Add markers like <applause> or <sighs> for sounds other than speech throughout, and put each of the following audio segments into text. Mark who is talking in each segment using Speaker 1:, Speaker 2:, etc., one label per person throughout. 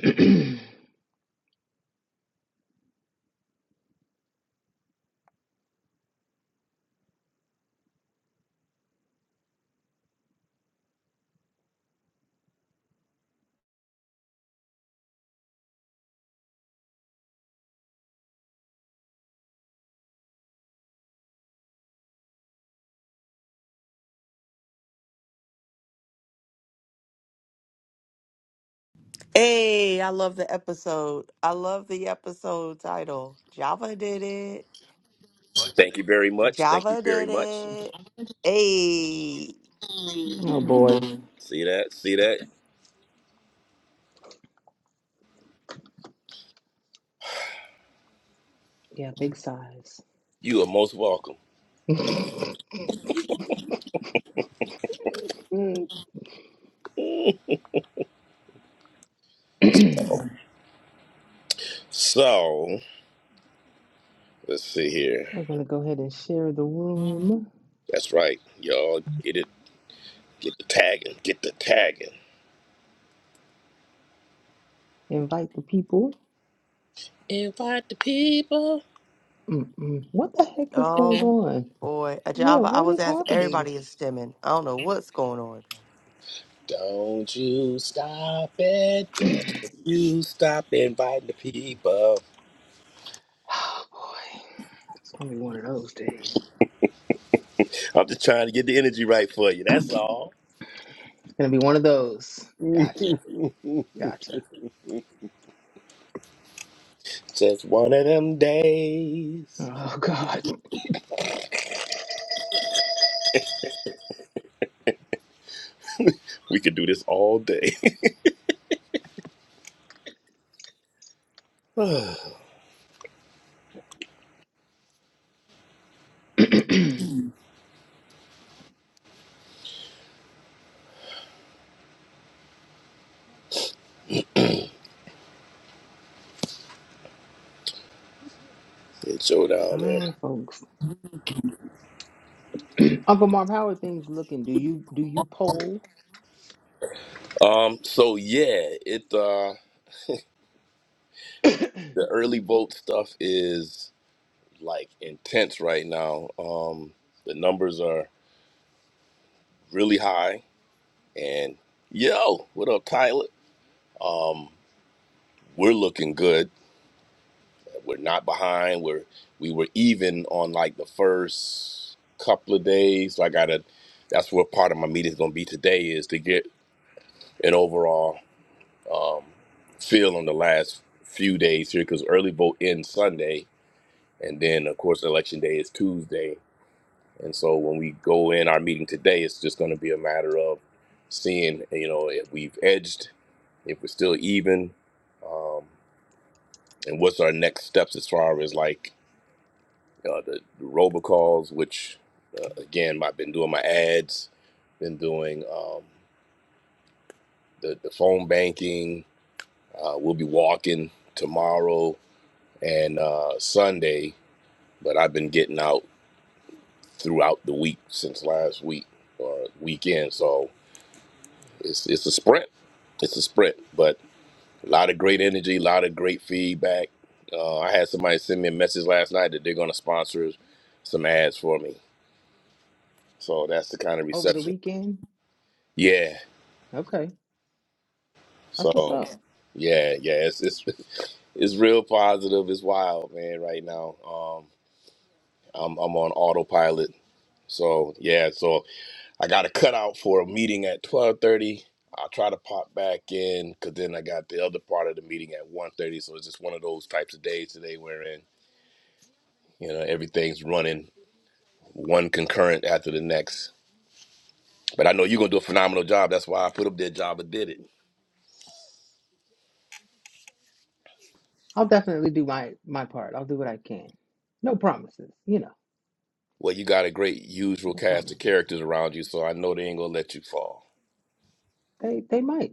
Speaker 1: <clears throat>
Speaker 2: Hey, I love the episode. I love the episode title. Java did it.
Speaker 3: Thank you very much. Thank you
Speaker 2: Java
Speaker 3: very
Speaker 2: did
Speaker 3: much.
Speaker 2: it. Hey.
Speaker 1: Oh boy.
Speaker 3: See that? See that?
Speaker 1: Yeah, big size. <clears throat>
Speaker 3: You are most welcome.
Speaker 1: <laughs>
Speaker 3: So let's see here.
Speaker 1: We're gonna go ahead and share the room,
Speaker 3: That's right, y'all. Get it. Get the tagging. Get the tagging.
Speaker 1: invite the people.
Speaker 3: Invite the people.
Speaker 1: Mm-mm. What the heck is going
Speaker 2: Oh
Speaker 1: on?
Speaker 2: boy. A
Speaker 1: Yeah,
Speaker 2: Java, I
Speaker 1: what
Speaker 2: was
Speaker 1: is
Speaker 2: asked
Speaker 1: happening?
Speaker 2: everybody is stemming. I don't know what's going on.
Speaker 3: Don't you stop it. Don't you stop inviting the people.
Speaker 1: Oh boy, it's gonna be one of those days.
Speaker 3: I'm just trying to get the energy right for you. That's all.
Speaker 1: It's gonna be one of those. Gotcha, gotcha.
Speaker 3: Just one of them days.
Speaker 1: Oh God.
Speaker 3: We could do this all day. <sighs> <laughs> it's
Speaker 1: <clears throat> All
Speaker 3: showdown there.
Speaker 1: right, folks. <clears throat> Uncle Marv, how are things looking? Do you do you poll?
Speaker 3: Um. So yeah, it. uh.
Speaker 1: <clears throat> Excuse
Speaker 3: the
Speaker 1: me.
Speaker 3: early vote stuff is like intense right now. Um, the numbers are really high. And yo, what up, Tyler? Um, we're looking good. We're not behind. We're we were even on like the first couple of days. So I gotta. That's what part of my meeting is gonna be today is to get an overall um, feel on the last few days here because early vote ends Sunday, and then of course election day is Tuesday And so when we go in our meeting today, it's just going to be a matter of seeing, you know, if we've edged, if we're still even, um, and what's our next steps as far as like uh, the, the robocalls, which uh, again, I've been doing my ads, been doing um, the, the phone banking. Uh, we'll be walking tomorrow and uh, Sunday, but I've been getting out throughout the week since last week or weekend. So, It's it's a sprint. It's a sprint, but a lot of great energy, a lot of great feedback. Uh, I had somebody send me a message last night that they're going to sponsor some ads for me. So that's the kind of
Speaker 1: Over the
Speaker 3: reception.
Speaker 1: weekend?
Speaker 3: Yeah.
Speaker 1: Okay, that's what's
Speaker 3: So,
Speaker 1: up.
Speaker 3: yeah, yeah, it's it's <laughs> it's real positive. It's wild, man. Right now, um, I'm I'm on autopilot. So yeah, so I got a cutout for a meeting at twelve thirty. I'll try to pop back in because then I got the other part of the meeting at one thirty. So it's just one of those types of days today wherein, you know, everything's running one concurrent after the next. But I know you're going to do a phenomenal job. That's why I put up that job and did it.
Speaker 1: I'll definitely do my my part. I'll do what I can. No promises, you know.
Speaker 3: Well, you got a great usual
Speaker 1: No
Speaker 3: cast of
Speaker 1: promises.
Speaker 3: characters around you, so I know they ain't going to let you fall.
Speaker 1: They they might,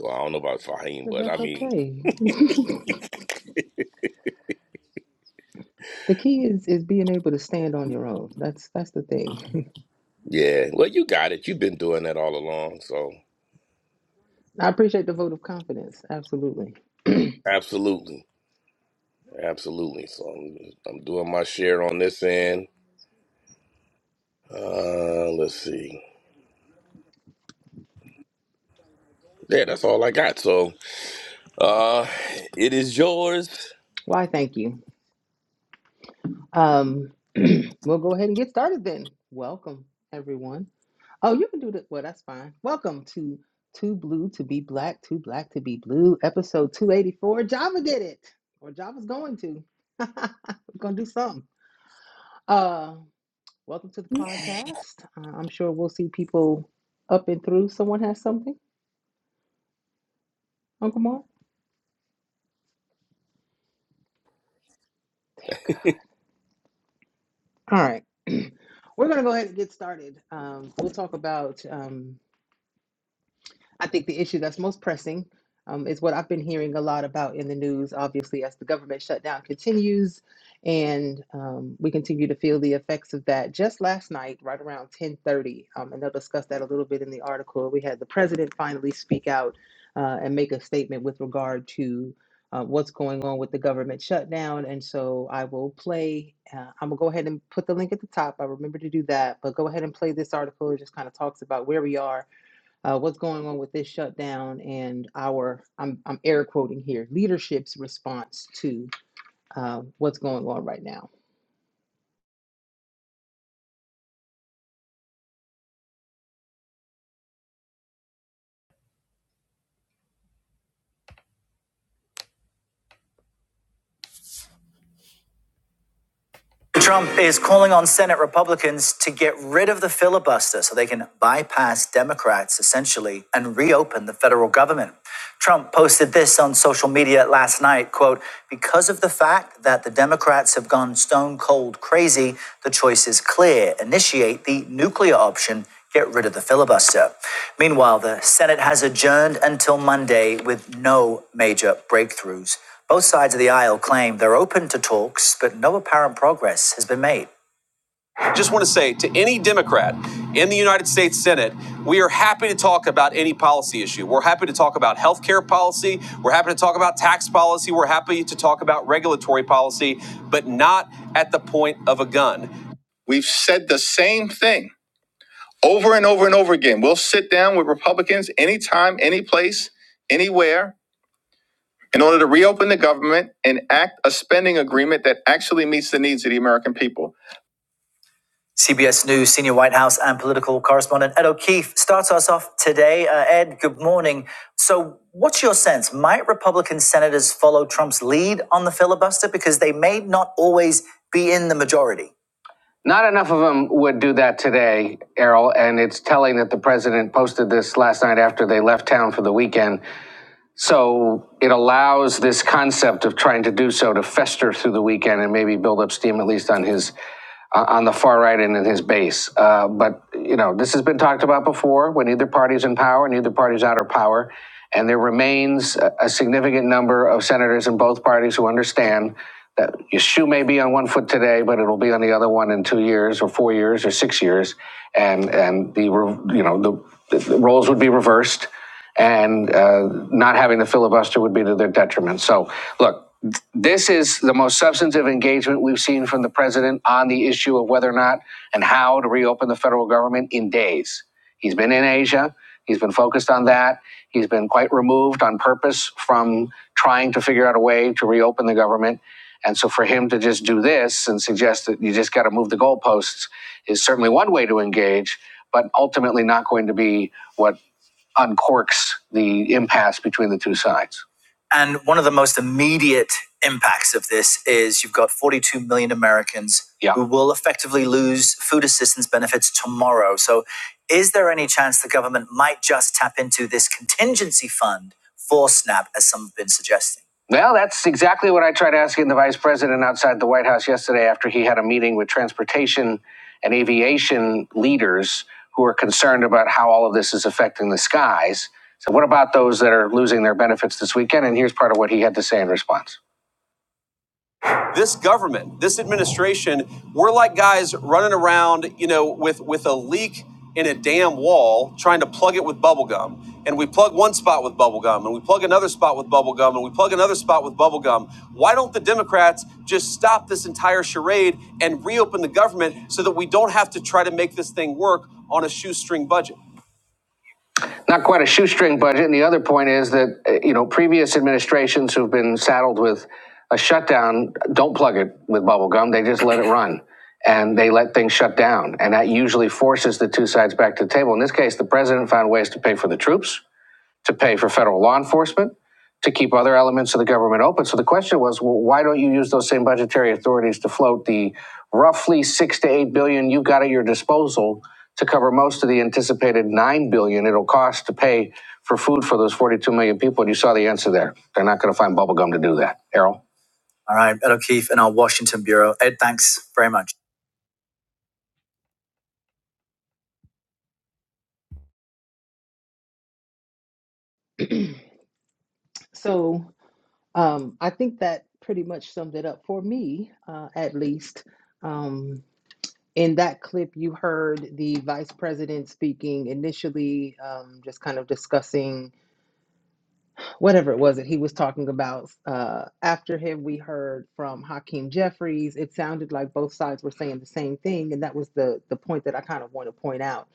Speaker 3: Well, I don't know about Fahim,
Speaker 1: but
Speaker 3: but I
Speaker 1: that's
Speaker 3: mean,
Speaker 1: okay. <laughs> the key is is being able to stand on your own. That's that's the thing.
Speaker 3: yeah. Well, you got it. You've been doing that all along, so
Speaker 1: <laughs> I appreciate the vote of confidence. Absolutely.
Speaker 3: absolutely. Absolutely. So I'm, I'm doing my share on this end. Uh, let's see. Yeah, that's all I got. So uh, it is yours.
Speaker 1: Why? Thank you. Um, <clears throat> we'll go ahead and get started then. Welcome everyone. Oh, you can do that. Well, that's fine. Welcome to Too Blue to Be Black, Too Black to Be Blue, episode 284. Java did it, or Java's going to. <laughs> We're going to do something. Uh, welcome to the podcast. Uh, I'm sure we'll see people up and through. Someone has something, Uncle Mark? All right. <clears throat> We're going to go ahead and get started. Um, we'll talk about. um, I think the issue that's most pressing um, is what I've been hearing a lot about in the news, obviously, as the government shutdown continues and um, we continue to feel the effects of that. Just last night, right around 1030, um, and they'll discuss that a little bit in the article, we had the president finally speak out uh, and make a statement with regard to uh, what's going on with the government shutdown. And so I will play, uh, I'm going to go ahead and put the link at the top. I remember to do that, but go ahead and play this article. It just kind of talks about where we are uh, what's going on with this shutdown and our I'm I'm air quoting here leadership's response to uh, what's going on right now.
Speaker 4: Trump is calling on Senate Republicans to get rid of the filibuster so they can bypass Democrats essentially and reopen the federal government. Trump posted this on social media last night, quote, because of the fact that the Democrats have gone stone cold crazy, the choice is clear. Initiate the nuclear option get rid of the filibuster. Meanwhile, the Senate has adjourned until Monday with no major breakthroughs. Both sides of the aisle claim they're open to talks, but no apparent progress has been made. I Just want to say to any Democrat in the United States Senate, we are happy to talk about any policy issue. We're happy to talk about health care policy. We're happy to talk about tax policy. We're happy to talk about regulatory policy, but not at the point of a gun. We've said the same thing over and over and over again. We'll sit down with Republicans anytime, any place, anywhere in order to reopen the government and act a spending agreement that actually meets the needs of the American people. CBS News senior White House and political correspondent Ed O'Keefe starts us off today. Uh, Ed, good morning. So, what's your sense? Might Republican senators follow Trump's lead on the filibuster because they may not always be in the majority? Not enough of them would do that today, Errol, and it's telling that the president posted this last night after they left town for the weekend so it allows this concept of trying to do so to fester through the weekend and maybe build up steam at least on his uh, on the far right and in his base. Uh, but you know, this has been talked about before. When either party's in power, neither party's out of power, and there remains a, a significant number of senators in both parties who understand that your shoe may be on one foot today, but it'll be on the other one in two years, or four years, or six years, and and the you know the the roles would be reversed and uh, not having the filibuster would be to their detriment. So, look, th- this is the most substantive engagement we've seen from the president on the issue of whether or not and how to reopen the federal government in days. He's been in Asia. He's been focused on that. He's been quite removed on purpose from trying to figure out a way to reopen the government. And so, for him to just do this and suggest that you just got to move the goalposts is certainly one way to engage, but ultimately not going to be what uncorks the impasse between the two sides. And one of the most immediate impacts of this is you've got 42 million Americans Yeah. who will effectively lose food assistance benefits tomorrow. So, is there any chance the government might just tap into this contingency fund for SNAP, as some have been suggesting? Well, that's exactly what I tried asking the vice president outside the White House yesterday after he had a meeting with transportation and aviation leaders who are concerned about how all of this is affecting the skies. So, what about those that are losing their benefits this weekend? And here's part of what he had to say in response this government, this administration, we're like guys running around, you know, with with a leak in a damn wall, trying to plug it with bubble gum. And we plug one spot with bubble gum, and we plug another spot with bubble gum, and we plug another spot with bubble gum. Why don't the Democrats just stop this entire charade and reopen the government so that we don't have to try to make this thing work on a shoestring budget? not quite a shoestring budget. And the other point is that, uh, you know, previous administrations who've been saddled with a shutdown don't plug it with bubble gum. They just let it run and they let things shut down. And that usually forces the two sides back to the table. In this case, the president found ways to pay for the troops to pay for federal law enforcement, to keep other elements of the government open. So the question was, well, why don't you use those same budgetary authorities to float the roughly six to eight billion you've got at your disposal to cover most of the anticipated nine billion it'll cost to pay for food for those 42 million people? And you saw the answer there. They're not going to find bubblegum to do that. Errol? All right, Ed O'Keefe in our Washington Bureau. Ed, thanks very much.
Speaker 1: So um, I think that pretty much summed it up for me, uh, at least. Um, In that clip, you heard the vice president speaking initially, um, just kind of discussing whatever it was that he was talking about. Uh, after him, we heard from Hakeem Jeffries. It sounded like both sides were saying the same thing, and that was the the point that I kind of want to point out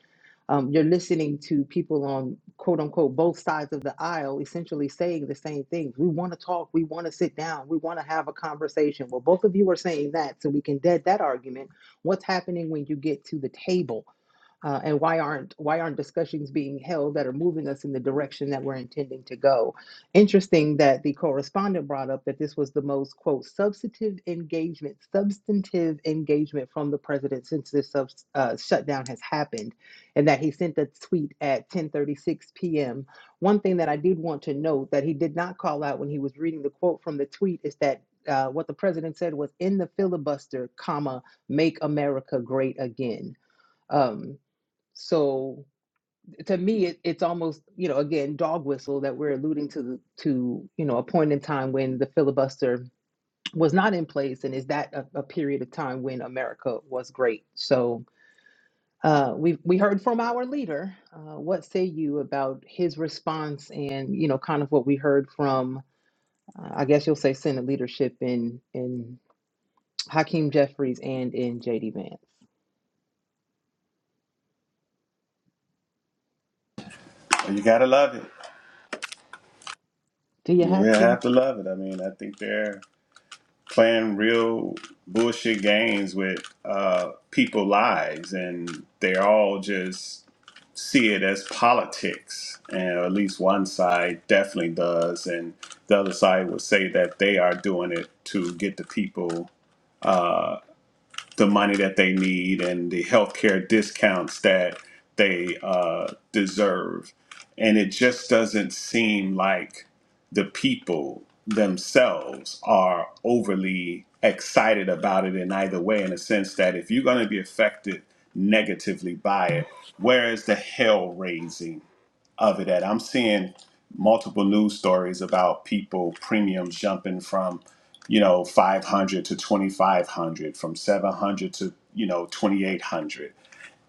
Speaker 1: um, you're listening to people on quote unquote both sides of the aisle essentially saying the same things. We want to talk. We want to sit down. We want to have a conversation. Well, both of you are saying that, so we can dead that argument. What's happening when you get to the table? uh, and why aren't why aren't discussions being held that are moving us in the direction that we're intending to go interesting that the correspondent brought up that this was the most quote substantive engagement substantive engagement from the president since this sub, uh, shutdown has happened and that he sent a tweet at 10:36 p.m. one thing that I did want to note that he did not call out when he was reading the quote from the tweet is that uh, what the president said was in the filibuster comma make America great again Um, so to me, it, it's almost you know again dog whistle that we're alluding to the- to you know a point in time when the filibuster was not in place, and is that a, a period of time when America was great? So uh, we we heard from our leader. Uh, what say you about his response, and you know kind of what we heard from uh, I guess you'll say Senate leadership in in Hakeem Jeffries and in J.D. Vance.
Speaker 5: You gotta love it.
Speaker 1: Do you
Speaker 5: You
Speaker 1: have to?
Speaker 5: have to love it. I mean, I think they're playing real bullshit games with uh, people lives, and they all just see it as politics. And at least one side definitely does, and the other side will say that they are doing it to get the people the money that they need and the healthcare discounts that they uh, deserve. And it just doesn't seem like the people themselves are overly excited about it in either way, in a sense that if you're going to be affected negatively by it, where is the hell raising? of it at. I'm seeing multiple news stories about people premiums jumping from, you know, 500 to 2500, from 700 to, you know, 2800.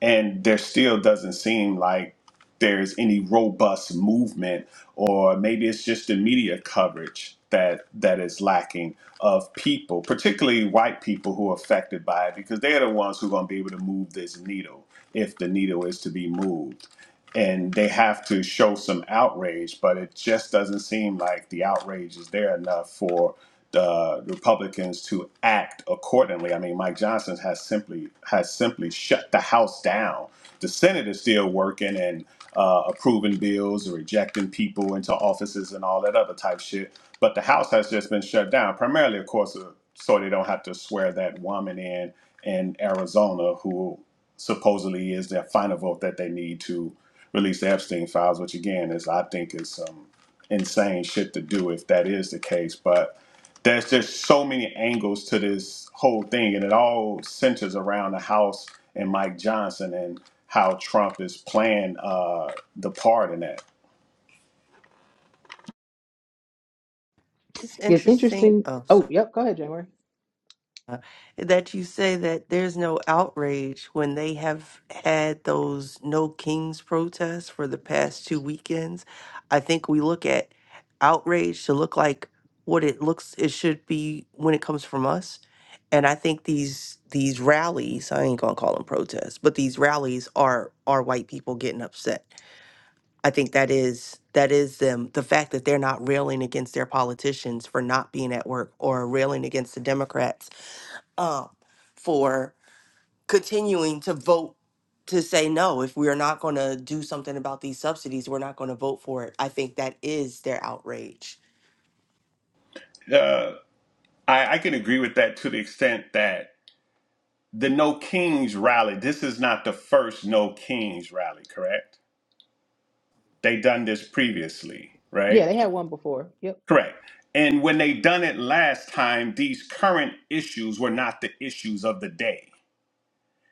Speaker 5: And there still doesn't seem like there's any robust movement or maybe it's just the media coverage that that is lacking of people, particularly white people who are affected by it because they're the ones who are going to be able to move this needle if the needle is to be moved and they have to show some outrage, but it just doesn't seem like the outrage is there enough for the Republicans to act accordingly. I mean, Mike Johnson has simply has simply shut the House down. The Senate is still working and uh, approving bills, rejecting people into offices, and all that other type shit. But the House has just been shut down, primarily, of course, uh, so they don't have to swear that woman in in Arizona who supposedly is their final vote that they need to release the Epstein files, which again is I think is some insane shit to do if that is the case. But there's just so many angles to this whole thing, and it all centers around the House and Mike Johnson and how Trump is playing uh, the part in that.
Speaker 2: It's
Speaker 1: It's
Speaker 2: interesting.
Speaker 1: interesting.
Speaker 2: Oh sorry.
Speaker 1: Oh, yep. Go ahead, January.
Speaker 2: that you say that there's no outrage when they have had those no kings protests for the past two weekends. I think we look at outrage to look like what it looks it should be when it comes from us. And I think these these rallies, I ain't gonna call them protests, but these rallies are are white people getting upset. I think that is that is them the fact that they're not railing against their politicians for not being at work or railing against the Democrats um, for continuing to vote to say no. If we are not going to do something about these subsidies, we're not going to vote for it. I think that is their outrage.
Speaker 5: Uh, I, I can agree with that to the extent that the No Kings rally. This is not the first No Kings rally, correct? They done this previously, right?
Speaker 1: Yeah, they had one before. Yep.
Speaker 5: Correct. And when they done it last time, these current issues were not the issues of the day.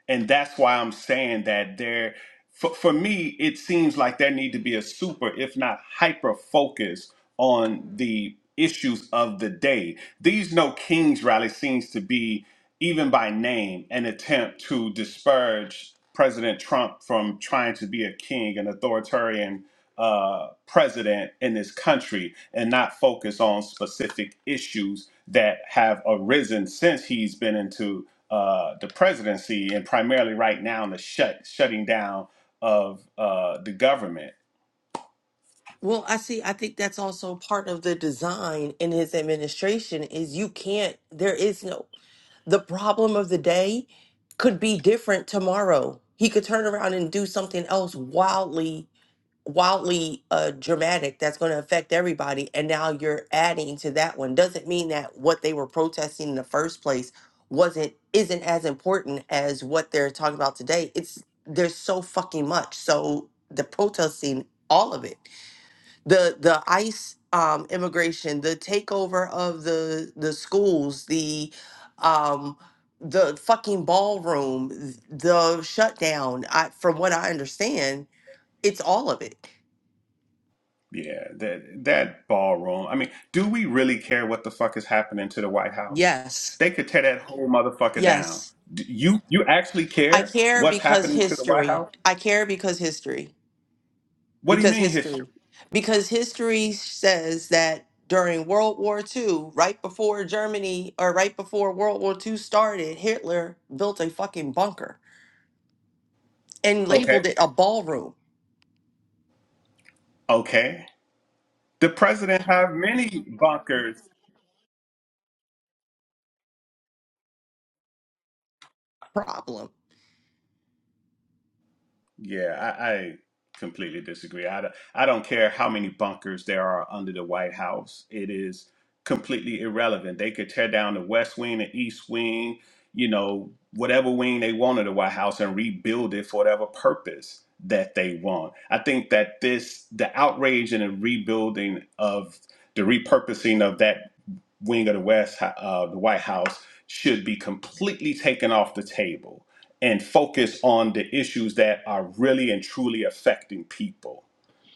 Speaker 5: And that's why I'm saying that there for, for me, it seems like there need to be a super, if not hyper focus on the issues of the day. These No Kings rally seems to be, even by name, an attempt to disparage President Trump from trying to be a king, an authoritarian uh, president in this country and not focus on specific issues that have arisen since he's been into uh, the presidency and primarily right now in the shut, shutting down of uh, the government.
Speaker 2: Well, I see. I think that's also part of the design in his administration is you can't, there is no, the problem of the day could be different tomorrow. He could turn around and do something else wildly wildly uh, dramatic that's going to affect everybody and now you're adding to that one doesn't mean that what they were protesting in the first place wasn't isn't as important as what they're talking about today it's there's so fucking much so the protesting all of it the the ice um immigration the takeover of the the schools the um the fucking ballroom the shutdown i from what i understand it's all of it
Speaker 5: Yeah, that that ballroom. I mean, do we really care what the fuck is happening to the White House?
Speaker 2: Yes,
Speaker 5: They could tear that whole motherfucker down.
Speaker 2: yes.
Speaker 5: D- You you actually
Speaker 2: I
Speaker 5: care
Speaker 2: care
Speaker 5: what's
Speaker 2: because
Speaker 5: happening to the White
Speaker 2: history.
Speaker 5: House?
Speaker 2: I care because history.
Speaker 5: What do you
Speaker 2: Because
Speaker 5: mean history?
Speaker 2: history. Because history says that during World War II, right before Germany or right before World War II started, Hitler built a fucking bunker and
Speaker 5: Okay,
Speaker 2: labeled it a ballroom.
Speaker 5: okay. The president have many bunkers.
Speaker 2: Problem.
Speaker 5: Yeah, I, I completely disagree. I, don't- I don't care how many bunkers there are under the White House. It is completely irrelevant. They could tear down the West Wing, the East Wing, you know, whatever wing they want of the White House and rebuild it for whatever purpose that they want. I think that this, the outrage and the rebuilding of the repurposing of that wing of the West, uh, the White House should be completely taken off the table and focus on the issues that are really and truly affecting people.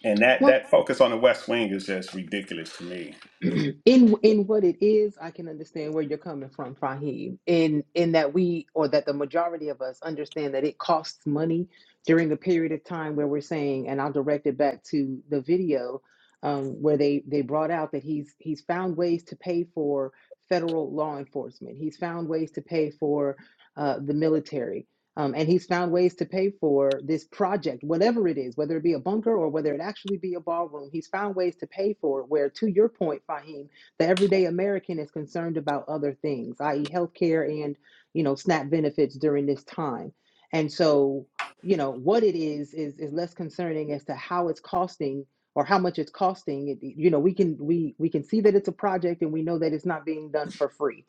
Speaker 5: And that
Speaker 1: Well,
Speaker 5: that focus on the West Wing is just ridiculous to me.
Speaker 1: <clears throat> in in what it is, I can understand where you're coming from, Fahim. In in that we or that the majority of us understand that it costs money during a period of time where we're saying, and I'll direct it back to the video um, where they they brought out that he's he's found ways to pay for federal law enforcement. He's found ways to pay for uh, the military. Um, and he's found ways to pay for this project, whatever it is, whether it be a bunker or whether it actually be a ballroom. He's found ways to pay for it. Where, to your point, Fahim, the everyday American is concerned about other things, i.e., healthcare and you know SNAP benefits during this time. And so, you know, what it is is is less concerning as to how it's costing or how much it's costing. It- You know, we can we we can see that it's a project, and we know that it's not being done for free.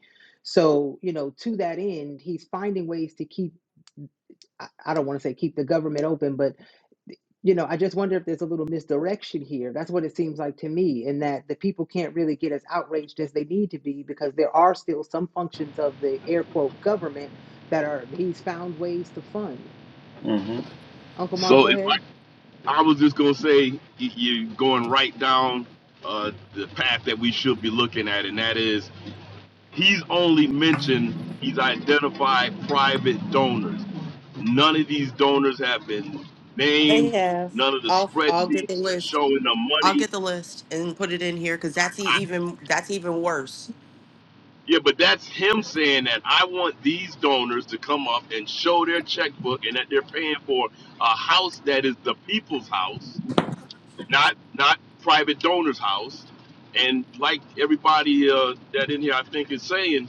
Speaker 1: So, you know, to that end, he's finding ways to keep I I don't want to say keep the government open, but you know, I just wonder if there's a little misdirection here. That's what it seems like to me, in that the people can't really get as outraged as they need to be because there are still some functions of the air quote government that are he's found ways to fund.
Speaker 5: hmm
Speaker 1: Uncle Marv,
Speaker 3: So
Speaker 1: go ahead.
Speaker 3: I was just gonna say y- you're going right down uh, the path that we should be looking at, and that is he's only mentioned he's identified private donors. None of these donors have been
Speaker 2: They
Speaker 3: named.
Speaker 2: have.
Speaker 3: None of the
Speaker 2: I'll I'll get the
Speaker 3: spreadsheets
Speaker 2: list.
Speaker 3: showing the
Speaker 2: I'll
Speaker 3: money.
Speaker 2: get the list and put it in here because that's e- even that's even worse
Speaker 3: Yeah, but that's him saying that I want these donors to come up and show their checkbook and that they're paying for a house that is the people's house, not not private donors' house. And like everybody uh, that in here, I think is saying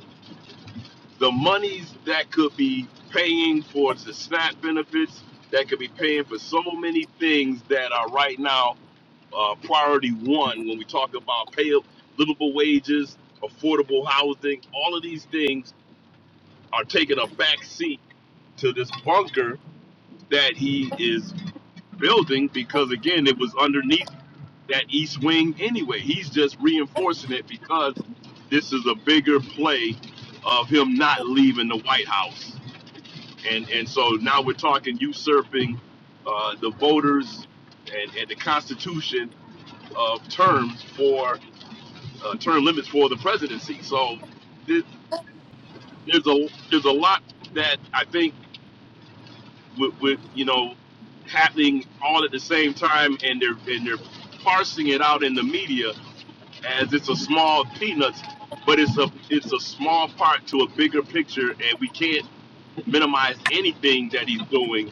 Speaker 3: the monies that could be paying for the SNAP benefits, that could be paying for so many things that are right now uh, priority one when we talk about pay livable wages, affordable housing, all of these things are taking a back seat to this bunker that he is building because again it was underneath that east wing anyway he's just reinforcing it because this is a bigger play of him not leaving the white house and and so now we're talking usurping uh, the voters and, and the constitution of terms for uh, term limits for the presidency so th- there's a there's a lot that i think with, with you know happening all at the same time and they're and they're parsing it out in the media as it's a small peanuts but it's a it's a small part to a bigger picture and we can't minimize anything that he's doing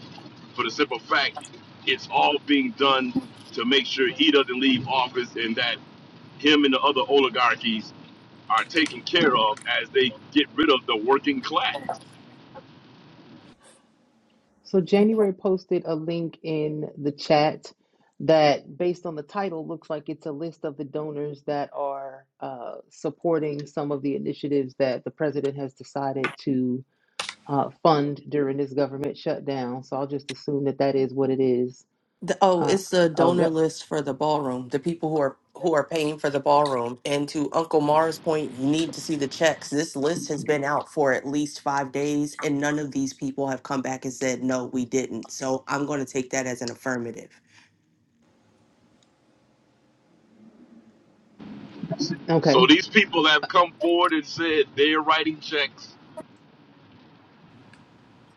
Speaker 3: for the simple fact it's all being done to make sure he doesn't leave office and that him and the other oligarchies are taken care of as they get rid of the working class
Speaker 1: So January posted a link in the chat that, based on the title, looks like it's a list of the donors that are uh, supporting some of the initiatives that the president has decided to uh, fund during this government shutdown. So I'll just assume that that is what it is.
Speaker 2: The, oh,
Speaker 1: Uh,
Speaker 2: it's the
Speaker 1: oh,
Speaker 2: donor
Speaker 1: yep.
Speaker 2: list for the ballroom, the people who are who are paying for the ballroom. And to Uncle Mara's point, you need to see the checks. This list has been out for at least five days, and none of these people have come back and said, no, we didn't. So I'm going to take that as an affirmative.
Speaker 3: so
Speaker 1: Okay.
Speaker 3: these people have come forward and said they're writing checks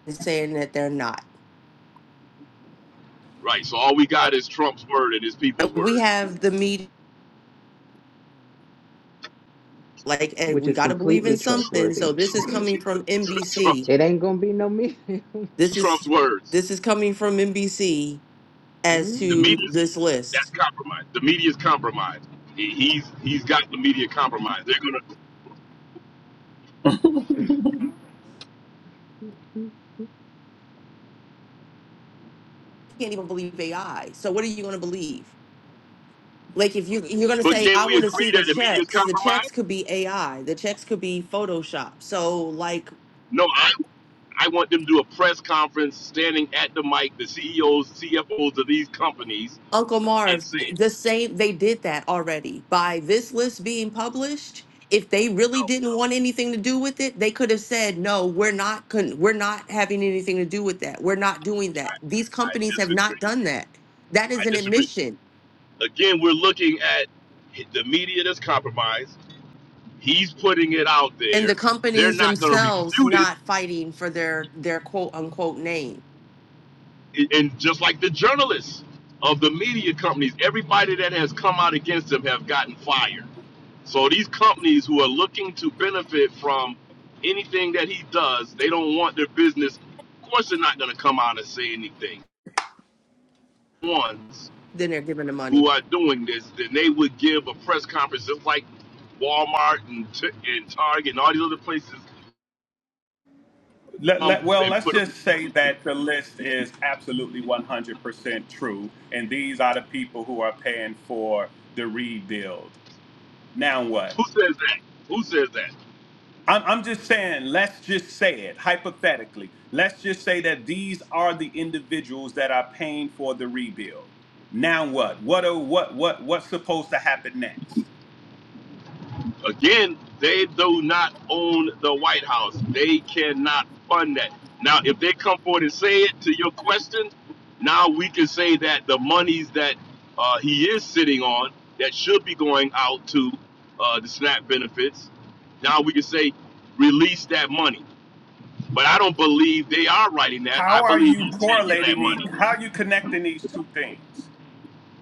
Speaker 2: And saying that they're not.
Speaker 3: Right. So all we got is Trump's word and his people's
Speaker 2: We
Speaker 3: word.
Speaker 2: have the media, like, and
Speaker 1: Which
Speaker 2: we
Speaker 1: is
Speaker 2: got to believe
Speaker 1: completely
Speaker 2: in something.
Speaker 1: trustworthy.
Speaker 2: So this is
Speaker 3: Trump,
Speaker 2: coming from
Speaker 3: <laughs> Trump,
Speaker 2: NBC.
Speaker 3: Trump's,
Speaker 1: It ain't going to be no meeting.
Speaker 2: This
Speaker 3: Trump's
Speaker 2: is
Speaker 3: words.
Speaker 2: this is coming from NBC
Speaker 1: <laughs>
Speaker 2: as
Speaker 3: The
Speaker 2: to
Speaker 1: mm
Speaker 3: media's
Speaker 2: this
Speaker 3: that's
Speaker 2: list.
Speaker 3: compromised. The media's compromised. He, he's he's got the media compromised. They're gonna.
Speaker 5: <laughs>
Speaker 1: mm.
Speaker 2: Can't even believe AI. So what are you going to believe? Like if you you're going to
Speaker 3: But
Speaker 2: say
Speaker 3: can
Speaker 2: I
Speaker 3: we
Speaker 2: want to
Speaker 3: agree
Speaker 2: see
Speaker 3: that
Speaker 2: the
Speaker 3: the media's
Speaker 2: checks. The
Speaker 3: compromised?
Speaker 2: checks could be AI. The checks could be Photoshop. So like
Speaker 3: No. I I want them to do a press conference, standing at the mic, the CEOs, CFOs of these companies,
Speaker 2: Uncle
Speaker 3: and
Speaker 2: Marv,
Speaker 3: saying,
Speaker 2: th- the same they did that already. By this list being published, if they really
Speaker 3: "No,
Speaker 2: didn't want anything to do with it, they could have said, "No, we're not con- we're not having anything to do with that. We're not doing that." These
Speaker 3: I
Speaker 2: companies have not
Speaker 3: disagree.
Speaker 2: done that. That is
Speaker 3: I
Speaker 2: an
Speaker 3: disagree."
Speaker 2: admission.
Speaker 3: Again, we're looking at the media that's compromised He's putting it out
Speaker 2: and
Speaker 3: there.
Speaker 2: the
Speaker 3: They're
Speaker 2: companies
Speaker 3: not going to
Speaker 2: themselves
Speaker 3: refute it.
Speaker 2: not fighting for their their quote unquote name.
Speaker 3: And just like the journalists of the media companies, everybody that has come out against him have gotten fired. So these companies who are looking to benefit from anything that he does, they don't want their business. Of course, they're not going to come out and say anything. Ones
Speaker 2: Then they're giving the money.
Speaker 3: who are doing this, then they would give a press conference just like Walmart and, and Target and all these other places
Speaker 5: Let,
Speaker 3: come
Speaker 5: let, well,
Speaker 3: and
Speaker 5: let's
Speaker 3: put a.
Speaker 5: just say
Speaker 3: Who
Speaker 5: that the list is absolutely 100% true, and these are the people who are paying for the rebuild. Now what?
Speaker 3: says that? Who says that?
Speaker 5: I'm, I'm just saying, let's just say it hypothetically. Let's just say that these are the individuals that are paying for the rebuild. Now what? What are, what what what's supposed to happen next?
Speaker 3: Again, they do not own the White House. They cannot fund that. Now, if they come forward and say it to your question, now we can say that the monies that uh, he is sitting on that should be going out to uh, the SNAP benefits, now we can say release that money. But I don't believe they are writing that.
Speaker 5: How
Speaker 3: I
Speaker 5: are
Speaker 3: believe
Speaker 5: you
Speaker 3: he's taking that
Speaker 5: correlating the
Speaker 3: money.
Speaker 5: how are you connecting these two things?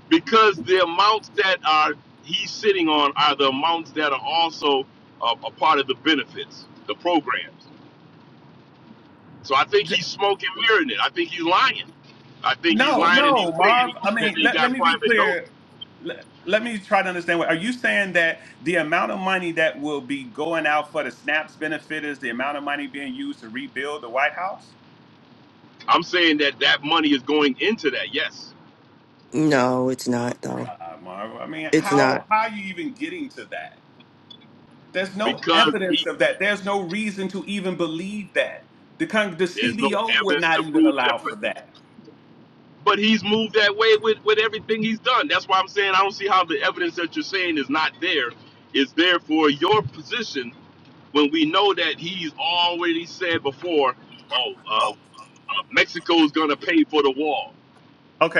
Speaker 3: because the amounts that are he's sitting on are the amounts that are also uh, a part of the benefits, the programs. So I think
Speaker 5: Th-
Speaker 3: he's smoking mirroring it. I think he's lying. I think he's
Speaker 5: No,
Speaker 3: lying and he's
Speaker 5: no,
Speaker 3: saying
Speaker 5: Marv. I
Speaker 3: that
Speaker 5: mean,
Speaker 3: they
Speaker 5: let, let
Speaker 3: got
Speaker 5: me be
Speaker 3: private donors.
Speaker 5: clear. Let, let me try to understand what are you saying that the amount of money that will be going out for the snaps benefit is the amount of money being used to rebuild the White House?
Speaker 3: I'm saying that that money is going into that, yes,
Speaker 2: No, it's not though.
Speaker 5: Uh, Marvel. I mean,
Speaker 2: It's
Speaker 5: how
Speaker 2: not.
Speaker 5: how are you even getting to that? There's no
Speaker 3: because
Speaker 5: evidence
Speaker 3: he
Speaker 5: of that. There's no reason to even believe that. The con- the
Speaker 3: there's no
Speaker 5: CBO would
Speaker 3: evidence
Speaker 5: not
Speaker 3: to
Speaker 5: even
Speaker 3: prove
Speaker 5: allow for
Speaker 3: differently.
Speaker 5: that.
Speaker 3: But he's moved that way with, with everything he's done. That's why I'm saying I don't see how the evidence that you're saying is not there is there for your position when we know that he's already said before, oh, uh, uh, Mexico's gonna pay for the wall,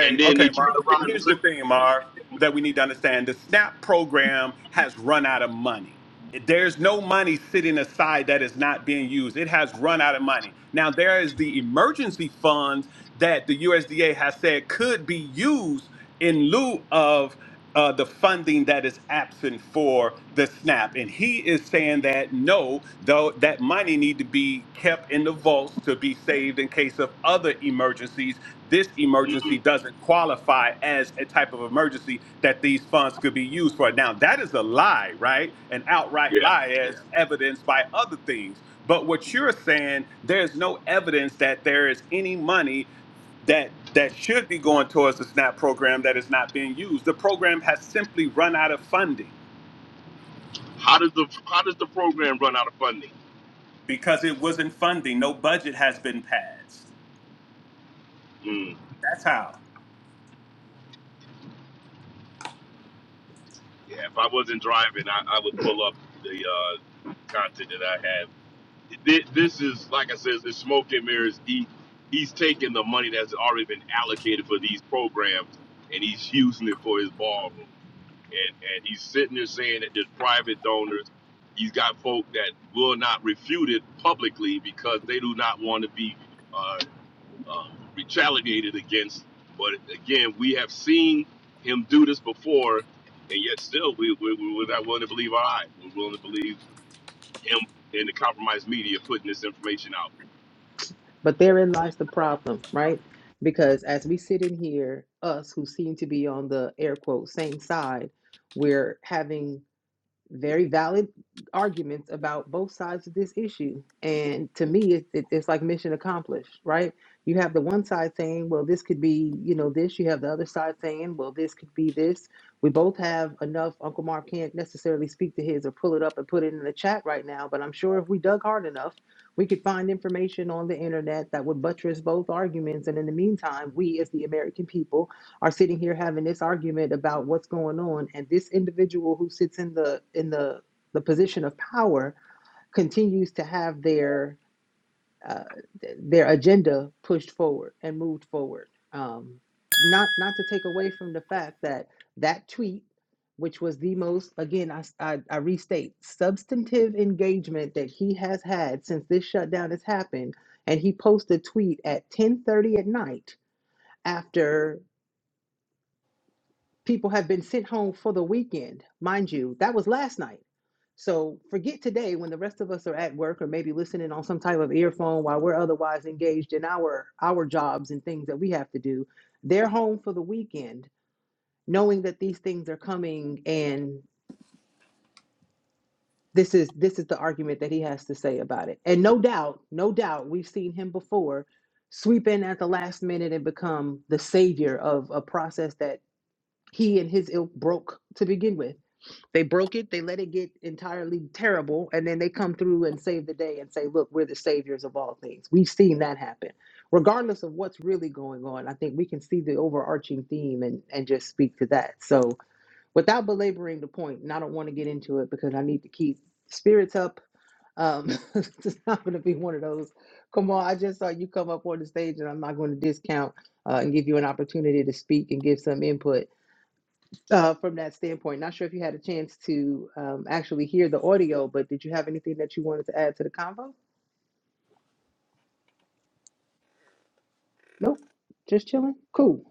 Speaker 3: and then they
Speaker 5: okay,
Speaker 3: turned
Speaker 5: Marv. Here-
Speaker 3: around and
Speaker 5: Here's the
Speaker 3: took,
Speaker 5: thing, Marv, that we need to understand: the SNAP program has run out of money. There's no money sitting aside that is not being used. It has run out of money. Now there is the emergency fund that the USDA has said could be used in lieu of. uh, the funding that is absent for the SNAP. And he is saying that no, though that money need to be kept in the vaults to be saved in case of other emergencies. This emergency
Speaker 3: mm,
Speaker 5: doesn't qualify as a type of emergency that these funds could be used for. Now that is a lie, right? An outright
Speaker 3: yeah.
Speaker 5: lie as Yeah. evidenced by other things. But what you're saying, there's no evidence that there is any money that that should be going towards the SNAP program that is not being used. The program has simply run out of funding
Speaker 3: How does the how does the program run out of funding?
Speaker 5: because it wasn't funding. No budget has been passed.
Speaker 3: Mm,
Speaker 5: That's how.
Speaker 3: yeah, if I wasn't driving, I, I would pull up the uh, content that I have. Thi- This is like I said, it's smoke and mirrors. He he's taking the money that's already been allocated for these programs, and he's using it for his ballroom. and and he's sitting there saying that there's private donors. He's got folk that will not refute it publicly because they do not want to be uh, um, retaliated against. But again, we have seen him do this before, and yet still we, we, we- we're not willing to believe our eye. We're willing to believe him and the compromised media putting this information out.
Speaker 1: But therein lies the problem, right? Because as we sit in here, us who seem to be on the air quote same side, we're having very valid arguments about both sides of this issue. And to me, it, it, it's like mission accomplished, right? You have the one side saying, well, this could be, you know, this. You have the other side saying, well, this could be this. We both have enough. Uncle Mark can't necessarily speak to his or pull it up and put it in the chat right now, but I'm sure if we dug hard enough, we could find information on the internet that would buttress both arguments. And in the meantime, we as the American people are sitting here having this argument about what's going on and this individual who sits in the in the the position of power continues to have their uh, their agenda pushed forward and moved forward um, not not to take away from the fact that that tweet which was the most again I I I restate substantive engagement that he has had since this shutdown has happened and he posted a tweet at 10:30 at night after. People have been sent home for the weekend. Mind you, that was last night. So forget today when the rest of us are at work or maybe listening on some type of earphone while we're otherwise engaged in our our jobs and things that we have to do. They're home for the weekend, knowing that these things are coming and this is this is the argument that he has to say about it. And no doubt, no doubt we've seen him before sweep in at the last minute and become the savior of a process that he and his ilk broke to begin with. They broke it, they let it get entirely terrible, and then they come through and save the day and say, Look, we're the saviors of all things. We've seen that happen. Regardless of what's really going on, I think we can see the overarching theme and, and just speak to that. So, without belaboring the point, and I don't want to get into it because I need to keep spirits up. Um, <laughs> it's not going to be one of those. Come on, I just saw you come up on the stage, and I'm not going to discount uh, and give you an opportunity to speak and give some input uh, from that standpoint. Not sure if you had a chance to um, actually hear the audio, but did you have anything that you wanted to add to the convo? Nope. Just chilling. Cool.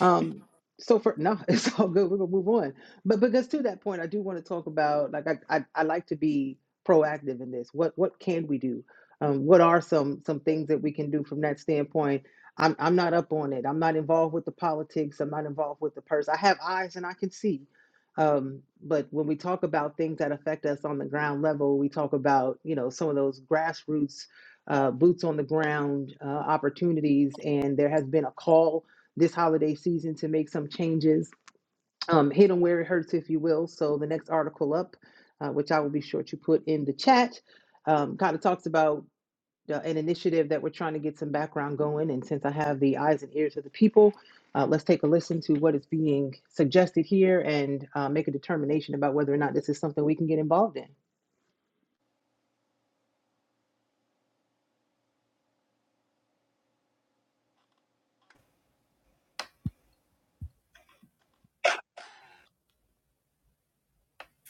Speaker 1: Um, so for no, <laughs> it's all good. We're gonna move on. But because to that point, I do want to talk about like I, I I like to be proactive in this. What what can we do? Um, what are some some things that we can do from that standpoint? I'm I'm not up on it. I'm not involved with the politics. I'm not involved with the purse. I have eyes and I can see. Um, but when we talk about things that affect us on the ground level, we talk about you know some of those grassroots, uh, boots on the ground uh, opportunities. And there has been a call this holiday season to make some changes. Um, hit them where it hurts, if you will. So the next article up, uh, which I will be sure to put in the chat, um, kind of talks about uh, an initiative that we're trying to get some background going. And since I have the eyes and ears of the people, uh, let's take a listen to what is being suggested here and uh, make a determination about whether or not this is something we can get involved in.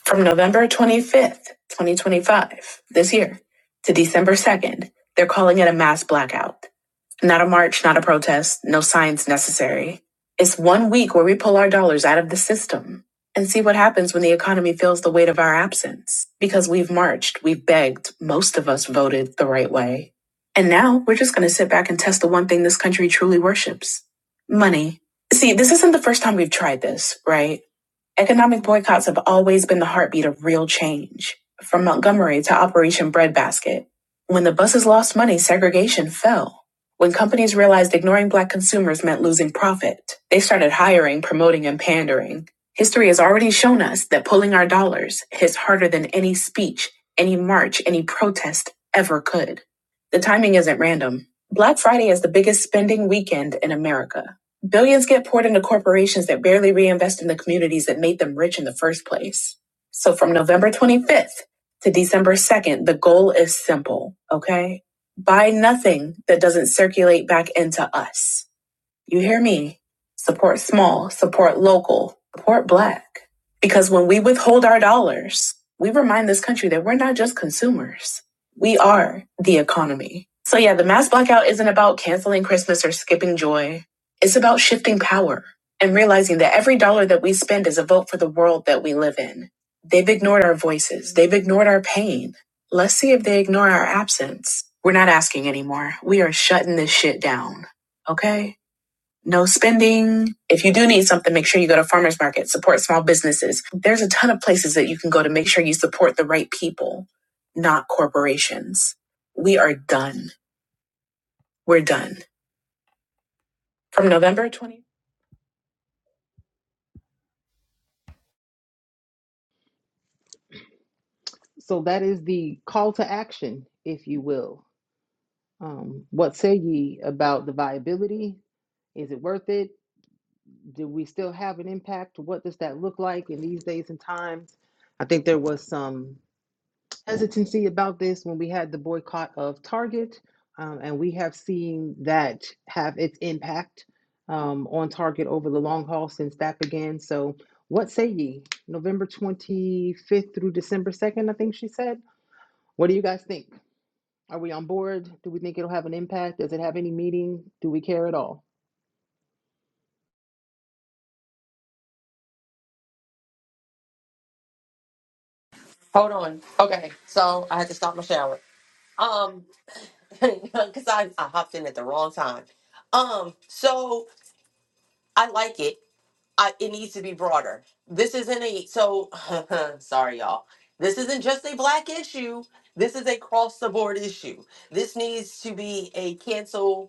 Speaker 4: From November 25th, 2025, this year, to December 2nd, they're calling it a mass blackout. Not a march, not a protest, no science necessary. It's one week where we pull our dollars out of the system and see what happens when the economy feels the weight of our absence. Because we've marched, we've begged, most of us voted the right way. And now we're just going to sit back and test the one thing this country truly worships money. See, this isn't the first time we've tried this, right? Economic boycotts have always been the heartbeat of real change, from Montgomery to Operation Breadbasket. When the buses lost money, segregation fell. When companies realized ignoring black consumers meant losing profit, they started hiring, promoting, and pandering. History has already shown us that pulling our dollars hits harder than any speech, any march, any protest ever could. The timing isn't random. Black Friday is the biggest spending weekend in America. Billions get poured into corporations that barely reinvest in the communities that made them rich in the first place. So from November 25th to December 2nd, the goal is simple, okay? Buy nothing that doesn't circulate back into us. You hear me? Support small, support local, support black. Because when we withhold our dollars, we remind this country that we're not just consumers, we are the economy. So, yeah, the mass blackout isn't about canceling Christmas or skipping joy. It's about shifting power and realizing that every dollar that we spend is a vote for the world that we live in. They've ignored our voices, they've ignored our pain. Let's see if they ignore our absence. We're not asking anymore. We are shutting this shit down. Okay? no spending. If you do need something, make sure you go to farmers market, support small businesses. There's a ton of places that you can go to make sure you support the right people, not corporations. We are done. We're done. From November 20th.
Speaker 1: So that is the call to action, if you will. Um, what say ye about the viability Is it worth it? Do we still have an impact? What does that look like in these days and times? I think there was some hesitancy about this when we had the boycott of Target, um, and we have seen that have its impact um, on Target over the long haul since that began. So, what say ye? November 25th through December 2nd, I think she said. What do you guys think? Are we on board? Do we think it'll have an impact? Does it have any meaning? Do we care at all?
Speaker 2: Hold on. Okay, so I had to stop my shower. Um, <laughs> because I, I hopped in at the wrong time. Um, so I like it. I, it needs to be broader. This isn't a so <laughs> sorry, y'all. This isn't just a black issue. This is a cross the board issue. This needs to be a cancel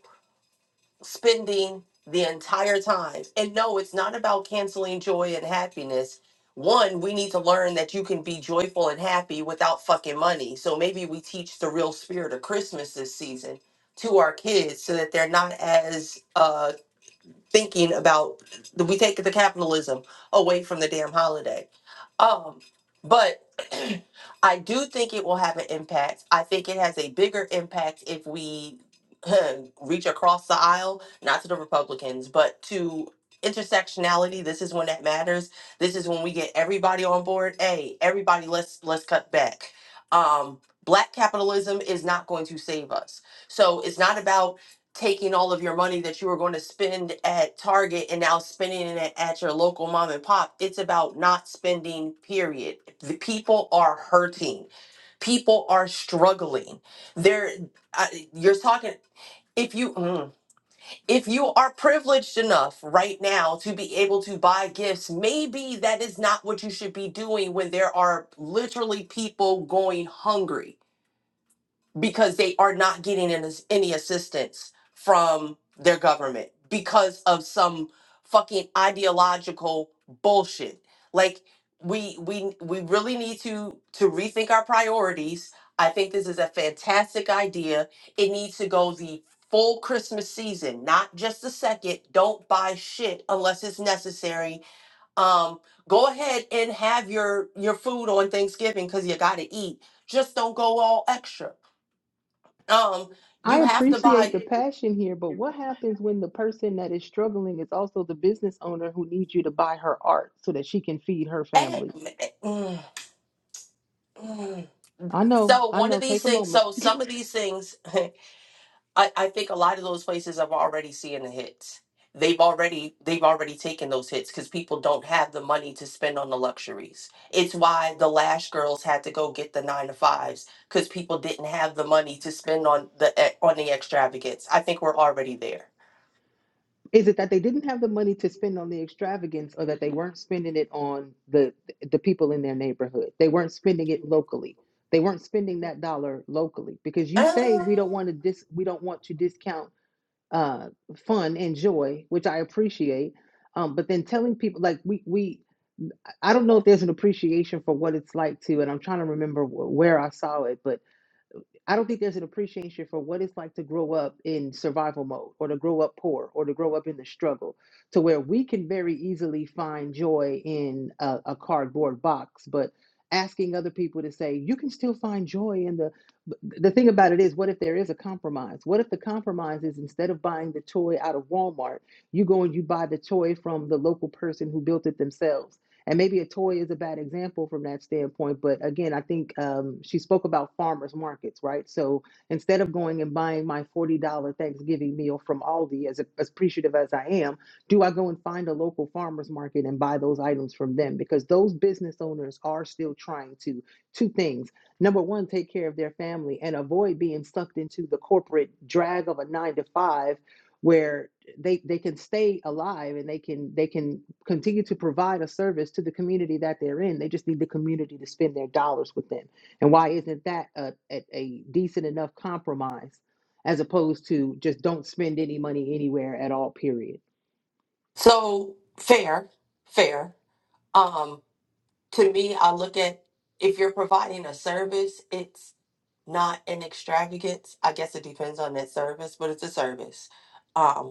Speaker 2: spending the entire time. And no, it's not about canceling joy and happiness. One, we need to learn that you can be joyful and happy without fucking money. So maybe we teach the real spirit of Christmas this season to our kids so that they're not as uh thinking about we take the capitalism away from the damn holiday. Um, but <clears throat> I do think it will have an impact. I think it has a bigger impact if we <clears throat> reach across the aisle, not to the Republicans, but to intersectionality. This is when that matters. This is when we get everybody on board. Hey, everybody, let's let's cut back. Um, black capitalism is not going to save us. So it's not about taking all of your money that you were going to spend at Target and now spending it at your local mom and pop. It's about not spending, period. The people are hurting. People are struggling. They're, I, you're talking, if you, mm, if you are privileged enough right now to be able to buy gifts, maybe that is not what you should be doing when there are literally people going hungry because they are not getting any, any assistance from their government because of some fucking ideological bullshit. Like we we we really need to to rethink our priorities. I think this is a fantastic idea. It needs to go the full Christmas season, not just the second. Don't buy shit unless it's necessary. Um go ahead and have your your food on Thanksgiving cuz you got to eat. Just don't go all extra um
Speaker 1: I
Speaker 2: you have to
Speaker 1: appreciate
Speaker 2: buy
Speaker 1: the passion here, but what happens when the person that is struggling is also the business owner who needs you to buy her art so that she can feed her
Speaker 2: eh,
Speaker 1: family?
Speaker 2: mm, mm.
Speaker 1: I know,
Speaker 2: so
Speaker 1: I
Speaker 2: one of
Speaker 1: know. Take
Speaker 2: these
Speaker 1: a
Speaker 2: things
Speaker 1: moment.
Speaker 2: so some of these things <laughs> I, I think a lot of those places have already seen the hits they've already they've already taken those hits because people don't have the money to spend on the luxuries it's why the lash girls had to go get the nine to fives because people didn't have the money to spend on the eh, on the extravagance i think we're already there
Speaker 1: Is it that they didn't have the money to spend on the extravagance or that they weren't spending it on the the people in their neighborhood? They weren't spending it locally. They weren't spending that dollar locally because you say
Speaker 2: Uh,
Speaker 1: we don't want to dis we don't want to discount uh fun and joy, which I appreciate. Um, but then telling people like we we I don't know if there's an appreciation for what it's like to, and I'm trying to remember wh- where I saw it, but I don't think there's an appreciation for what it's like to grow up in survival mode or to grow up poor or to grow up in the struggle to where we can very easily find joy in a, a cardboard box, but asking other people to say, you can still find joy in the, but the thing about it is, what if there is a compromise? What if the compromise is instead of buying the toy out of Walmart, you go and you buy the toy from the local person who built it themselves? and maybe a toy is a bad example from that standpoint but again i think um, she spoke about farmers markets right so instead of going and buying my $40 thanksgiving meal from aldi as, as appreciative as i am do i go and find a local farmers market and buy those items from them because those business owners are still trying to two things number one take care of their family and avoid being sucked into the corporate drag of a nine to five where they they can stay alive and they can they can continue to provide a service to the community that they're in. They just need the community to spend their dollars with them. And why isn't that a, a, a decent enough compromise as opposed to just don't spend any money anywhere at all? Period.
Speaker 2: so fair fair um. to me, I look at if you're providing a service, it's not an extravagance. I guess it depends on that service, but it's a service. Um,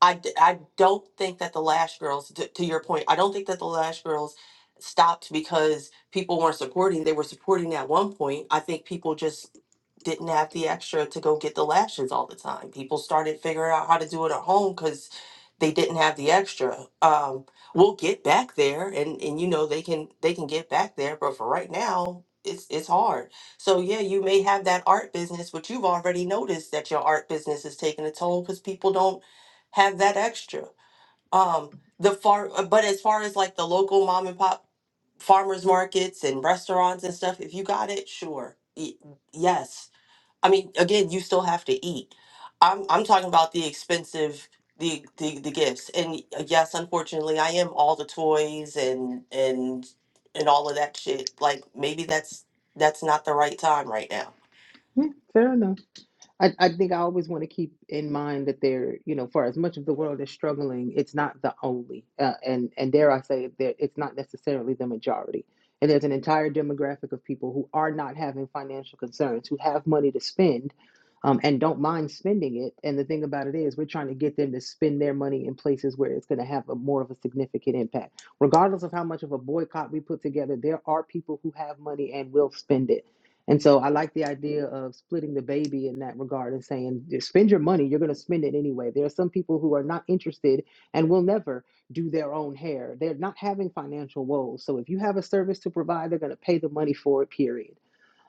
Speaker 2: I, d- I don't think that the Lash Girls, to, to your point, I don't think that the Lash Girls stopped because people weren't supporting. They were supporting at one point. I think people just didn't have the extra to go get the lashes all the time. People started figuring out how to do it at home because they didn't have the extra. Um, we'll get back there, and and you know they can they can get back there, but for right now. It's, it's hard. So, yeah, you may have that art business, but you've already noticed that your art business is taking a toll because people don't have that extra. Um, the far, uh, but as far as like the local mom and pop farmers markets and restaurants and stuff, if you got it, sure, Y- yes. I mean, again, you still have to eat. I'm I'm talking about the expensive the the, the gifts, and uh, yes, unfortunately, I am all the toys and and and all of that shit. Like maybe that's that's not the right time right now.
Speaker 1: Yeah, fair enough. I, I think I always want to keep in mind that there, you know, for as much of the world is struggling, it's not the only, uh, and and dare I say it, that it's not necessarily the majority. And there's an entire demographic of people who are not having financial concerns, who have money to spend, um, and don't mind spending it. And the thing about it is, we're trying to get them to spend their money in places where it's going to have a more of a significant impact. Regardless of how much of a boycott we put together, there are people who have money and will spend it and so I like the idea of splitting the baby in that regard and saying, "Just spend your money, you're going to spend it anyway. There are some people who are not interested and will never do their own hair. They're not having financial woes. So if you have a service to provide, they're going to pay the money for it, period.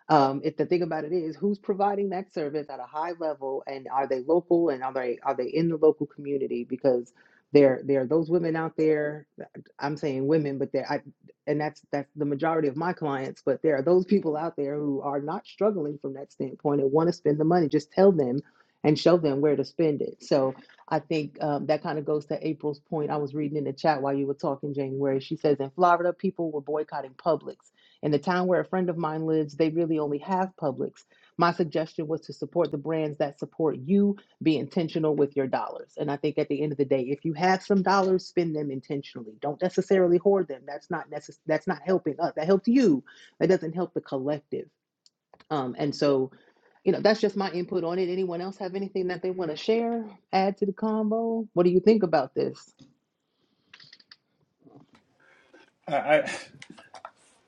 Speaker 1: Um, if the thing about it is, who's providing that service at a high level, and are they local, and are they are they in the local community? Because there there are those women out there. uh, I'm saying women, but there, I, and that's that's the majority of my clients. But there are those people out there who are not struggling from that standpoint and want to spend the money. Just tell them and show them where to spend it. So I think um, that kind of goes to April's point. I was reading in the chat while you were talking, January. She says in Florida, people were boycotting Publix in the town where a friend of mine lives, they really only have Publix. My suggestion was to support the brands that support you. Be intentional with your dollars. And I think at the end of the day, if you have some dollars, spend them intentionally. Don't necessarily hoard them. That's not necess- that's not helping us. That helps you. That doesn't help the collective. Um, and so, you know, that's just my input on it. Anyone else have anything that they want to share, add to the combo? What do you think about this?
Speaker 5: I I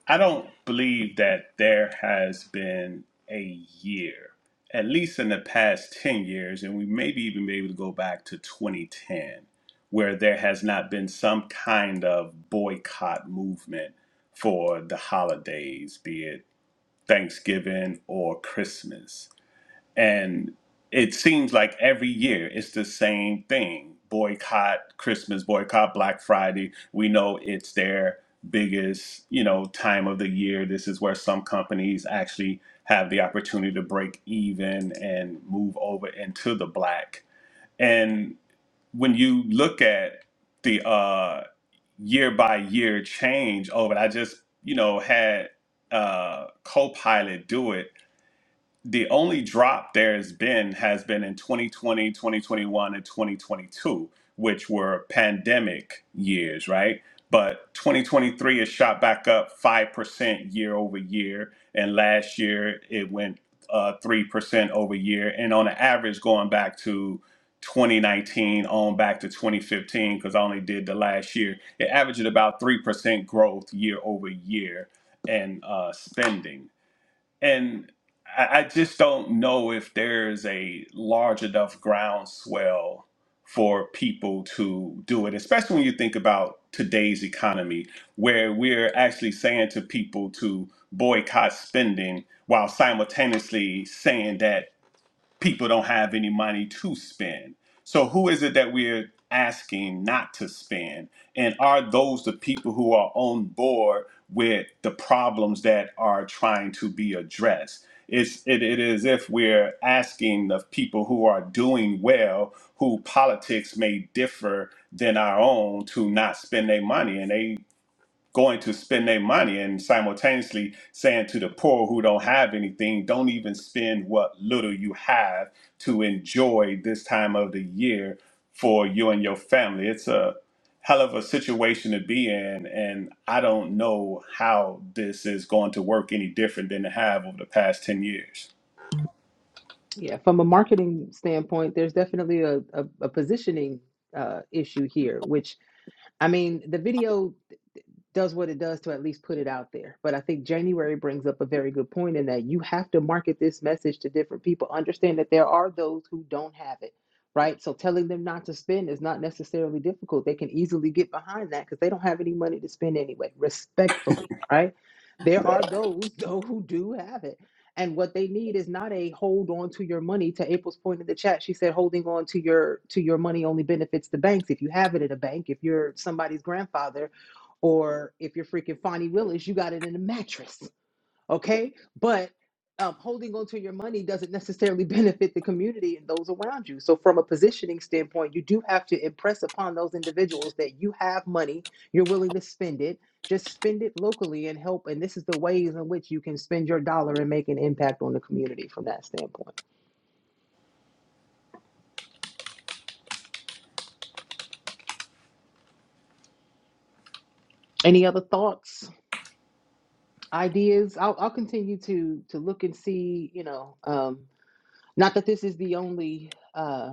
Speaker 5: I don't believe that there has been a year, at least in the past 10 years, and we maybe even be able to go back to 2010, where there has not been some kind of boycott movement for the holidays, be it Thanksgiving or Christmas. And it seems like every year it's the same thing boycott Christmas, boycott Black Friday. We know it's their biggest, you know, time of the year. This is where some companies actually have the opportunity to break even and move over into the black. And when you look at the uh year by year change over, I just, you know, had uh Copilot do it the only drop there's been has been in 2020, 2021, and 2022, which were pandemic years, right? But 2023 is shot back up 5% year over year. And last year it went uh, 3% over year. And on an average, going back to 2019 on back to 2015, because I only did the last year, it averaged about 3% growth year over year and uh, spending. And I, I just don't know if there's a large enough groundswell for people to do it, especially when you think about today's economy, where we're actually saying to people to boycott spending while simultaneously saying that people don't have any money to spend. So who is it that we're asking not to spend? And are those the people who are on board with the problems that are trying to be addressed? It's it, it is if we're asking the people who are doing well, who politics may differ than our own, to not spend their money, and they going to spend their money and simultaneously saying to the poor who don't have anything, don't even spend what little you have to enjoy this time of the year for you and your family. It's a hell of a situation to be in, and I don't know how this is going to work any different than it have over the past 10 years.
Speaker 1: Yeah, from a marketing standpoint, there's definitely a, a, a positioning uh, issue here, which I mean, the video does what it does to at least put it out there. But I think January brings up a very good point in that you have to market this message to different people. Understand that there are those who don't have it, right? So telling them not to spend is not necessarily difficult. They can easily get behind that because they don't have any money to spend anyway, respectfully, right? There are those, <laughs> though, who do have it. And what they need is not a hold on to your money. To April's point in the chat, she said holding on to your to your money only benefits the banks. If you have it at a bank, if you're somebody's grandfather or if you're freaking Fonnie Willis, you got it in a mattress, okay? But um, holding on to your money doesn't necessarily <laughs> benefit the community and those around you. So, from a positioning standpoint, you do have to impress upon those individuals that you have money, you're willing to spend it. Just spend it locally and help. And this is the ways in which you can spend your dollar and make an impact on the community from that standpoint. Any other thoughts, ideas? I'll, I'll continue to to look and see. You know, um, not that this is the only. uh,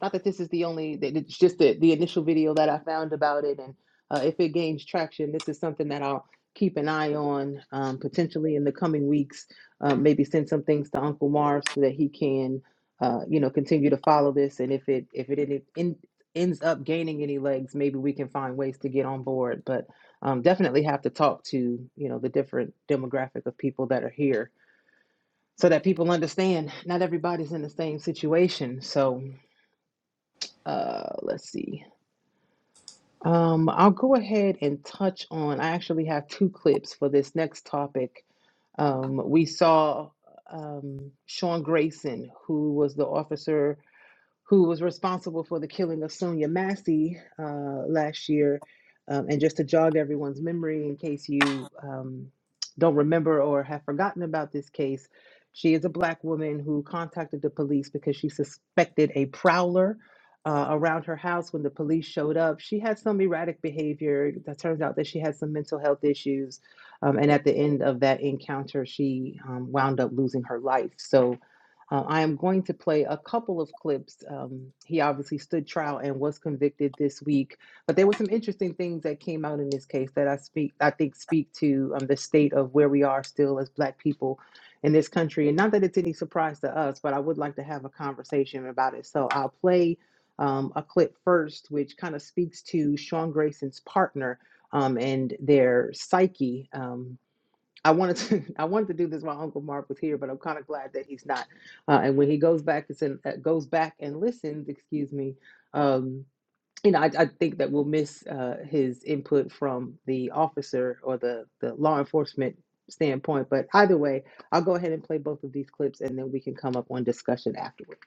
Speaker 1: Not that this is the only, that it's just the, the initial video that I found about it. And uh, if it gains traction, this is something that I'll keep an eye on um, potentially in the coming weeks. Uh, maybe send some things to Uncle Marv so that he can, uh, you know, continue to follow this. And if it if it en- en- ends up gaining any legs, maybe we can find ways to get on board. But um, definitely have to talk to you know the different demographic of people that are here so that people understand not everybody's in the same situation. So uh let's see um i'll go ahead and touch on i actually have two clips for this next topic um we saw um sean grayson who was the officer who was responsible for the killing of Sonia Massey uh, last year. Um, and just to jog everyone's memory, in case you um, don't remember or have forgotten about this case, she is a black woman who contacted the police because she suspected a prowler. Uh, around her house when the police showed up she had some erratic behavior that turns out that she had some mental health issues um, and at the end of that encounter she um, wound up losing her life so uh, I am going to play a couple of clips. Um, he obviously stood trial and was convicted this week, but there were some interesting things that came out in this case that I speak, I think, speak to um, the state of where we are still as Black people in this country. And not that it's any surprise to us, but I would like to have a conversation about it. So I'll play um, a clip first, which kind of speaks to Sean Grayson's partner um, and their psyche. um, I wanted to <laughs> I wanted to do this while Uncle Mark was here, but I'm kind of glad that he's not. Uh, and when he goes back and uh, goes back and listens, excuse me, um, you know, I, I think that we'll miss uh, his input from the officer or the the law enforcement standpoint. But either way, I'll go ahead and play both of these clips, and then we can come up on discussion afterward.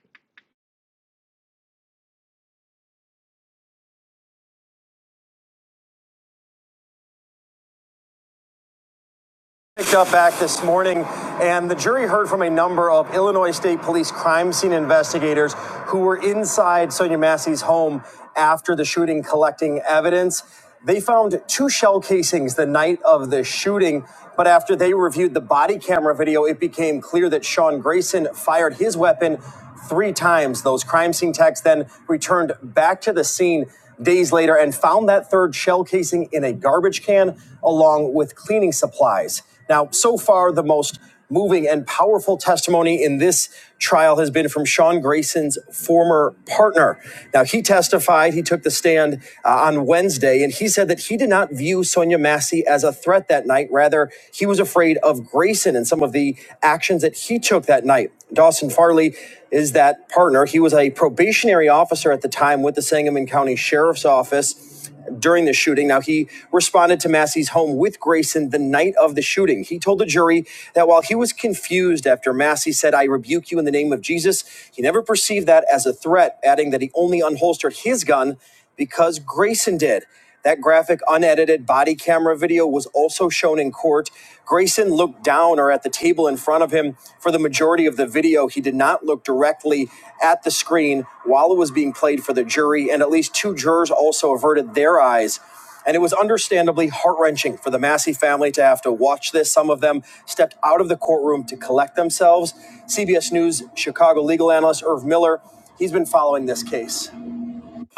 Speaker 4: picked up back this morning, and the jury heard from a number of Illinois State Police crime scene investigators who were inside Sonia Massey's home after the shooting collecting evidence. They found two shell casings the night of the shooting, but after they reviewed the body camera video, it became clear that Sean Grayson fired his weapon three times. Those crime scene techs then returned back to the scene days later and found that third shell casing in a garbage can along with cleaning supplies. Now, so far, the most moving and powerful testimony in this trial has been from Sean Grayson's former partner. Now, he testified, he took the stand uh, on Wednesday, and he said that he did not view Sonia Massey as a threat that night. Rather, he was afraid of Grayson and some of the actions that he took that night. Dawson Farley is that partner. He was a probationary officer at the time with the Sangamon County Sheriff's Office during the shooting. Now, he responded to Massey's home with Grayson the night of the shooting. He told the jury that while he was confused after Massey said, I rebuke you in the name of Jesus, he never perceived that as a threat, adding that he only unholstered his gun because Grayson did. That graphic, unedited body camera video was also shown in court. Grayson looked down or at the table in front of him for the majority of the video. He did not look directly at the screen while it was being played for the jury, and at least two jurors also averted their eyes. And it was understandably heart wrenching for the Massey family to have to watch this. Some of them stepped out of the courtroom to collect themselves. CBS News Chicago legal analyst Irv Miller, he's been following this case.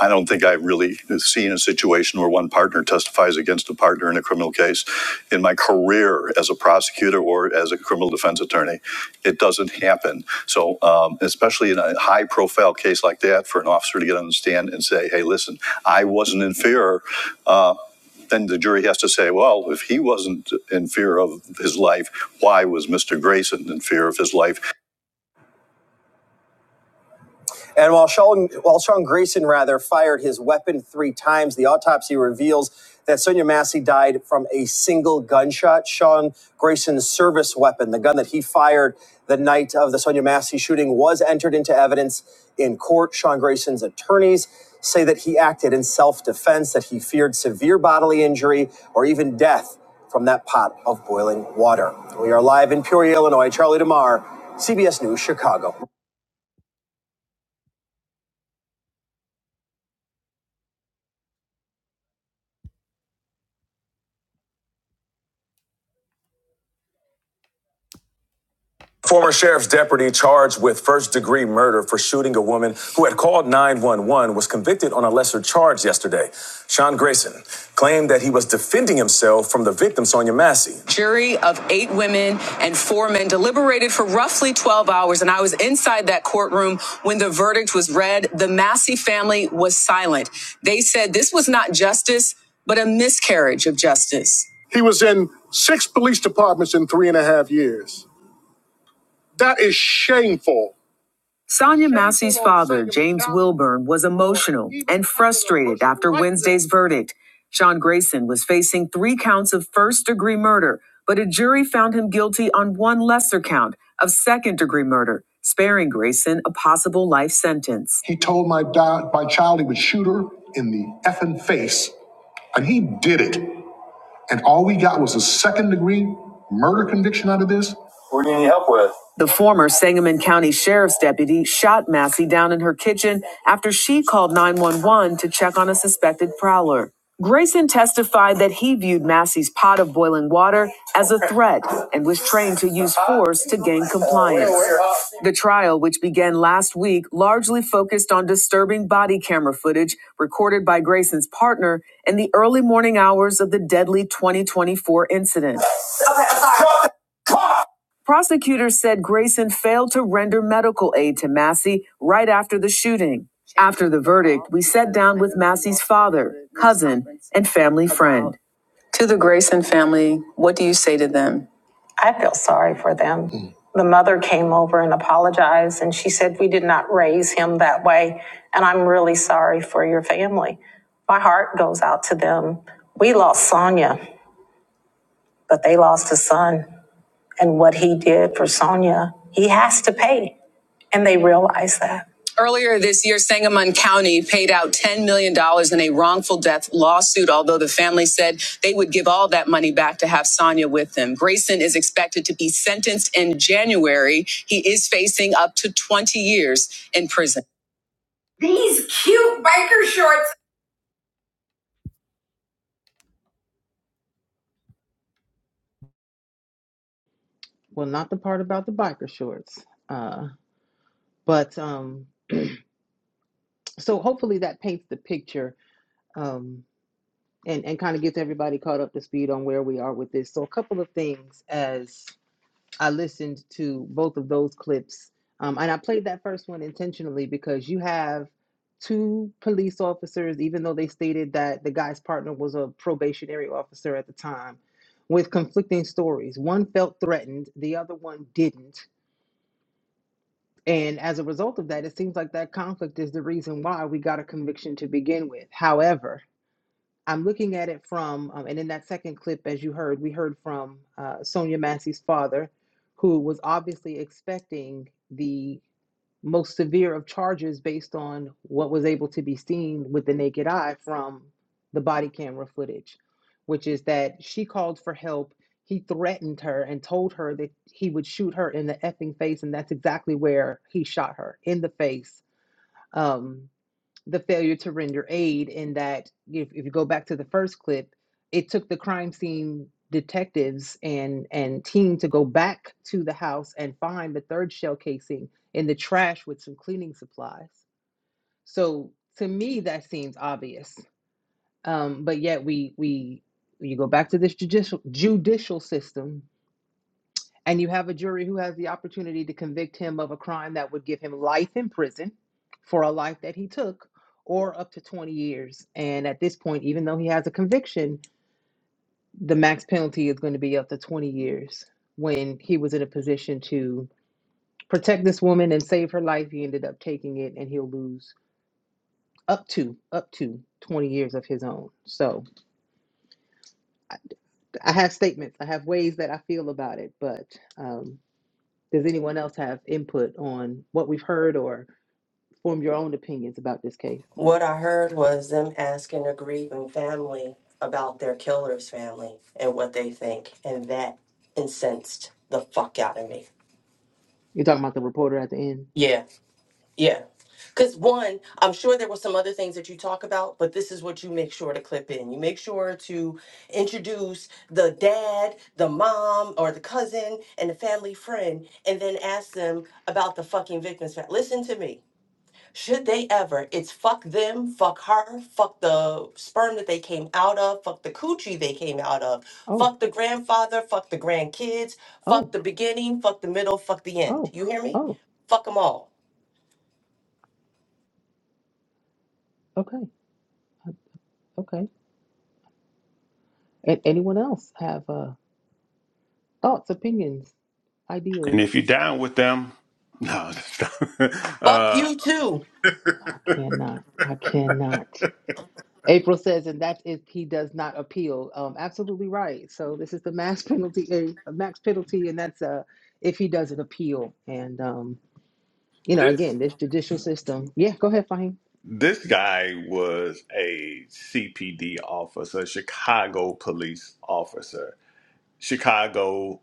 Speaker 4: I don't think I've really seen a situation where one partner testifies against a partner in a criminal case in my career as a prosecutor or as a criminal defense attorney. It doesn't happen. So, um, especially in a high profile case like that, for an officer to get on the stand and say, hey, listen, I wasn't in fear. Uh, then the jury has to say, well, if he wasn't in fear of his life, why was Mr. Grayson in fear of his life? And while Sean, while Sean Grayson rather fired his weapon three times, the autopsy reveals that Sonia Massey died from a single gunshot. Sean Grayson's service weapon, the gun that he fired the night of the Sonia Massey shooting, was entered into evidence in court. Sean Grayson's attorneys say that he acted in self-defense, that he feared severe bodily injury or even death from that pot of boiling water. We are live in Peoria, Illinois. Charlie DeMar, CBS News, Chicago. Former sheriff's deputy charged with first degree murder for shooting a woman who had called 911 was convicted on a lesser charge yesterday. Sean Grayson claimed that he was defending himself from the victim, Sonia Massey. Jury of eight women and four men deliberated for roughly 12 hours, and I was inside that courtroom when the verdict was read. The Massey family was silent. They said this was not justice, but a miscarriage of justice. He was in six police departments in three and a half years. That is shameful. Sonia Massey's father, James Wilburn, was emotional and frustrated after Wednesday's verdict. Sean Grayson was facing three counts of first degree murder, but a jury found him guilty on one lesser count of second degree murder, sparing Grayson a possible life sentence. He told my, di- my child he would shoot her in the effing face, and he did it. And all we got was a second degree murder conviction out of this. The former Sangamon County Sheriff's deputy shot Massey down in her kitchen after she called 911 to check on a suspected prowler. Grayson testified that he viewed Massey's pot of boiling water as a threat and was trained to use force to gain compliance. The trial, which began last week, largely focused on disturbing body camera footage recorded by Grayson's partner in the early morning hours of the deadly 2024 incident. Prosecutors said Grayson failed to render medical aid to Massey right after the shooting. After the verdict, we sat down with Massey's father, cousin, and family friend. To the Grayson family, what do you say to them? I feel sorry for them. The mother came over and apologized, and she said, We did not raise him that way, and I'm really sorry for your family. My heart goes out to them. We lost Sonia but they lost a son. And what he did for Sonia, he has to pay. And they realize that. Earlier this year, Sangamon County paid out $10 million dollars in a wrongful death lawsuit, although the family said they would give all that money back to have Sonia with them. Grayson is expected to be sentenced in January. He is facing up to 20 years in prison. These cute biker shorts.
Speaker 1: Well, not the part about the biker shorts, uh, but um, so hopefully that paints the picture Um, and and kind of gets everybody caught up to speed on where we are with this. So a couple of things as I listened to both of those clips, um, and I played that first one intentionally because you have two police officers, even though they stated that the guy's partner was a probationary officer at the time, with conflicting stories. One felt threatened, the other one didn't. And as a result of that, it seems like that conflict is the reason why we got a conviction to begin with. However, I'm looking at it from, um, and in that second clip, as you heard, we heard from uh, Sonia Massey's father, who was obviously expecting the most severe of charges based on what was able to be seen with the naked eye from the body camera footage, which is that she called for help. He threatened her and told her that he would shoot her in the effing face, and that's exactly where he shot her in the face. Um, the failure to render aid in that if, if you go back to the first clip it took the crime scene detectives and and team to go back to the house and find the third shell casing in the trash with some cleaning supplies so to me that seems obvious um, but yet we we you go back to this judicial judicial system and you have a jury who has the opportunity to convict him of a crime that would give him life in prison for a life that he took or up to 20 years. And at this point, even though he has a conviction, the max penalty is going to be up to 20 years. When he was in a position to protect this woman and save her life, he ended up taking it and he'll lose up to up to 20 years of his own. So I, I have statements. I have ways that I feel about it, but um, does anyone else have input on what we've heard or form your own opinions about this case.
Speaker 2: What I heard was them asking a grieving family about their killer's family and what they think, and that incensed the fuck out of me.
Speaker 1: You're talking about the reporter at the end.
Speaker 2: Yeah, yeah. Because one, I'm sure there were some other things that you talk about, but this is what you make sure to clip in. You make sure to introduce the dad, the mom, or the cousin, and the family friend, and then ask them about the fucking victim's family. Listen to me. Should they ever, it's fuck them, fuck her, fuck the sperm that they came out of, fuck the coochie they came out of,
Speaker 1: Oh,
Speaker 2: fuck the grandfather, fuck the grandkids,
Speaker 1: oh,
Speaker 2: fuck the beginning, fuck the middle, fuck the end.
Speaker 1: oh,
Speaker 2: You hear me?
Speaker 1: oh.
Speaker 2: Fuck them all.
Speaker 1: Okay, uh, okay. And anyone else have uh, thoughts, opinions,
Speaker 5: And if
Speaker 1: ideals?
Speaker 5: you're down with them, no, <laughs>
Speaker 2: Fuck
Speaker 5: uh,
Speaker 2: you too.
Speaker 1: I cannot. I cannot. April says, and that's if he does not appeal. Um, absolutely right. So this is the max <laughs> penalty, a max penalty, and that's uh, if he doesn't appeal. And um, you know,
Speaker 5: this.
Speaker 1: again, this judicial system. Yeah, go ahead, Fahim.
Speaker 5: This guy was a CPD officer, Chicago police officer. Chicago,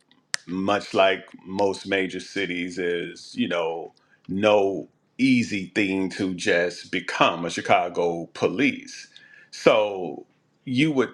Speaker 5: much like most major cities, is, you know, no easy thing to just become a Chicago police. So you would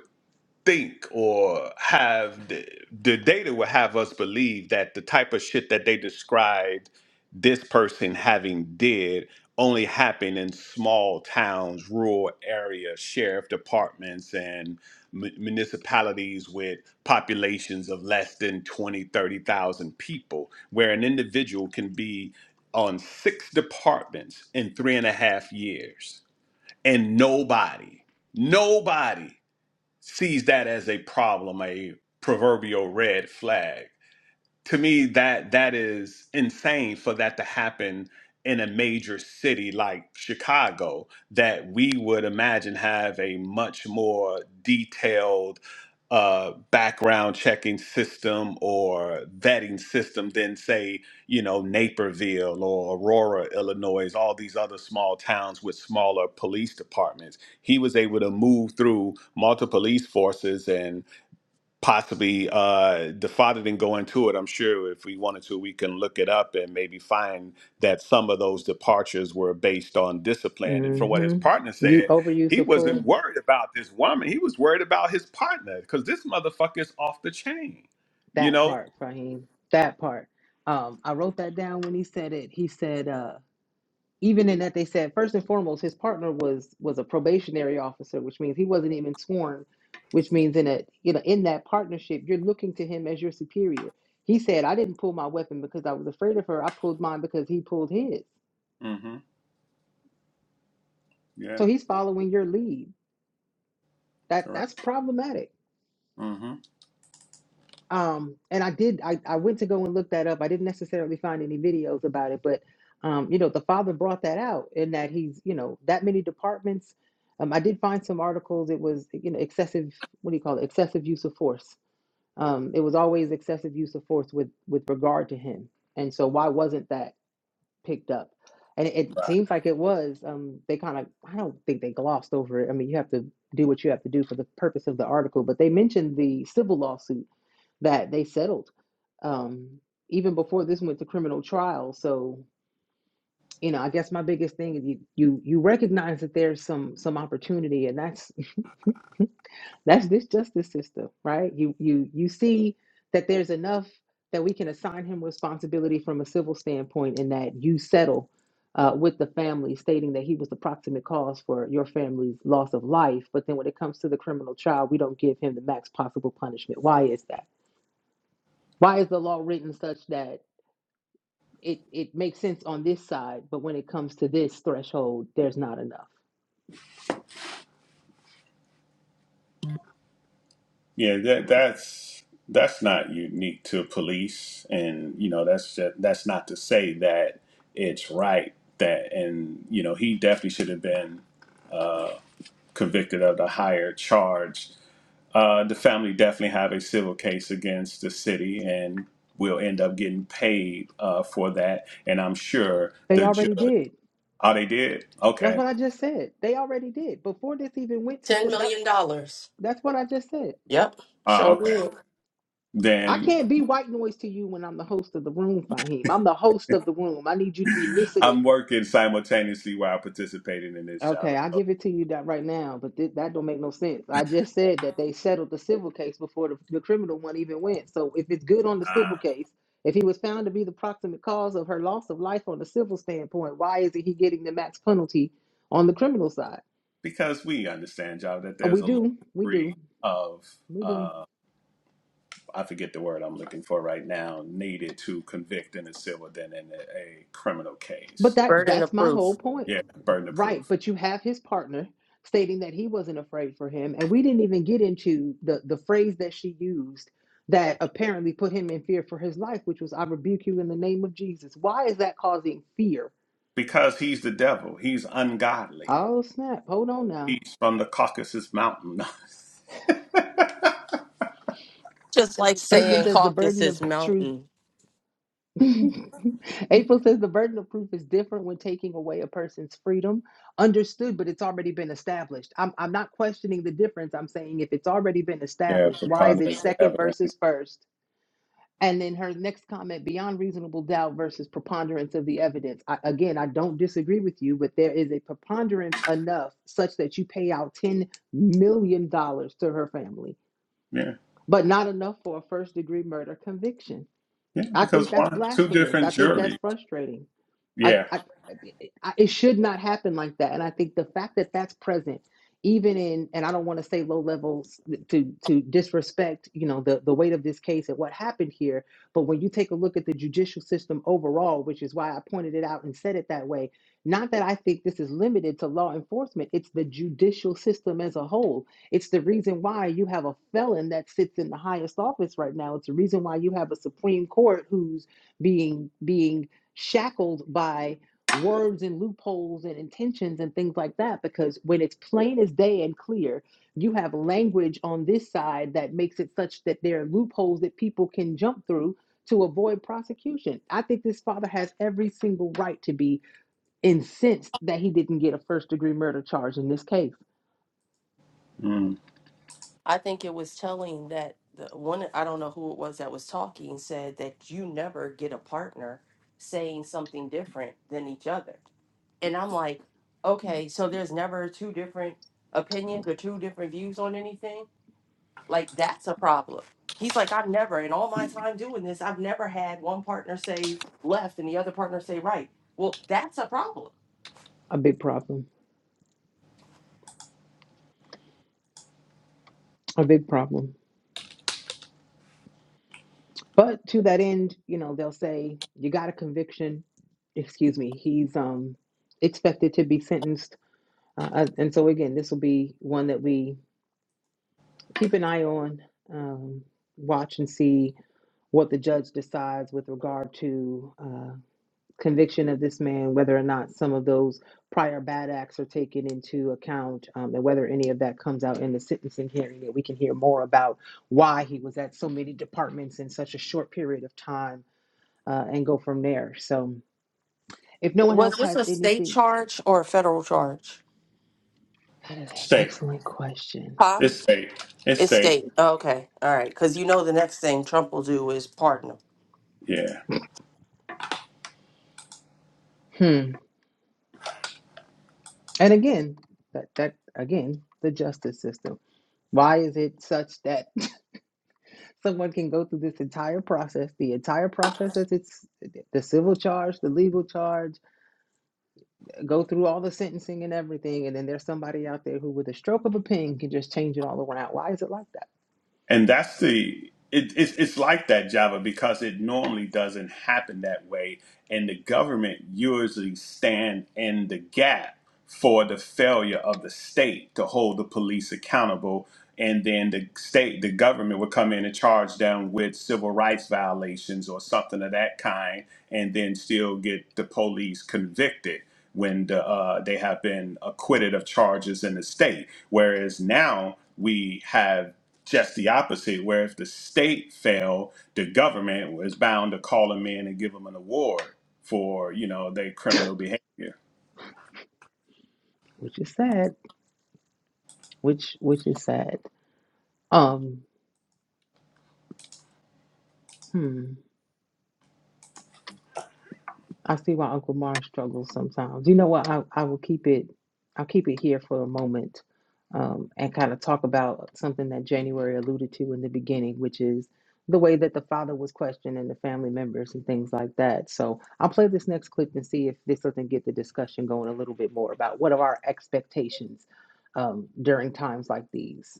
Speaker 5: think or have the, the data would have us believe that the type of shit that they described this person having did only happened in small towns, rural areas, sheriff departments, and mu- municipalities with populations of less than 20, 30,000 people, where an individual can be on six departments in three and a half years. And nobody, nobody sees that as a problem, a proverbial red flag to me that that is insane for that to happen in a major city like Chicago that we would imagine have a much more detailed uh, background checking system or vetting system than say you know Naperville or Aurora, Illinois, all these other small towns with smaller police departments. He was able to move through multiple police forces and possibly uh the father didn't go into it i'm sure if we wanted to we can look it up and maybe find that some of those departures were based on discipline and from what his
Speaker 1: Mm-hmm.
Speaker 5: partner
Speaker 1: You
Speaker 5: said
Speaker 1: overuse
Speaker 5: he
Speaker 1: of
Speaker 5: wasn't
Speaker 1: force.
Speaker 5: worried about this woman he was worried about his partner because this motherfucker is off the chain you
Speaker 1: That
Speaker 5: know
Speaker 1: part, Fahim. That part. Um, I wrote that down when he said it. He said, uh, even in that they said, first and foremost, his partner was was a probationary officer, which means he wasn't even sworn, which means in a you know, in that partnership, you're looking to him as your superior. He said, I didn't pull my weapon because I was afraid of her. I pulled mine because he pulled his.
Speaker 5: mm-hmm yeah
Speaker 1: So he's following your lead. That
Speaker 5: correct
Speaker 1: that's problematic.
Speaker 5: mm-hmm
Speaker 1: Um, and I did, I, I went to go and look that up. I didn't necessarily find any videos about it, but, um, you know, the father brought that out in that he's, you know, that many departments. Um, I did find some articles. It was, you know, excessive, what do you call it? Excessive use of force. Um, it was always excessive use of force with, with regard to him. And so why wasn't that picked up? And it, it seems like it was, um, they kind of, I don't think they glossed over it. I mean, you have to do what you have to do for the purpose of the article, but they mentioned the civil lawsuit that they settled um, even before this went to criminal trial. So you know, I guess my biggest thing is you you you recognize that there's some some opportunity, and that's <laughs> that's this justice system, right? You you you see that there's enough that we can assign him responsibility from a civil standpoint, and that you settle. Uh, with the family stating that he was the proximate cause for your family's loss of life. But then when it comes to the criminal trial, we don't give him the max possible punishment. Why is that? Why is the law written such that? it it makes sense on this side, but when it comes to this threshold, there's not enough.
Speaker 5: yeah that that's that's not unique to police and you know that's just, that's not to say that it's right that and you know he definitely should have been convicted of the higher charge. Uh, the family definitely have a civil case against the city and will end up getting paid uh, for that. And I'm sure
Speaker 1: They
Speaker 5: the
Speaker 1: already
Speaker 5: judge.
Speaker 1: did.
Speaker 5: Oh, they did?
Speaker 1: That's
Speaker 5: Okay.
Speaker 1: what I just said. They already did before this even went to
Speaker 2: $10
Speaker 1: sit. That
Speaker 2: million. dollars.
Speaker 1: that's what I just said.
Speaker 2: Yep.
Speaker 5: Oh,
Speaker 2: Showed
Speaker 5: okay.
Speaker 2: you.
Speaker 1: I
Speaker 5: Then
Speaker 1: can't be white noise to you when I'm the host of the room, Fahim. I'm the host of the room. I need you to
Speaker 5: <laughs>
Speaker 1: be
Speaker 5: I'm
Speaker 1: listening
Speaker 5: working simultaneously while participating in this job.
Speaker 1: Okay, I'll give it to you that right now, but th- that don't make no sense. I just said that they settled the civil case before the, the criminal one even went. So if it's good on the civil
Speaker 5: Ah.
Speaker 1: case, if he was found to be the proximate cause of her loss of life on the civil standpoint, why isn't he getting the max penalty on the criminal side?
Speaker 5: Because we understand, Java, that
Speaker 1: Uh,
Speaker 5: there's
Speaker 1: We
Speaker 5: a low
Speaker 1: do, we
Speaker 5: degree
Speaker 1: do,
Speaker 5: of,
Speaker 1: we do.
Speaker 5: uh, I forget the word I'm looking for right now, needed to convict in a civil than in a, a criminal
Speaker 1: But
Speaker 5: case.
Speaker 1: that
Speaker 2: Burden
Speaker 1: that's
Speaker 2: of
Speaker 1: my
Speaker 2: proof.
Speaker 1: whole point.
Speaker 5: Yeah, burden of
Speaker 1: Right,
Speaker 5: proof.
Speaker 1: but you have his partner stating that he wasn't afraid for him, and we didn't even get into the the phrase that she used that apparently put him in fear for his life, which was "I rebuke you in the name of Jesus." Why is that causing fear?
Speaker 5: Because he's the devil. He's ungodly.
Speaker 1: Oh snap! Hold on now.
Speaker 5: He's from the Caucasus Mountain.
Speaker 2: Just like
Speaker 1: April
Speaker 2: saying
Speaker 1: says the burden of
Speaker 2: Caucasus
Speaker 1: truth.
Speaker 2: Mountain.
Speaker 1: <laughs> April says the burden of proof is different when taking away a person's freedom. Understood, but it's already been established. I'm I'm not questioning the difference. I'm saying if it's already been
Speaker 5: <laughs> yeah,
Speaker 1: established, why is it
Speaker 5: preponderance of
Speaker 1: second
Speaker 5: evidence.
Speaker 1: versus first? And then her next comment beyond reasonable doubt versus preponderance of the evidence. I, again, I don't disagree with you, but there is a preponderance enough such that you pay out $10 million dollars to her family,
Speaker 5: Yeah,
Speaker 1: but not enough for a first degree murder conviction.
Speaker 5: yeah.
Speaker 1: I
Speaker 5: Because
Speaker 1: think that's
Speaker 5: one, two
Speaker 1: blasphemous.
Speaker 5: different
Speaker 1: I think that's
Speaker 5: juries.
Speaker 1: frustrating. I,
Speaker 5: Yeah.
Speaker 1: I, I- it should not happen like that. And I think the fact that that's present, even in, and I don't want to say low levels to to disrespect, you know, the the weight of this case and what happened here. But when you take a look at the judicial system overall, which is why I pointed it out and said it that way, not that I think this is limited to law enforcement. It's the judicial system as a whole. It's the reason why you have a felon that sits in the highest office right now. It's the reason why you have a Supreme Court who's being being shackled by words and loopholes and intentions and things like that because when it's plain as day and clear you have language on this side that makes it such that there are loopholes that people can jump through to avoid prosecution i think this father has every single right to be incensed that he didn't get a first degree murder charge in this case
Speaker 5: Mm.
Speaker 2: I think it was telling that the one I don't know who it was that was talking said that you never get a partner saying something different than each other. And I'm like, okay, so there's never two different opinions or two different views on anything? Like that's a problem. He's like, I've never in all my time doing this, I've never had one partner say left and the other partner say right. Well, that's a problem.
Speaker 1: a big problem a big problem but to that end you know they'll say you got a conviction excuse me he's um expected to be sentenced Uh, uh, and so again, this will be one that we keep an eye on, um, watch and see what the judge decides with regard to uh, conviction of this man, whether or not some of those prior bad acts are taken into account, um, and whether any of that comes out in the sentencing hearing, that we can hear more about why he was at so many departments in such a short period of time, uh, and go from there. So, if no one
Speaker 2: Was
Speaker 1: else
Speaker 2: this
Speaker 1: has
Speaker 2: a state
Speaker 1: anything,
Speaker 2: charge or a federal charge?
Speaker 1: that is an
Speaker 5: State.
Speaker 1: excellent question.
Speaker 2: Huh?
Speaker 5: It's state. It's
Speaker 2: It's
Speaker 5: state.
Speaker 2: state. Okay. All right. Because you know the next thing Trump will do is pardon him.
Speaker 5: Yeah.
Speaker 1: Hmm. And again, that that again, the justice system. Why is it such that <laughs> someone can go through this entire process, the entire process as it's the civil charge, the legal charge, go through all the sentencing and everything, and then there's somebody out there who with a stroke of a pen can just change it all around. Why is it like that?
Speaker 5: and that's the it, it's, it's like that java because it normally doesn't happen that way and the government usually stand in the gap for the failure of the state to hold the police accountable and then the state the government would come in and charge them with civil rights violations or something of that kind and then still get the police convicted when the, uh, they have been acquitted of charges in the state. Whereas now we have just the opposite, where if the state fail, the government was bound to call them in and give them an award for you know their criminal behavior.
Speaker 1: Which is sad. Which which is sad. Um hmm. I see why Uncle Mar struggles sometimes. You know what? I, I will keep it. I'll keep it here for a moment, um, and kind of talk about something that January alluded to in the beginning, which is the way that the father was questioned and the family members and things like that. So I'll play this next clip and see if this doesn't get the discussion going a little bit more about what are our expectations um, during times like these.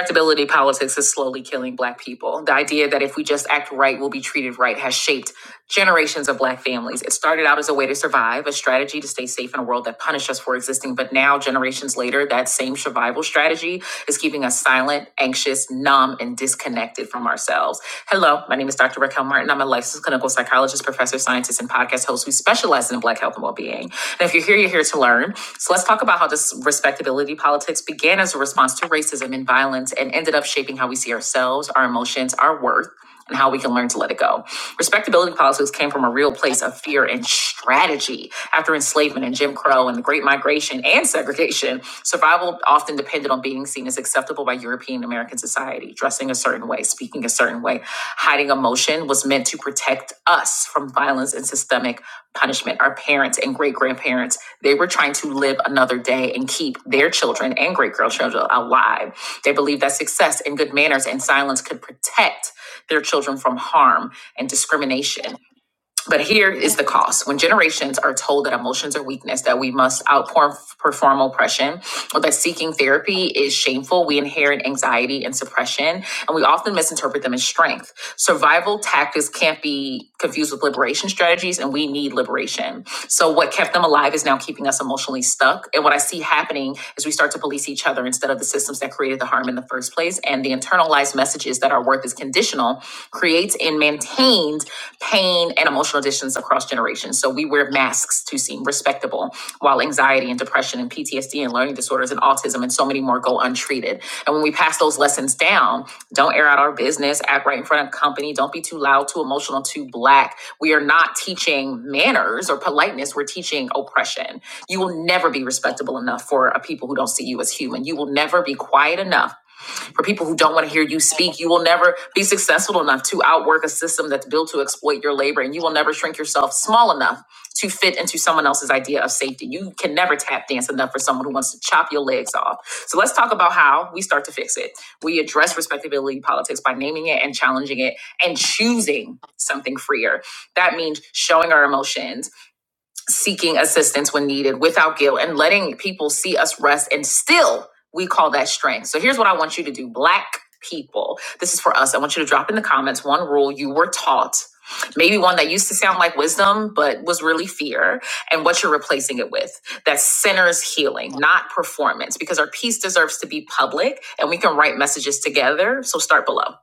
Speaker 4: Respectability politics is slowly killing Black people. The idea that if we just act right, we'll be treated right has shaped generations of Black families. It started out as a way to survive, a strategy to stay safe in a world that punished us for existing. But now, generations later, that same survival strategy is keeping us silent, anxious, numb, and disengaged disconnected from ourselves. Hello, my name is Dr. Raquel Martin. I'm a licensed clinical psychologist, professor, scientist, and podcast host who specializes in Black health and well-being. And if you're here, you're here to learn. So let's talk about how this respectability politics began as a response to racism and violence and ended up shaping how we see ourselves, our emotions, our worth, and how we can learn to let it go. Respectability politics came from a real place of fear and strategy. After enslavement and Jim Crow and the Great Migration and segregation, survival often depended on being seen as acceptable by European American society, dressing a certain way, speaking a certain way. Hiding emotion was meant to protect us from violence and systemic punishment. Our parents and great grandparents, they were trying to live another day and keep their children and great grandchildren alive. They believed that success and good manners and silence could protect their children from harm and discrimination but here is the cost. When generations are told that emotions are weakness, that we must outperform oppression, or that seeking therapy is shameful, we inherit anxiety and suppression, and we often misinterpret them as strength. Survival tactics can't be confused with liberation strategies, and we need liberation. So, what kept them alive is now keeping us emotionally stuck. And what I see happening is we start to police each other instead of the systems that created the harm in the first place, and the internalized messages that our worth is conditional International creates and maintains pain and emotional distance across generations. So we wear masks to seem respectable, while anxiety and depression and PTSD and learning disorders and autism and so many more go untreated. And when we pass those lessons down, don't air out our business, act right in front of company, don't be too loud, too emotional, too black. We are not teaching manners or politeness, we're teaching oppression. You will never be respectable enough for a people who don't see you as human. You will never be quiet enough for people who don't want to hear you speak. You will never be successful enough to outwork a system that's built to exploit your labor, and you will never shrink yourself small enough to fit into someone else's idea of safety. You can never tap dance enough for someone who wants to chop your legs off. So let's talk about how we start to fix it. We address respectability politics by naming it and challenging it and choosing something freer. That means showing our emotions seeking assistance when needed without guilt and letting people see us rest and still we call that strength. So here's what I want you to do, black people. This is for us. I want you to drop in the comments one rule you were taught, maybe one that used to sound like wisdom but was really fear, and what you're replacing it with. That centers healing, not performance, because our peace deserves to be public and we can write messages together. So start below.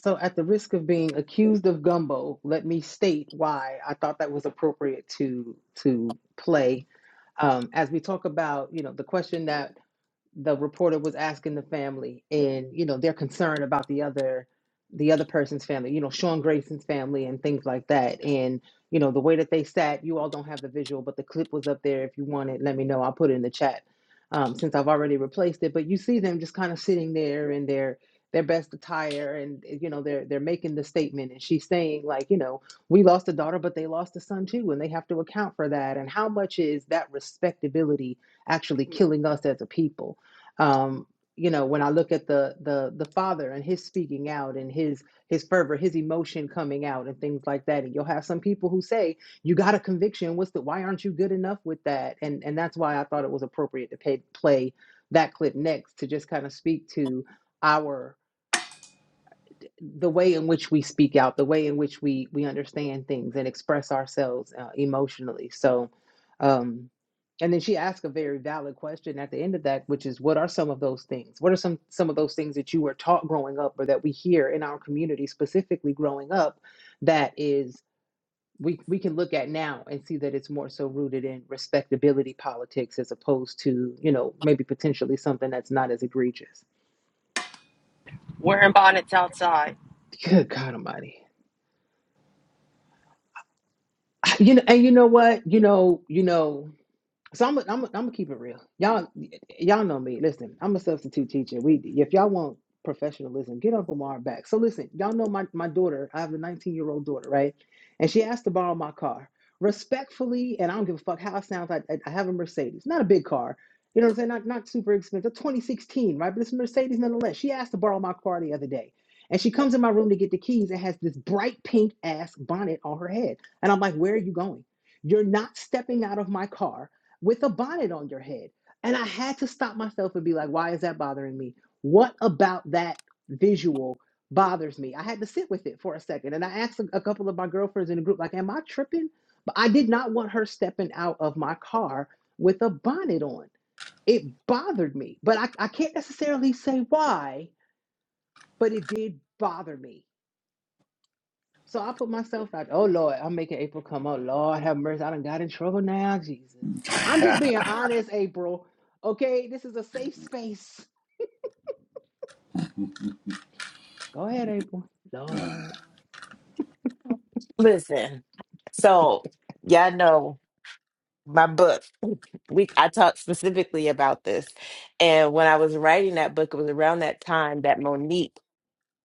Speaker 1: So, at the risk of being accused of gumbo, let me state why I thought that was appropriate to to play um, as we talk about, you know, the question Mm. that the reporter was asking the family and you know they're concerned about the other the other person's family you know sean grayson's family and things like that and you know the way that they sat you all don't have the visual but the clip was up there if you want it let me know i'll put it in the chat um, since i've already replaced it but you see them just kind of sitting there in their their best attire and eh, you know they're they're making the statement and she's saying like you know we lost a daughter but they lost a son too and they have to account for that and how much is that respectability actually killing us as a people um you know when i look at the the the father and his speaking out and his his fervor his emotion coming out and things like that and you'll have some people who say you got a conviction what's the why aren't you good enough with that and and that's why i thought it was appropriate to pay, play that clip next to just kind of speak to our the way in which we speak out, the way in which we we understand things and express ourselves uh, emotionally. So, um, and then she asked a very valid question at the end of that, which is, what are some of those things? What are some some of those things that you were taught growing up, or that we hear in our community, specifically growing up, that is we we can look at now and see that it's more so rooted in respectability politics as opposed to you know maybe potentially something that's not as egregious.
Speaker 2: Wearing bonnets outside.
Speaker 1: Good God Almighty. you know, and you know what? You know, you know. So I'm i I'm i am i am i am going to keep it real. Y'all y'all know me. Listen, I'm a substitute teacher. We if y'all want professionalism, get Uncle Mar back. So listen, y'all know my my daughter. I have a 19 year old daughter, right? And she asked to borrow my car respectfully, and I don't give a fuck how it sounds. I I, I have a Mercedes, not a big car. You know what I'm saying? Not not super expensive. 2016, right? But it's a Mercedes nonetheless. She asked to borrow my car the other day. And she comes in my room to get the keys and has this bright pink ass bonnet on her head. And I'm like, where are you going? You're not stepping out of my car with a bonnet on your head. And I had to stop myself and be like, why is that bothering me? What about that visual bothers me? I had to sit with it for a second. And I asked a, a couple of my girlfriends in the group, like, am I tripping? But I did not want her stepping out of my car with a bonnet on. It bothered me. But I, I can't necessarily say why, but it did bother me. So I put myself out. Oh Lord, I'm making April come. Oh Lord, have mercy. I done got in trouble now, Jesus. I'm just
Speaker 5: <laughs>
Speaker 1: being honest, April. Okay, this is a safe space. Go ahead, April. Lord,
Speaker 6: Listen, so y'all know my book. We I talked specifically about this, and when I was writing that book, it was around that time that Monique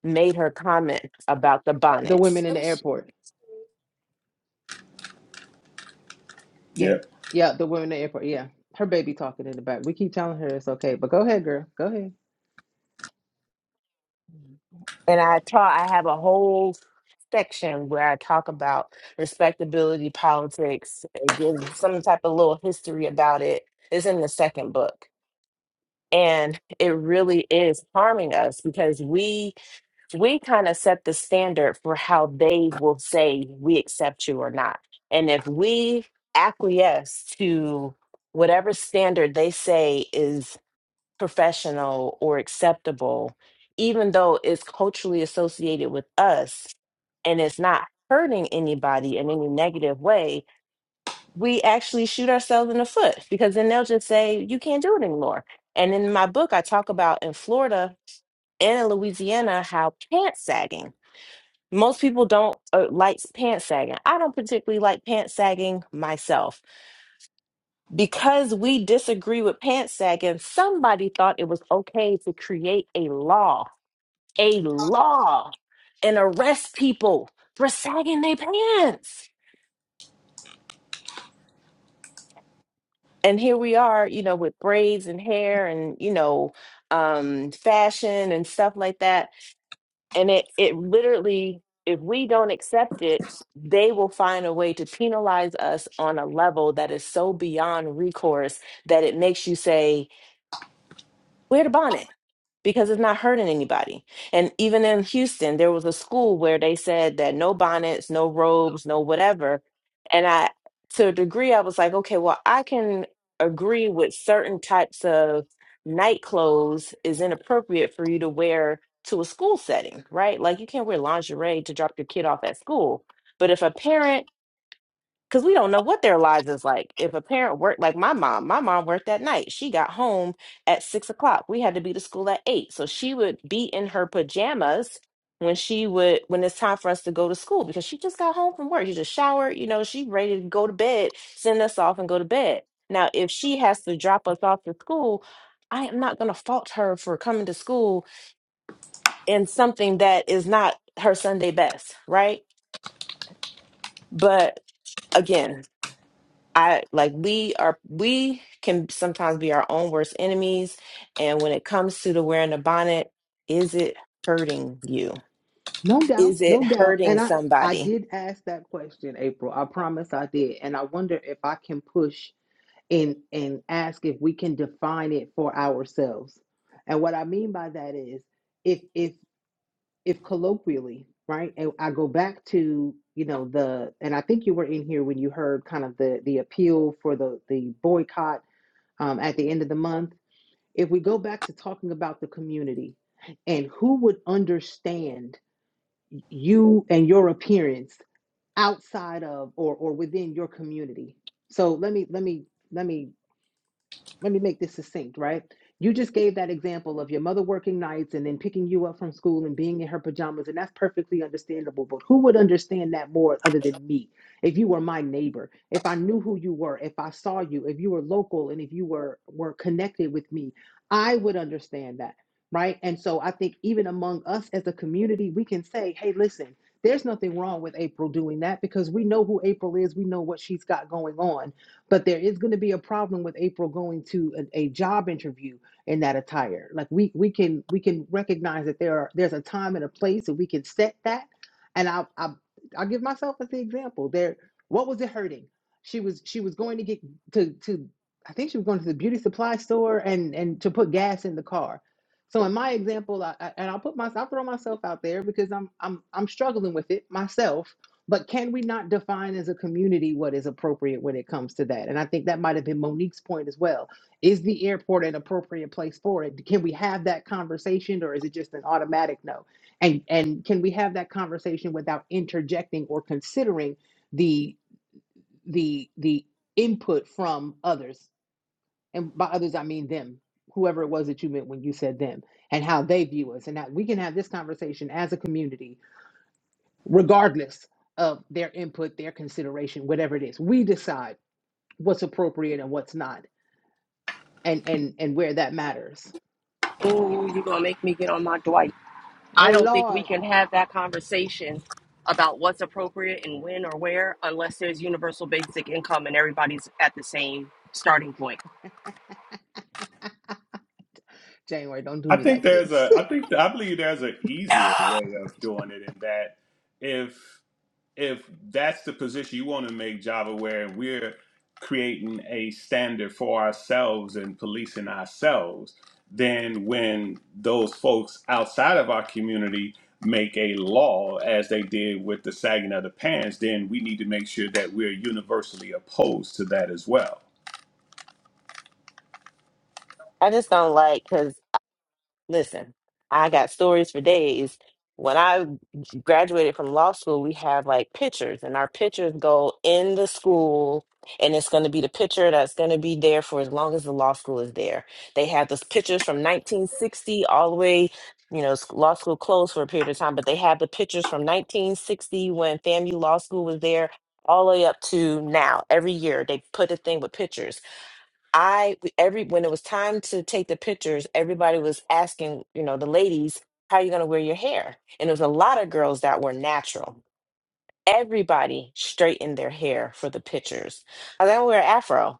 Speaker 6: made her comment about the
Speaker 1: the
Speaker 6: bonnets,
Speaker 1: women in
Speaker 6: Let
Speaker 1: the
Speaker 6: me sh-
Speaker 1: airport. Yeah,
Speaker 5: Yep.
Speaker 1: yeah, the women in the airport. Yeah, her baby talking in the back. We keep telling her it's okay, but go ahead, girl. Go ahead.
Speaker 6: and I taught. I have a whole section where I talk about respectability politics and give some type of little history about it. It's in the second book, and it really is harming us because we we kind of set the standard for how they will say we accept you or not. And if we acquiesce to whatever standard they say is professional or acceptable, even though it's culturally associated with us and it's not hurting anybody in any negative way, we actually shoot ourselves in the foot because then they'll just say, you can't do it anymore. And in my book, I talk about in Florida and in Louisiana how pant sagging most people don't uh, like pants sagging. I don't particularly like pants sagging myself. Because we disagree with pants sagging, somebody thought it was okay to create a law, a law, and arrest people for sagging their pants. And here we are, you know, with braids and hair and, you know, um, fashion and stuff like that and it it literally if we don't accept it they will find a way to penalize us on a level that is so beyond recourse that it makes you say wear the bonnet because it's not hurting anybody. And even in Houston, there was a school where they said that no bonnets, no robes, no whatever. And I, to a degree, I was like, okay, well, I can agree with certain types of night clothes is inappropriate for you to wear to a school setting, right? Like you can't wear lingerie to drop your kid off at school. But if a parent because we don't know what their lives is like. If a parent worked, like my mom, my mom worked at night. She got home at six o'clock. We had to be to school at eight. So she would be in her pajamas when she would, when it's time for us to go to school because she just got home from work. She just showered, you know, she ready to go to bed, send us off and go to bed. Now, if she has to drop us off to school, I am not going to fault her for coming to school in something that is not her Sunday best, right? But again, I like we are we can sometimes be our own worst enemies. And when it comes to the wearing the bonnet, is it hurting you?
Speaker 1: No doubt,
Speaker 6: Is it
Speaker 1: no doubt.
Speaker 6: hurting
Speaker 1: And I, I
Speaker 6: somebody?
Speaker 1: did ask that question, April. I promise I did. And I wonder if I can push and and ask if we can define it for ourselves. And what I mean by that is if if if colloquially, right? And I go back to, you know, the and I think you were in here when you heard kind of the the appeal for the the boycott um, at the end of the month. If we go back to talking about the community and who would understand you and your appearance outside of or or within your community. So let me let me let me let me make this succinct, right? You just gave that example of your mother working nights and then picking you up from school and being in her pajamas, and that's perfectly understandable. But who would understand that more other than me? If you were my neighbor, if I knew who you were, if I saw you, if you were local, and if you were were connected with me, I would understand that, right? And so I think even among us as a community, we can say, "Hey, listen." There's nothing wrong with April doing that because we know who April is. We know what she's got going on but there is going to be a problem with April going to a, a job interview in that attire. Like we we can we can recognize that there are there's a time and a place and we can set that. And I I I'll give myself as the example. There what was it hurting? She was she was going to get to to I think she was going to the beauty supply store and and to put gas in the car. So in my example, I, I, and I'll put myself, I'll throw myself out there because I'm I'm I'm struggling with it myself but can we not define as a community what is appropriate when it comes to that? And I think that might have been Monique's point as well. Is the airport an appropriate place for it? Can we have that conversation or is it just an automatic no? And and can we have that conversation without interjecting or considering the the the input from others? And by others I mean them, whoever it was that you meant when you said them, and how they view us. And that we can have this conversation as a community regardless of their input, their consideration, whatever it is. We decide what's appropriate and what's not, and and and where that matters.
Speaker 2: Ooh, you gonna make me get on my Dwight. I
Speaker 1: Oh
Speaker 2: don't think we
Speaker 1: Lord,
Speaker 2: can have that conversation about what's appropriate and when or where unless there's universal basic income and everybody's at the same starting point.
Speaker 1: January, don't do
Speaker 5: I
Speaker 1: me
Speaker 5: think
Speaker 1: like
Speaker 5: there's
Speaker 1: this.
Speaker 5: a
Speaker 1: <laughs>
Speaker 5: I think I believe there's an
Speaker 7: No.
Speaker 5: easier way of doing it in that if. if that's the position you want to make Java, where we're creating a standard for ourselves and policing ourselves, then when those folks outside of our community make a law, as they did with the sagging of the pants, then we need to make sure that we're universally opposed to that as well.
Speaker 6: I just don't like because Listen, I got stories for days. When I graduated from law school, we have like pictures, and our pictures go in the school, and it's going to be the picture that's going to be there for as long as the law school is there. They have those pictures from 1960 all the way, you know, s- law school closed for a period of time, but they have the pictures from 1960 when FAMU Law School was there all the way up to now. Every year, they put a thing with pictures I every when it was time to take the pictures, everybody was asking, you know, the ladies, how are you going to wear your hair? And there was a lot of girls that were natural. Everybody straightened their hair for the pictures. I was like, I'm gonna wear an afro.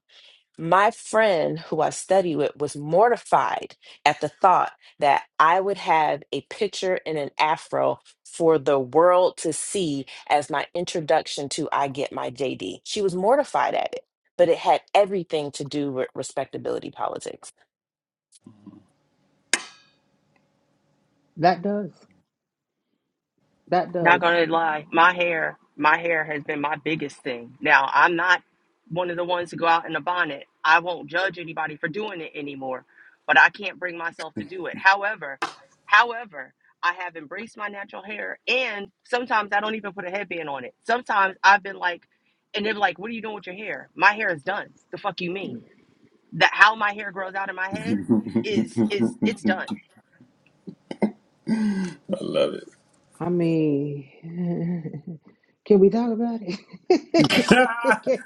Speaker 6: My friend who I study with was mortified at the thought that I would have a picture and an afro for the world to see as my introduction to I Get My JD. She was mortified at it, but it had everything to do with respectability politics.
Speaker 1: that does. That
Speaker 2: Not
Speaker 1: does.
Speaker 2: gonna lie, my hair, my hair has been my biggest thing. Now, I'm not one of the ones to go out in a bonnet. I won't judge anybody for doing it anymore, but I can't bring myself to do it. However, however, I have embraced my natural hair and sometimes I don't even put a headband on it. Sometimes I've been like and they're like, What are you doing with your hair? My hair is done. The fuck you mean? That how my hair grows out of my
Speaker 5: <laughs>
Speaker 2: head
Speaker 5: I
Speaker 2: is is it's done.
Speaker 5: love it.
Speaker 1: I mean, <laughs> can we talk about it? <laughs> can we, can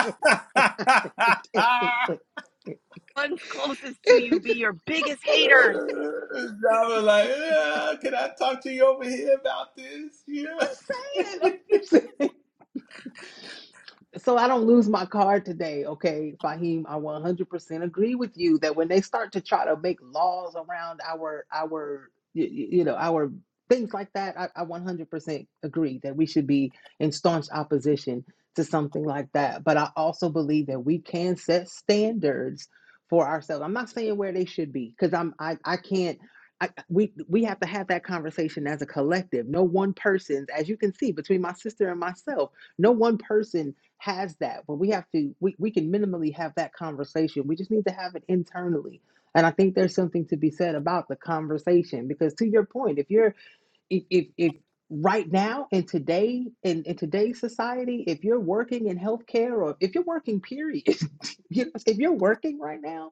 Speaker 1: we talk about it? Can we,
Speaker 5: <laughs>
Speaker 1: please?
Speaker 2: One's closest to
Speaker 1: <laughs>
Speaker 2: you be your biggest haters
Speaker 5: I was like, yeah, can I talk to you over here about this? <laughs>
Speaker 1: I'm
Speaker 5: Yeah.
Speaker 1: saying. I'm saying. so I don't lose my card today, okay, Fahim? I 100% agree with you that when they start to try to make laws around our our you, you know our things like that, I, I 100% agree that we should be in staunch opposition to something like that. But I also believe that we can set standards for ourselves. I'm not saying where they should be because I'm I I can't. I, we we have to have that conversation as a collective. No one person's, as you can see, between my sister and myself, no one person has that but we have to we, we can minimally have that conversation we just need to have it internally and i think there's something to be said about the conversation because to your point if you're if if, if right now in today in, in today's society if you're working in healthcare or if you're working period <laughs> if you're working right now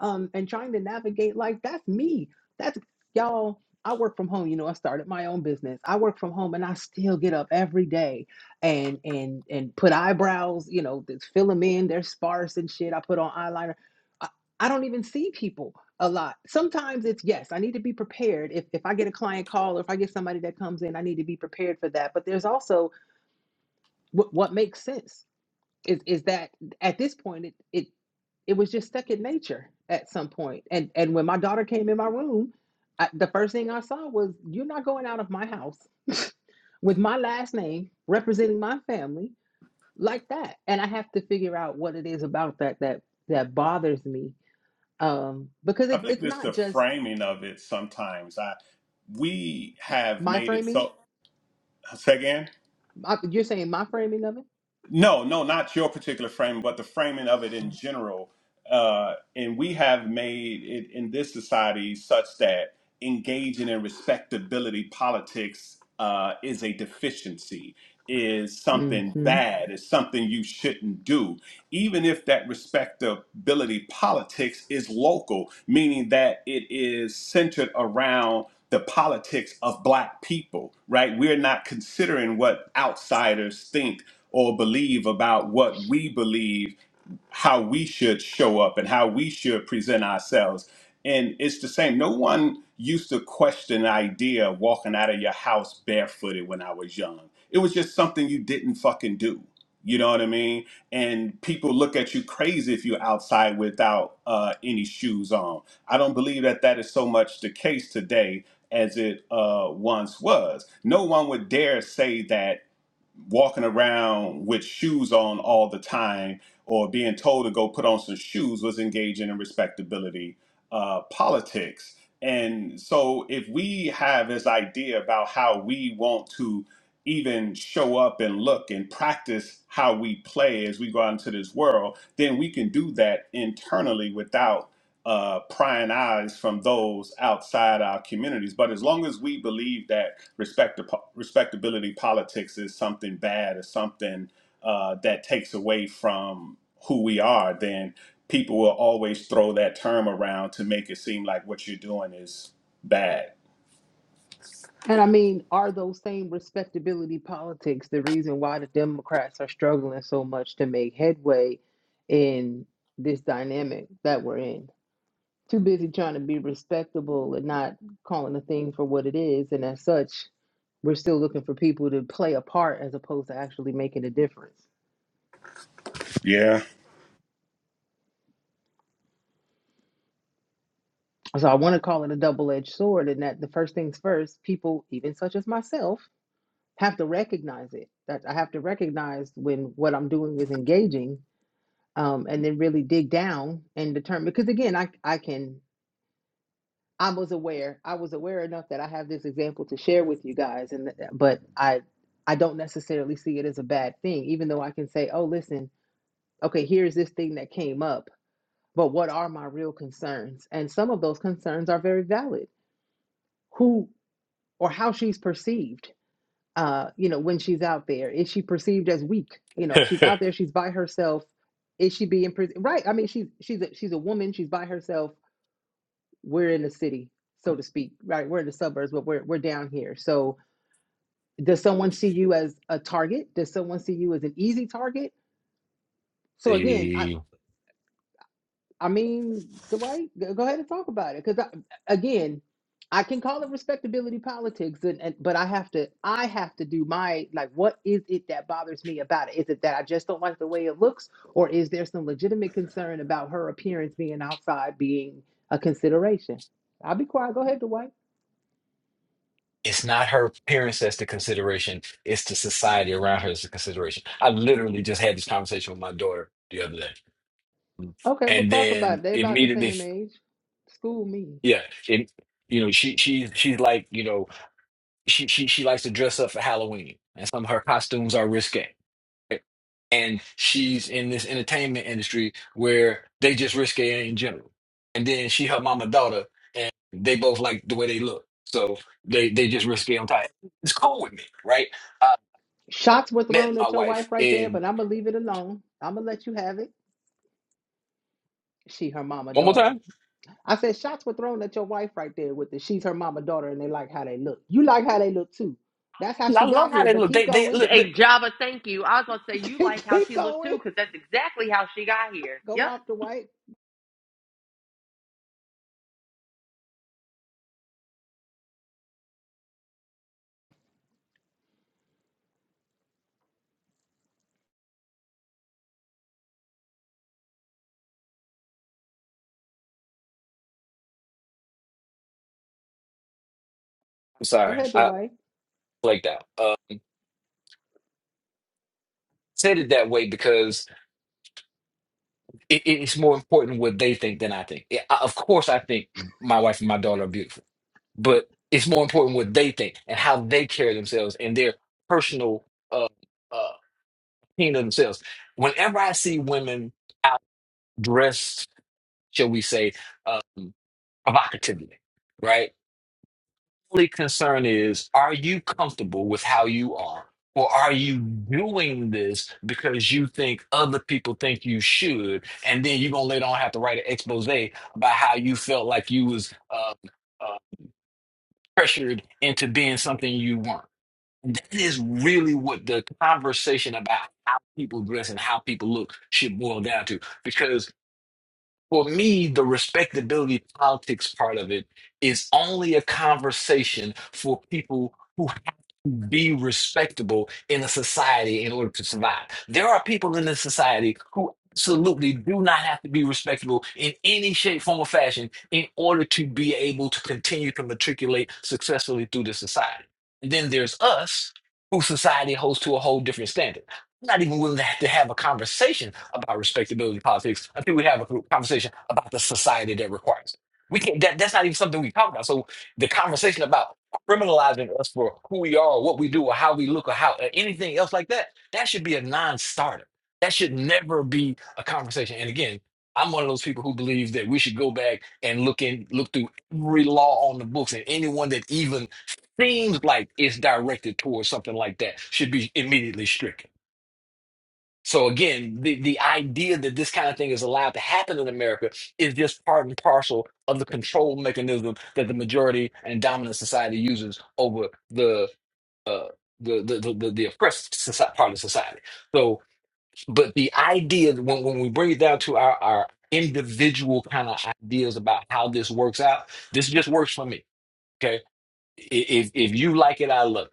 Speaker 1: um, and trying to navigate life. That's me. That's y'all. I work from home. You know, I started my own business. I work from home, and I still get up every day and and and put eyebrows. You know, fill them in. They're sparse and shit. I put on eyeliner. I, I don't even see people a lot. Sometimes it's yes, I need to be prepared. If if I get a client call or if I get somebody that comes in, I need to be prepared for that. But there's also what what makes sense is is that at this point it, it it was just second nature at some point. And and when my daughter came in my room, I, the first thing I saw was you're not going out of my house <laughs> with my last name representing my family like that. And I have to figure out what it is about that that that bothers me um, because
Speaker 5: I
Speaker 1: it,
Speaker 5: believe
Speaker 1: it's
Speaker 5: it's
Speaker 1: not
Speaker 5: the
Speaker 1: just
Speaker 5: framing of it sometimes. I we have
Speaker 1: my
Speaker 5: made it
Speaker 1: framing.
Speaker 5: so say again?
Speaker 1: I, you're saying my framing of it.
Speaker 5: No, no, not your particular framing, but the framing of it in general. Uh, and we have made it in this society such that engaging in respectability politics uh, is a deficiency. is something
Speaker 1: Mm-hmm.
Speaker 5: bad, is something you shouldn't do, even if that respectability politics is local, meaning that it is centered around the politics of black people, right? We're not considering what outsiders think or believe about what we believe how we should show up and how we should present ourselves. And it's the same. No one used to question the idea of walking out of your house barefooted when I was young. It was just something you didn't fucking do. You know what I mean? And people look at you crazy if you're outside without uh, any shoes on. I don't believe that that is so much the case today as it uh, once was. No one would dare say that walking around with shoes on all the time or being told to go put on some shoes was engaging in respectability uh, politics. And so, if we have this idea about how we want to even show up and look and practice how we play as we go out into this world, then we can do that internally without uh, prying eyes from those outside our communities. But as long as we believe that respect respectability politics is something bad or something uh, that takes away from who we are, then people will always throw that term around to make it seem like what you're doing is bad.
Speaker 1: And I mean, are those same respectability politics the reason why the Democrats are struggling so much to make headway in this dynamic that we're in? Too busy trying to be respectable and not calling a thing for what it is. And as such, we're still looking for people to play a part as opposed to actually making a difference.
Speaker 5: Yeah.
Speaker 1: So I want to call it a double edged sword, and that the first things first, people, even such as myself, have to recognize it. That I have to recognize when what I'm doing is engaging um, and then really dig down and determine because again I, I can i was aware i was aware enough that i have this example to share with you guys and th- but i i don't necessarily see it as a bad thing even though i can say oh listen okay here's this thing that came up but what are my real concerns and some of those concerns are very valid who or how she's perceived uh, you know when she's out there is she perceived as weak you know
Speaker 7: <laughs>
Speaker 1: she's out there she's by herself is she being pres- right i mean she's she's a, she's a woman she's by herself we're in the city, so to speak, right? We're in the suburbs, but we're we're down here. So does someone see you as a target? Does someone see you as an easy target? So again, I
Speaker 7: the
Speaker 1: I mean, Dwight, go ahead and talk about it, because again, I can call it respectability politics, and, and but I have to I have to do my like, what is it that bothers me about it? Is it that I just don't like the way it looks, or is there some legitimate concern about her appearance being outside being a consideration? I'll be quiet. Go ahead, Dwight.
Speaker 7: it's not her parents that's the consideration it's the society around her that's the consideration i literally just had this conversation with my daughter the other day
Speaker 1: Okay, we'll
Speaker 7: and
Speaker 1: talk about
Speaker 7: then
Speaker 1: it. They about the
Speaker 7: immediately
Speaker 1: same age. School me.
Speaker 7: yeah it, you know she she she's like you know she she she likes to dress up for halloween and some of her costumes are risque and she's in this entertainment industry where they just risque in general. And then she her mama daughter, and they both like the way they look, so they they just risque on top. It's cool with me, right? I
Speaker 1: Shots were
Speaker 7: met
Speaker 1: thrown
Speaker 7: my
Speaker 1: at your
Speaker 7: wife
Speaker 1: wife right there,
Speaker 7: in
Speaker 1: but I'm gonna leave it alone. I'm gonna let you have it. She, her mama,
Speaker 7: one more
Speaker 1: daughter.
Speaker 7: time.
Speaker 1: I said shots were thrown at your wife right there with the she's her mama, daughter, and they like how they look. You like how they look too. That's how
Speaker 7: I
Speaker 1: she
Speaker 7: love
Speaker 1: got
Speaker 7: how
Speaker 1: here.
Speaker 7: they
Speaker 1: But
Speaker 7: look.
Speaker 1: keep
Speaker 7: They they
Speaker 1: going.
Speaker 7: look. look.
Speaker 2: Hey, Java, thank you. I was going to say,
Speaker 1: <laughs>
Speaker 2: you
Speaker 1: keep
Speaker 2: like how
Speaker 1: keep
Speaker 2: she looked too,
Speaker 1: going.
Speaker 2: because that's exactly how she got here.
Speaker 1: Go
Speaker 2: Yep.
Speaker 1: off the white.
Speaker 7: I'm
Speaker 1: Go
Speaker 7: sorry,
Speaker 1: ahead, the
Speaker 7: I
Speaker 1: white.
Speaker 7: like that. Uh, said it that way because it, it's more important what they think than I think. Yeah, I, of course, I think my wife and my daughter are beautiful but it's more important what they think and how they carry themselves and their personal uh uh opinion of themselves. Whenever I see women out dressed, shall we say, uh provocatively, right? Only concern is are you comfortable with how you are? Or are you doing this because you think other people think you should, and then you're gonna later on have to write an expose about how you felt like you was uh, uh, pressured into being something you weren't? is really what the conversation about how people dress and how people look should boil down to. Because for me, the respectability politics part of it is only a conversation for people be respectable in a society in order to survive. There are people in this society who absolutely do not have to be respectable in any shape, form, or fashion in order to be able to continue to matriculate successfully through the society. And then there's us, who society holds to a whole different standard. I'm not even willing to have to have a conversation about respectability politics until we have a conversation about the society that requires it. We can't. That, that's not even something we talk about. So the conversation about criminalizing us for who we are, what we do, or how we look, or how or anything else like that, that should be a non-starter. That should never be a conversation. And again, I'm one of those people who believe that we should go back and look in, look through every law on the books, and anyone that even seems like it's directed towards something like that should be immediately stricken. So again, the, the idea that this kind of thing is allowed to happen in America is just part and parcel of the control mechanism that the majority and dominant society uses over the uh, the, the, the the the oppressed soci- part of society. So, but the idea that when when we bring it down to our our individual kind of ideas about how this works out, this just works for me. Okay, I- if if you like it, I love it.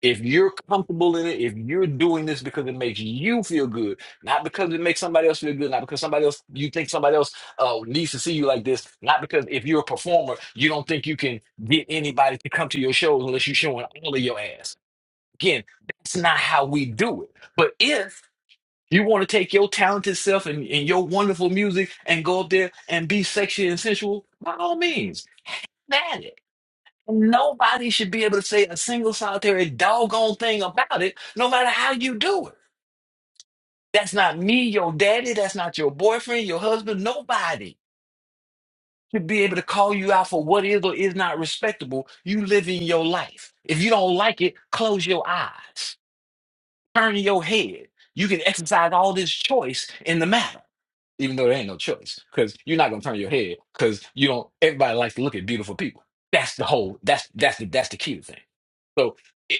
Speaker 7: If you're comfortable in it, if you're doing this because it makes you feel good, not because it makes somebody else feel good, not because somebody else you think somebody else uh, needs to see you like this, not because if you're a performer, you don't think you can get anybody to come to your shows unless you're showing all of your ass. Again, that's not how we do it. But if you want to take your talented self and, and your wonderful music and go up there and be sexy and sensual, by all means, that Nobody should be able to say a single solitary doggone thing about it, no matter how you do it. That's not me, your daddy. That's not your boyfriend, your husband. Nobody should be able to call you out for what is or is not respectable. You living your life. If you don't like it, close your eyes, turn your head. You can exercise all this choice in the matter. even though there ain't no choice because you're not gonna turn your head because you don't everybody likes to look at beautiful people that's the whole that's that's the that's the key to the thing so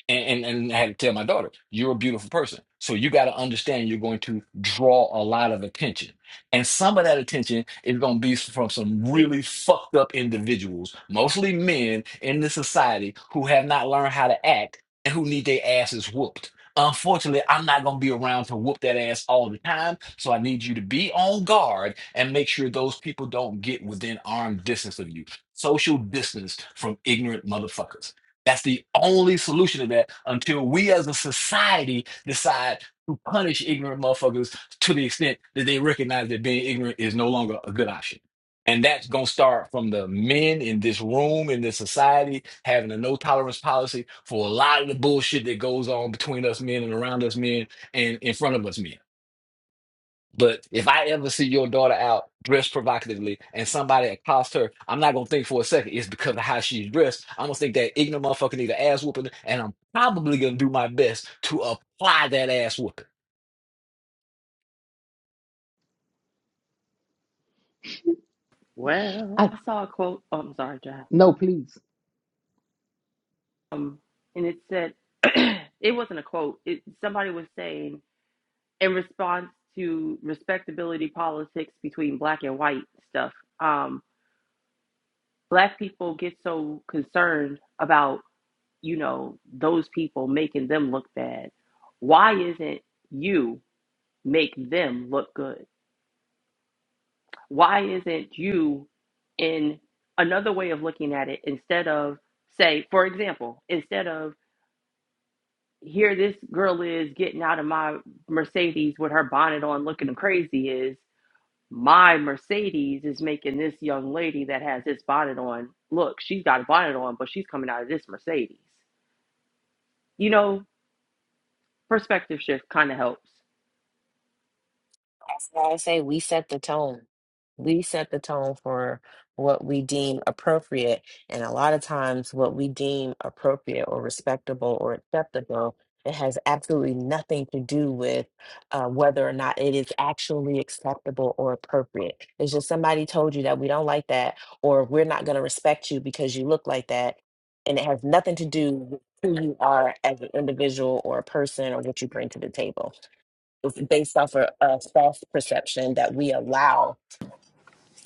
Speaker 7: a- and and i had to tell my daughter you're a beautiful person so you got to understand you're going to draw a lot of attention and some of that attention is going to be from some really fucked up individuals mostly men in this society who have not learned how to act and who need their asses whooped Unfortunately, I'm not going to be around to whoop that ass all the time. So I need you to be on guard and make sure those people don't get within arm distance of you. Social distance from ignorant motherfuckers. That's the only solution to that until we as a society decide to punish ignorant motherfuckers to the extent that they recognize that being ignorant is no longer a good option. And that's going to start from the men in this room, in this society, having a no tolerance policy for a lot of the bullshit that goes on between us men and around us men and in front of us men. But if I ever see your daughter out dressed provocatively and somebody accosts her, I'm not going to think for a second it's because of how she's dressed. I'm going to think that ignorant motherfucker need an ass whooping, and I'm probably going to do my best to apply that ass whooping.
Speaker 2: Well,
Speaker 1: I
Speaker 2: I saw a quote. Oh, I'm sorry, Java.
Speaker 1: no, please,
Speaker 2: Um, and it said, <clears throat> it wasn't a quote. It, somebody was saying, in response to respectability politics between black and white stuff, um, black people get so concerned about, you know, those people making them look bad. Why isn't you make them look good? why isn't you in another way of looking at it instead of say for example instead of here this girl is getting out of my mercedes with her bonnet on looking crazy is my mercedes is making this young lady that has this bonnet on look she's got a bonnet on but she's coming out of this mercedes you know perspective shift kind of helps
Speaker 6: That's why I say we set the tone. We set the tone for what we deem appropriate. And a lot of times, what we deem appropriate or respectable or acceptable, it has absolutely nothing to do with uh, whether or not it is actually acceptable or appropriate. It's just somebody told you that we don't like that, or we're not going to respect you because you look like that. And it has nothing to do with who you are as an individual or a person or what you bring to the table. It's based off a, a false perception that we allow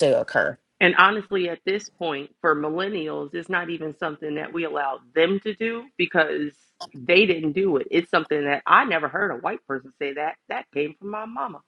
Speaker 6: to occur.
Speaker 2: And honestly, at this point, for millennials, it's not even something that we allow them to do because they didn't do it. It's something that I never heard a white person say that. That came from my mama.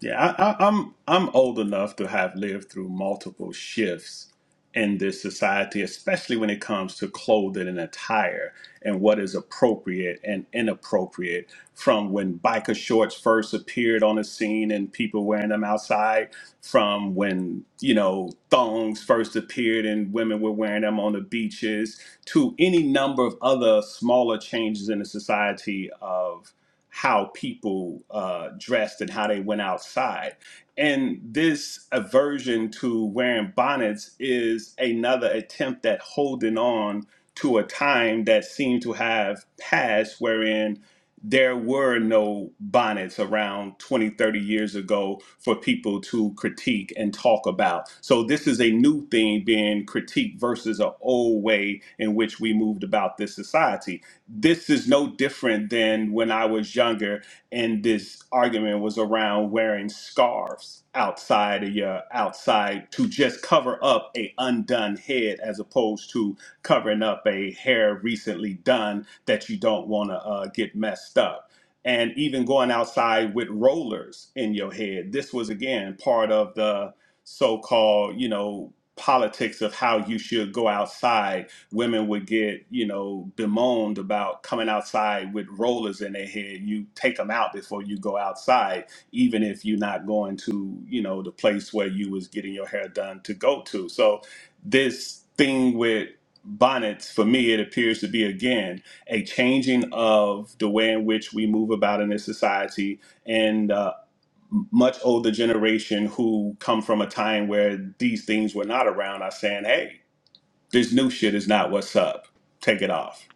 Speaker 5: Yeah, I, I, I'm I'm old enough to have lived through multiple shifts in this society, especially when it comes to clothing and attire and what is appropriate and inappropriate. From when biker shorts first appeared on the scene and people wearing them outside, from when you know thongs first appeared and women were wearing them on the beaches, to any number of other smaller changes in the society of how people uh, dressed and how they went outside. And this aversion to wearing bonnets is another attempt at holding on to a time that seemed to have passed wherein there were no bonnets around 20, 30 years ago for people to critique and talk about. So this is a new thing being critiqued versus an old way in which we moved about this society this is no different than when I was younger and this argument was around wearing scarves outside of your outside to just cover up a undone head as opposed to covering up a hair recently done that you don't want to uh, get messed up. And even going outside with rollers in your head. This was again part of the so called, you know, politics of how you should go outside women would get, you know, bemoaned about coming outside with rollers in their head. You take them out before you go outside, even if you're not going to, you know, the place where you was getting your hair done to go to. So this thing with bonnets, for me, it appears to be again a changing of the way in which we move about in this society and uh, much older generation who come from a time where these things were not around are saying, hey, this new shit is not what's up. Take it off.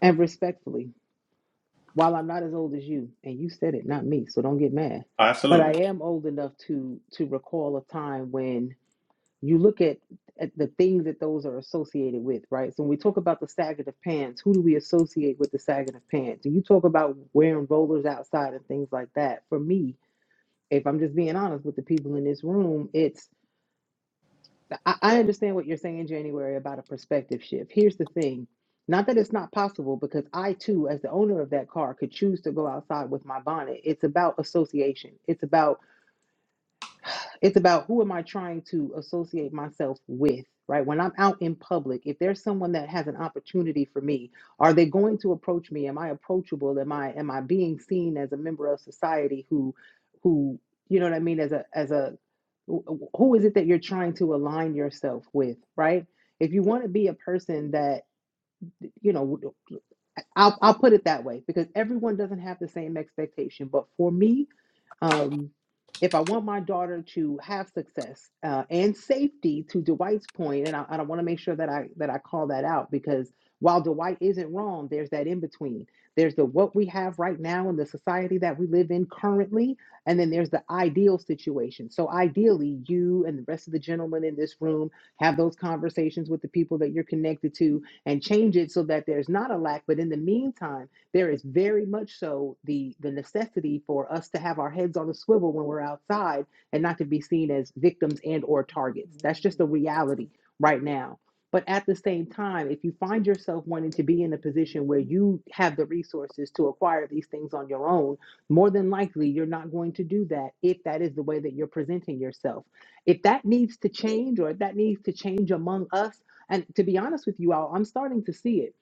Speaker 1: and respectfully. While I'm not as old as you, and you said it, not me, so don't get mad. But
Speaker 5: Absolutely.
Speaker 1: I am old enough to to recall a time when you look at, at the things that those are associated with, right? So when we talk about the sagging of pants, who do we associate with the sagging of pants? Do you talk about wearing rollers outside and things like that? For me, if I'm just being honest with the people in this room, it's I, I understand what you're saying, January, about a perspective shift. Here's the thing. Not that it's not possible, because I too, as the owner of that car, could choose to go outside with my bonnet. It's about association. It's about it's about who am I trying to associate myself with, right? When I'm out in public, if there's someone that has an opportunity for me, are they going to approach me? Am I approachable? Am I am I being seen as a member of society who who you know what I mean as a as a wh- who is it that you're trying to align yourself with, right? If you want to be a person that you know I'll I'll put it that way because everyone doesn't have the same expectation. But for me, um, if I want my daughter to have success uh, and safety, to Dwight's point, and I, I want to make sure that I that I call that out because while Dwight isn't wrong, there's that in between. There's the what we have right now in the society that we live in currently, and then there's the ideal situation. So ideally, you and the rest of the gentlemen in this room have those conversations with the people that you're connected to and change it so that there's not a lack but in the meantime there is very much so the the necessity for us to have our heads on a swivel when we're outside and not to be seen as victims and or targets that's just a reality right now but at the same time if you find yourself wanting to be in a position where you have the resources to acquire these things on your own more than likely you're not going to do that if that is the way that you're presenting yourself if that needs to change or if that needs to change among us and to be honest with you all, I'm starting to see it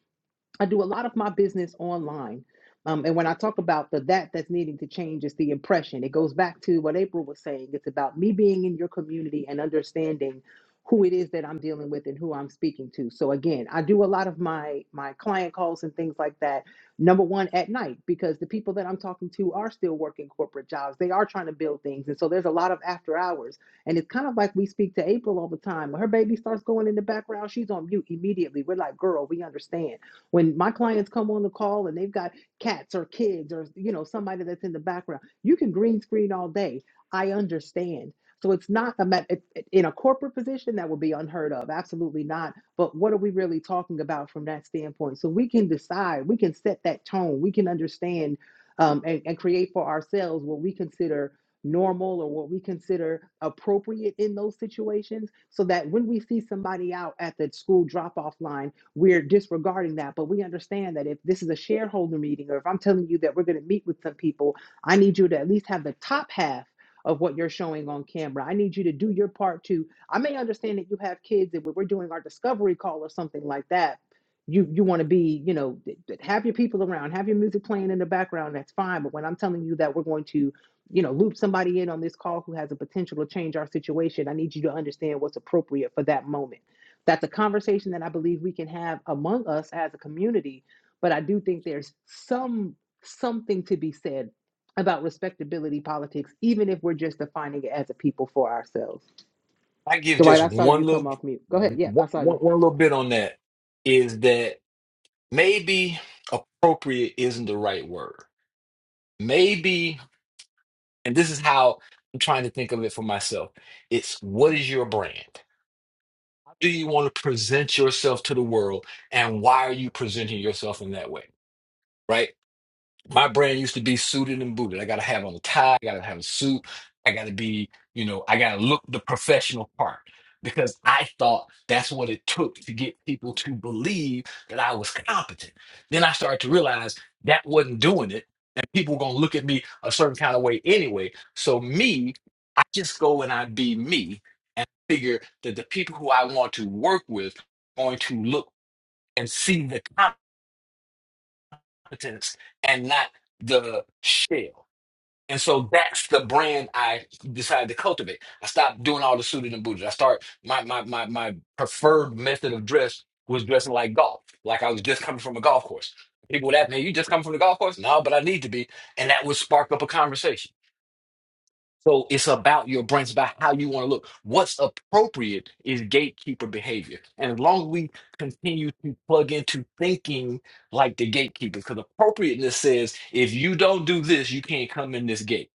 Speaker 1: I do a lot of my business online. Um, and when I talk about the that that's needing to change is the impression. It goes back to what April was saying. It's about me being in your community and understanding who it is that I'm dealing with and who I'm speaking to. So again, I do a lot of my my client calls and things like that. Number one at night because the people that I'm talking to are still working corporate jobs. They are trying to build things, and so there's a lot of after hours. And it's kind of like we speak to April all the time. When her baby starts going in the background, she's on mute immediately. We're like, girl, we understand when my clients come on the call and they've got cats or kids or you know somebody that's in the background, you can green screen all day. I understand. So it's not a ma- in a corporate position that would be unheard of. Absolutely not. But what are we really talking about from that standpoint? So we can decide. We can set that tone. We can understand um, and, and create for ourselves what we consider normal or what we consider appropriate in those situations so that when we see somebody out at the school drop off line we're disregarding that. But we understand that if this is a shareholder meeting or if I'm telling you that we're going to meet with some people, I need you to at least have the top half of what you're showing on camera. I need you to do your part too. I may understand that you have kids and when we're doing our discovery call or something like that, you you want to be, you know, have your people around, have your music playing in the background, that's fine. But when I'm telling you that we're going to, you know, loop somebody in on this call who has a potential to change our situation, I need you to understand what's appropriate for that moment that's a conversation that I believe we can have among us as a community. But I do think there's some something to be said about respectability politics, even if we're just defining it as a people for ourselves.
Speaker 7: I give
Speaker 1: Dwight,
Speaker 7: just
Speaker 1: I saw you
Speaker 7: one
Speaker 1: come
Speaker 7: little,
Speaker 1: off mute. Go ahead. Yeah,
Speaker 7: one,
Speaker 1: I saw
Speaker 7: one,
Speaker 1: you.
Speaker 7: one little bit on that is that maybe appropriate isn't the right word. Maybe, and this is how I'm trying to think of it for myself. It's what is your brand? How do you want to present yourself to the world? And why are you presenting yourself in that way? Right? My brand used to be suited and booted. I gotta have on a tie, I gotta have a suit, I gotta be, you know, I gotta look the professional part because I thought that's what it took to get people to believe that I was competent. Then I started to realize that wasn't doing it, and people were gonna look at me a certain kind of way anyway. So me, I just go and I be me and figure that the people who I want to work with are going to look and see the competence and not the shell. And so that's the brand I decided to cultivate. I stopped doing all the suited and booted. I start my my my my preferred method of dress was dressing like golf, like I was just coming from a golf course. People would ask me, "You just come from the golf course?" No, but I need to be, and that would spark up a conversation. So it's about your brand, it's about how you want to look. What's appropriate is gatekeeper behavior, and as long as we continue to plug into thinking like the gatekeepers, because appropriateness says if you don't do this, you can't come in this gate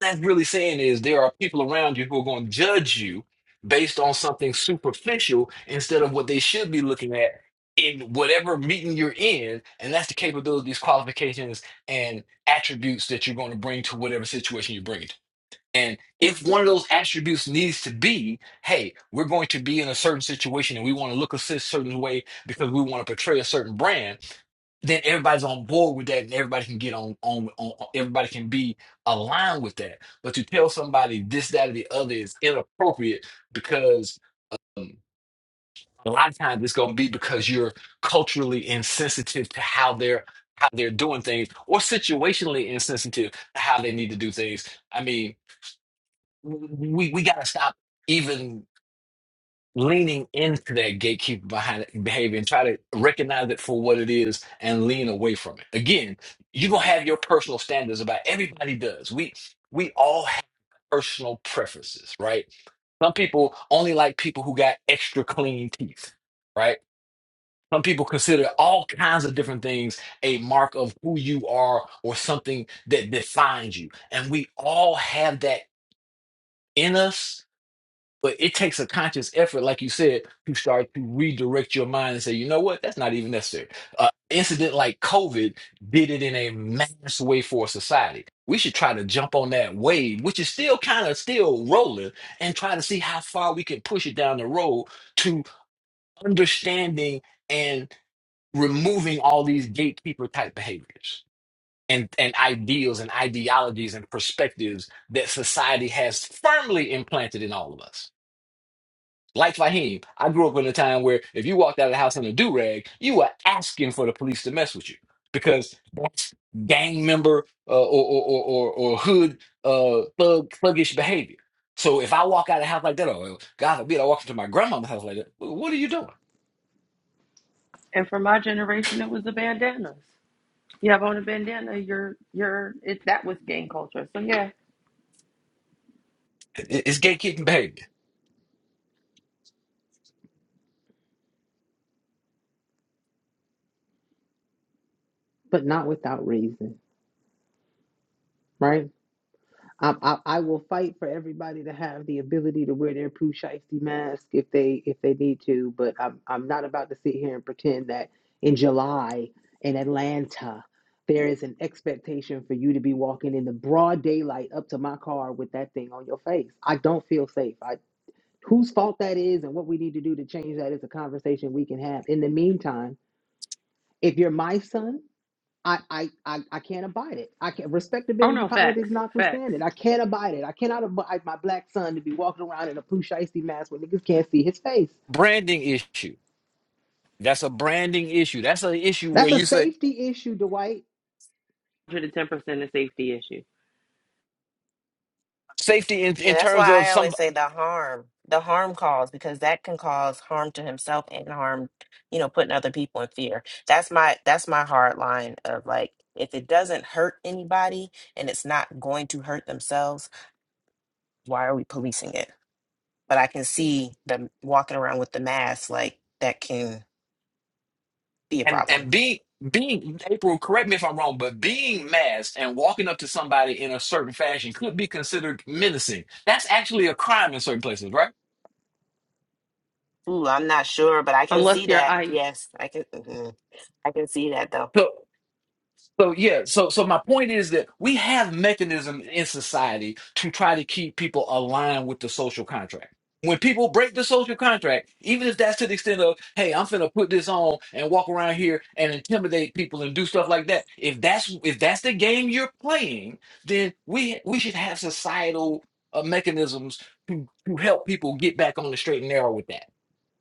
Speaker 7: that's really saying is there are people around you who are going to judge you based on something superficial instead of what they should be looking at in whatever meeting you're in and that's the capabilities qualifications and attributes that you're going to bring to whatever situation you bring it to. And if one of those attributes needs to be, hey, we're going to be in a certain situation and we want to look a cer- certain way because we want to portray a certain brand, then everybody's on board with that and everybody can get on, on, on, on- everybody can be aligned with that. But to tell somebody this, that, or the other is inappropriate because um, a lot of times it's going to be because you're culturally insensitive to how they're how they're doing things or situationally insensitive to how they need to do things. I mean, we we gotta stop even leaning into that gatekeeper behind behavior and try to recognize it for what it is and lean away from it. Again, you're gonna have your personal standards about everybody does. We we all have personal preferences, right? Some people only like people who got extra clean teeth, right? Some people consider all kinds of different things a mark of who you are or something that defines you. And we all have that in us But it takes a conscious effort, like you said, to start to redirect your mind and say, you know what, that's not even necessary. Uh, incident like COVID did it in a mass way for society. We should try to jump on that wave, which is still kind of still rolling, and try to see how far we can push it down the road to understanding and removing all these gatekeeper type behaviors and, and ideals and ideologies and perspectives that society has firmly implanted in all of us like Fahim, I grew up in a time where if you walked out of the house in a do rag, you were asking for the police to mess with you because that's gang member uh, or, or, or, or, or hood uh, thug thuggish behavior. So if I walk out of the house like that, or God forbid, I walk into my grandma's house like that, what are you doing?
Speaker 2: And for my generation, it was the bandanas. You have on a bandana, you're, you're, it, that was gang culture. So yeah.
Speaker 7: It- It's gay kitten behavior.
Speaker 1: But not without reason, right? I, I, I will fight for everybody to have the ability to wear their poo shiesty mask if they if they need to, but I'm I'm not about to sit here and pretend that in July in Atlanta there is an expectation for you to be walking in the broad daylight up to my car with that thing on your face. I don't feel safe. I whose fault that is and what we need to do to change that is a conversation we can have. In the meantime, if you're my son I, I, I, I can't abide it. I can't
Speaker 2: Oh
Speaker 1: respectability
Speaker 2: no, facts,
Speaker 1: politics
Speaker 2: facts.
Speaker 1: notwithstanding. I can't abide it. I cannot abide my black son to be walking around in a blue shiesty mask where niggas can't see his face.
Speaker 7: Branding issue. That's a branding issue. That's an issue where
Speaker 1: That's a
Speaker 7: you say
Speaker 1: safety issue, Dwight.
Speaker 2: 110% a safety issue.
Speaker 7: safety in,
Speaker 6: Yeah,
Speaker 7: in
Speaker 6: that's
Speaker 7: terms
Speaker 6: why
Speaker 7: of
Speaker 6: I
Speaker 7: some
Speaker 6: always say the harm, the harm cause, because that can cause harm to himself and harm, you know, putting other people in fear. That's my that's my hard line of like, if it doesn't hurt anybody and it's not going to hurt themselves, why are we policing it? but I can see them walking around with the mask, like that can be a
Speaker 7: And
Speaker 6: problem.
Speaker 7: and being being April, correct me if I'm wrong, but being masked and walking up to somebody in a certain fashion could be considered menacing. That's actually a crime in certain places, right?
Speaker 6: Ooh, I'm not sure, but I can
Speaker 2: Unless
Speaker 6: see
Speaker 2: you're
Speaker 6: that.
Speaker 2: ICE.
Speaker 6: Yes, I can. mhm. I can see that though.
Speaker 7: So yeah, so so my point is that we have mechanism in society to try to keep people aligned with the social contract. When people break the social contract, even if that's to the extent of, hey, I'm finna put this on and walk around here and intimidate people and do stuff like that. If that's if that's the game you're playing, then we we should have societal uh, mechanisms to to help people get back on the straight and narrow with that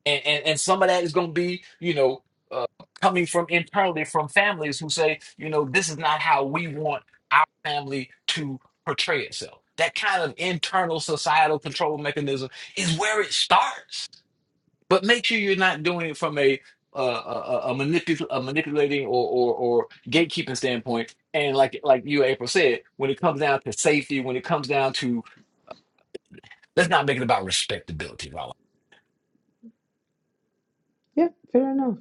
Speaker 7: and and, and some of that is going to be you know uh, coming from internally from families who say you know this is not how we want our family to portray itself that kind of internal societal control mechanism is where it starts but make sure you're not doing it from a uh, a, a, a manipul- a manipulating or, or or gatekeeping standpoint and like like you april said when it comes down to safety when it comes down to let's not make it about respectability
Speaker 1: Yeah, fair enough.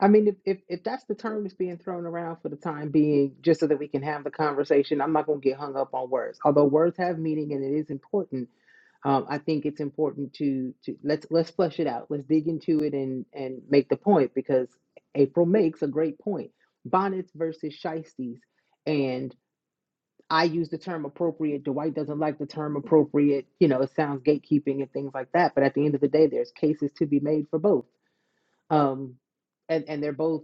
Speaker 1: I mean, if, if if that's the term that's being thrown around for the time being, just so that we can have the conversation, I'm not gonna get hung up on words. Although words have meaning and it is important, um, I think it's important to to let's let's flesh it out. Let's dig into it and and make the point because April makes a great point. Bonnets versus shisties, and I use the term appropriate. Dwight doesn't like the term appropriate. You know, it sounds gatekeeping and things like that. But at the end of the day, there's cases to be made for both. Um, and and they're both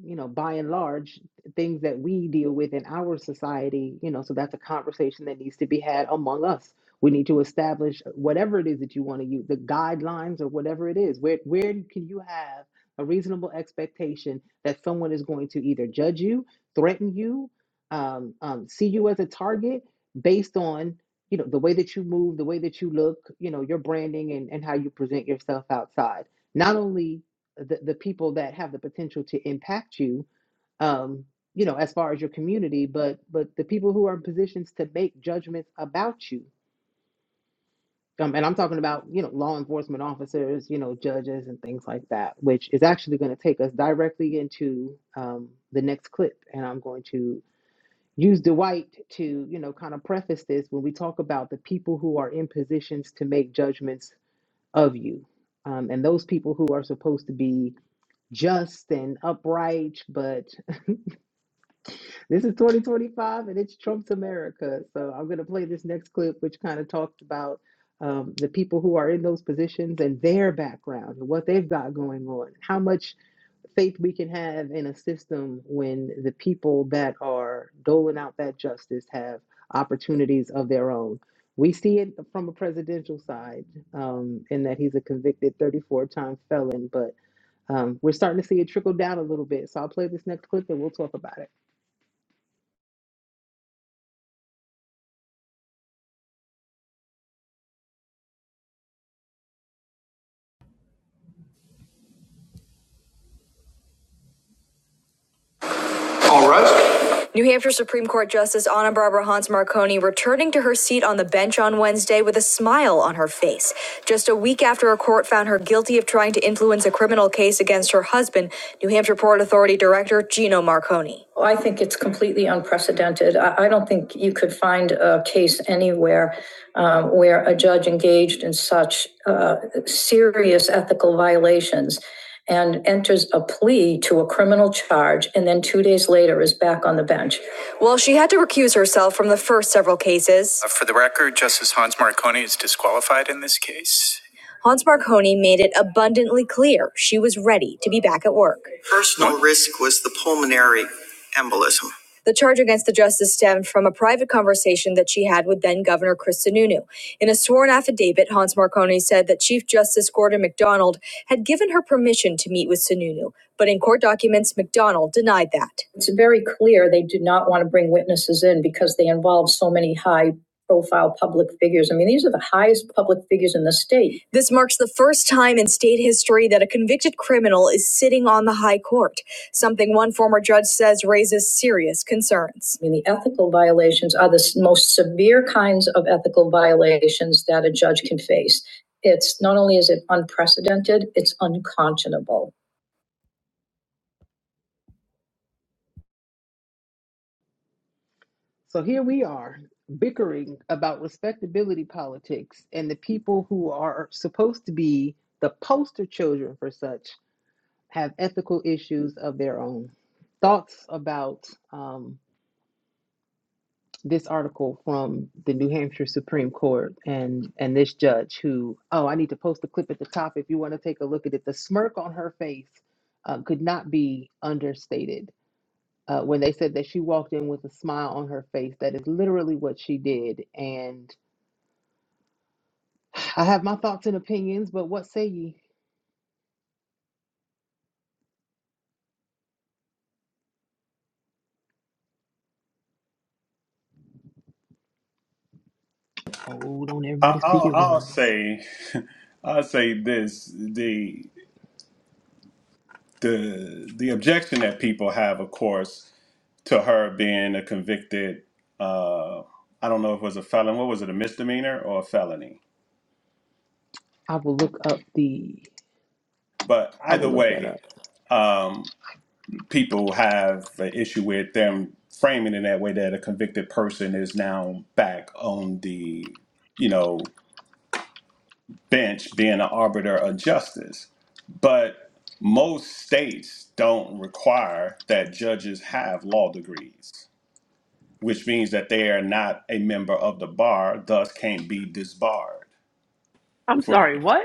Speaker 1: you know, by and large, things that we deal with in our society, you know, so that's a conversation that needs to be had among us. We need to establish whatever it is that you want to use, the guidelines or whatever it is. Where where can you have a reasonable expectation that someone is going to either judge you, threaten you, um, um, see you as a target based on you know the way that you move, the way that you look, you know, your branding and, and how you present yourself outside. Not only the, the people that have the potential to impact you um you know as far as your community but but the people who are in positions to make judgments about you um, and i'm talking about you know law enforcement officers you know judges and things like that which is actually going to take us directly into um, the next clip and i'm going to use dwight to you know kind of preface this when we talk about the people who are in positions to make judgments of you um, and those people who are supposed to be just and upright, but <laughs> this is 2025 and it's Trump's America. So I'm going to play this next clip, which kind of talks about um, the people who are in those positions and their background and what they've got going on, how much faith we can have in a system when the people that are doling out that justice have opportunities of their own. We see it from a presidential side um, in that he's a convicted 34 time felon, but um, we're starting to see it trickle down a little bit. So I'll play this next clip and we'll talk about it.
Speaker 4: All right. New Hampshire Supreme Court Justice Anna Barbara Hans Marconi returning to her seat on the bench on Wednesday with a smile on her face, just a week after a court found her guilty of trying to influence a criminal. Well, she had to reverse several cases. For the record, Justice Hans Marconi is disqualified in this case. Was the pulmonary. Against the justice Hans we said to meet with so many high. public figures in the state. This marks the first time in state history that a convicted criminal is sitting on the high court, something one former judge says raises serious concerns. I mean, the ethical violations are the most severe kinds of ethical violations that a judge can face. It's not only is it unprecedented, it's uncommon.
Speaker 1: So here we are bickering about respectability politics, and the people who are supposed to be the poster children for such have ethical issues of their own. Thoughts about um, this article from the New Hampshire Supreme Court and and this judge who oh I need to post the clip at the top if you want to take a look at it. The smirk on her face uh, could not be understated uh, when they said that she walked in with a smile on her face. That is literally what she did. And I have my thoughts and opinions, but what say ye? Oh, don't
Speaker 5: I,
Speaker 1: everybody speak
Speaker 5: I'll,
Speaker 1: at
Speaker 5: I'll
Speaker 1: once.
Speaker 5: say, <laughs> I'll say this: the the the objection that people have, of course, to her being a convicted, uh, I don't know if it was a felon. What was it, a misdemeanor or a felony?
Speaker 1: I will look up the.
Speaker 5: But
Speaker 1: I
Speaker 5: either
Speaker 1: will look that
Speaker 5: way,
Speaker 1: up.
Speaker 5: um, people have an issue with them framing in that way that a convicted person is now back on the, you know, bench being an arbiter of justice. But most states don't require that judges have law degrees, which means that they are not a member of the bar, thus can't be disbarred.
Speaker 2: I'm
Speaker 5: For
Speaker 2: sorry, what?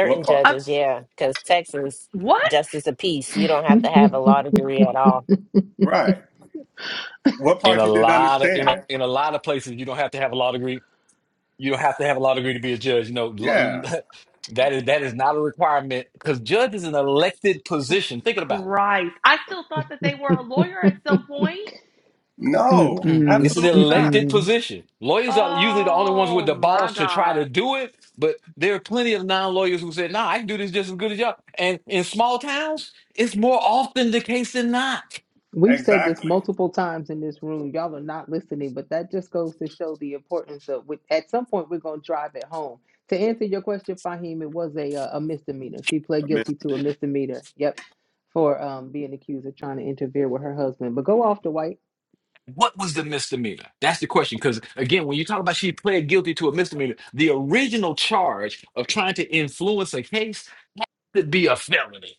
Speaker 5: what part?
Speaker 2: I,
Speaker 6: judges, yeah, because Texas
Speaker 2: what?
Speaker 6: justice of peace, you don't have to have a law
Speaker 1: <laughs>
Speaker 6: degree at all.
Speaker 5: Right. What
Speaker 7: in
Speaker 5: part
Speaker 7: a
Speaker 5: you didn't
Speaker 7: lot of in a
Speaker 5: understand?
Speaker 7: in a lot of places you don't have to have a law degree you don't have to have a law degree to be a judge you know lo-
Speaker 5: Yeah.
Speaker 7: <laughs> that is that is not a requirement because judge is an elected
Speaker 2: Jesus
Speaker 7: position thinking about it
Speaker 2: Christ. I still thought that they were a lawyer at some point.
Speaker 5: No,
Speaker 7: Mm-mm. it's
Speaker 1: Mm-mm,
Speaker 7: an
Speaker 5: absolutely not.
Speaker 7: elected
Speaker 1: mm-mm.
Speaker 7: position lawyers are usually the only ones with
Speaker 2: Oh
Speaker 7: the
Speaker 2: my
Speaker 7: balls to try
Speaker 2: God.
Speaker 7: to do it but there are plenty of non-lawyers who said nah i can do this just as good as y'all and in small towns it's more often the case than not
Speaker 1: We've said this
Speaker 5: Exactly.
Speaker 1: multiple times in this room. Y'all are not listening, but that just goes to show the importance of. With, at some point, we're going to drive it home. To answer your question, Fahim, it was a uh, a misdemeanor. She pled
Speaker 5: Miss-
Speaker 1: guilty to a misdemeanor. Yep, for um, being accused of trying to interfere with her husband. But go off the white.
Speaker 7: What was the misdemeanor? That's the question. Because again, when you talk about she pled guilty to a misdemeanor, the original charge of trying to influence a case could be a felony.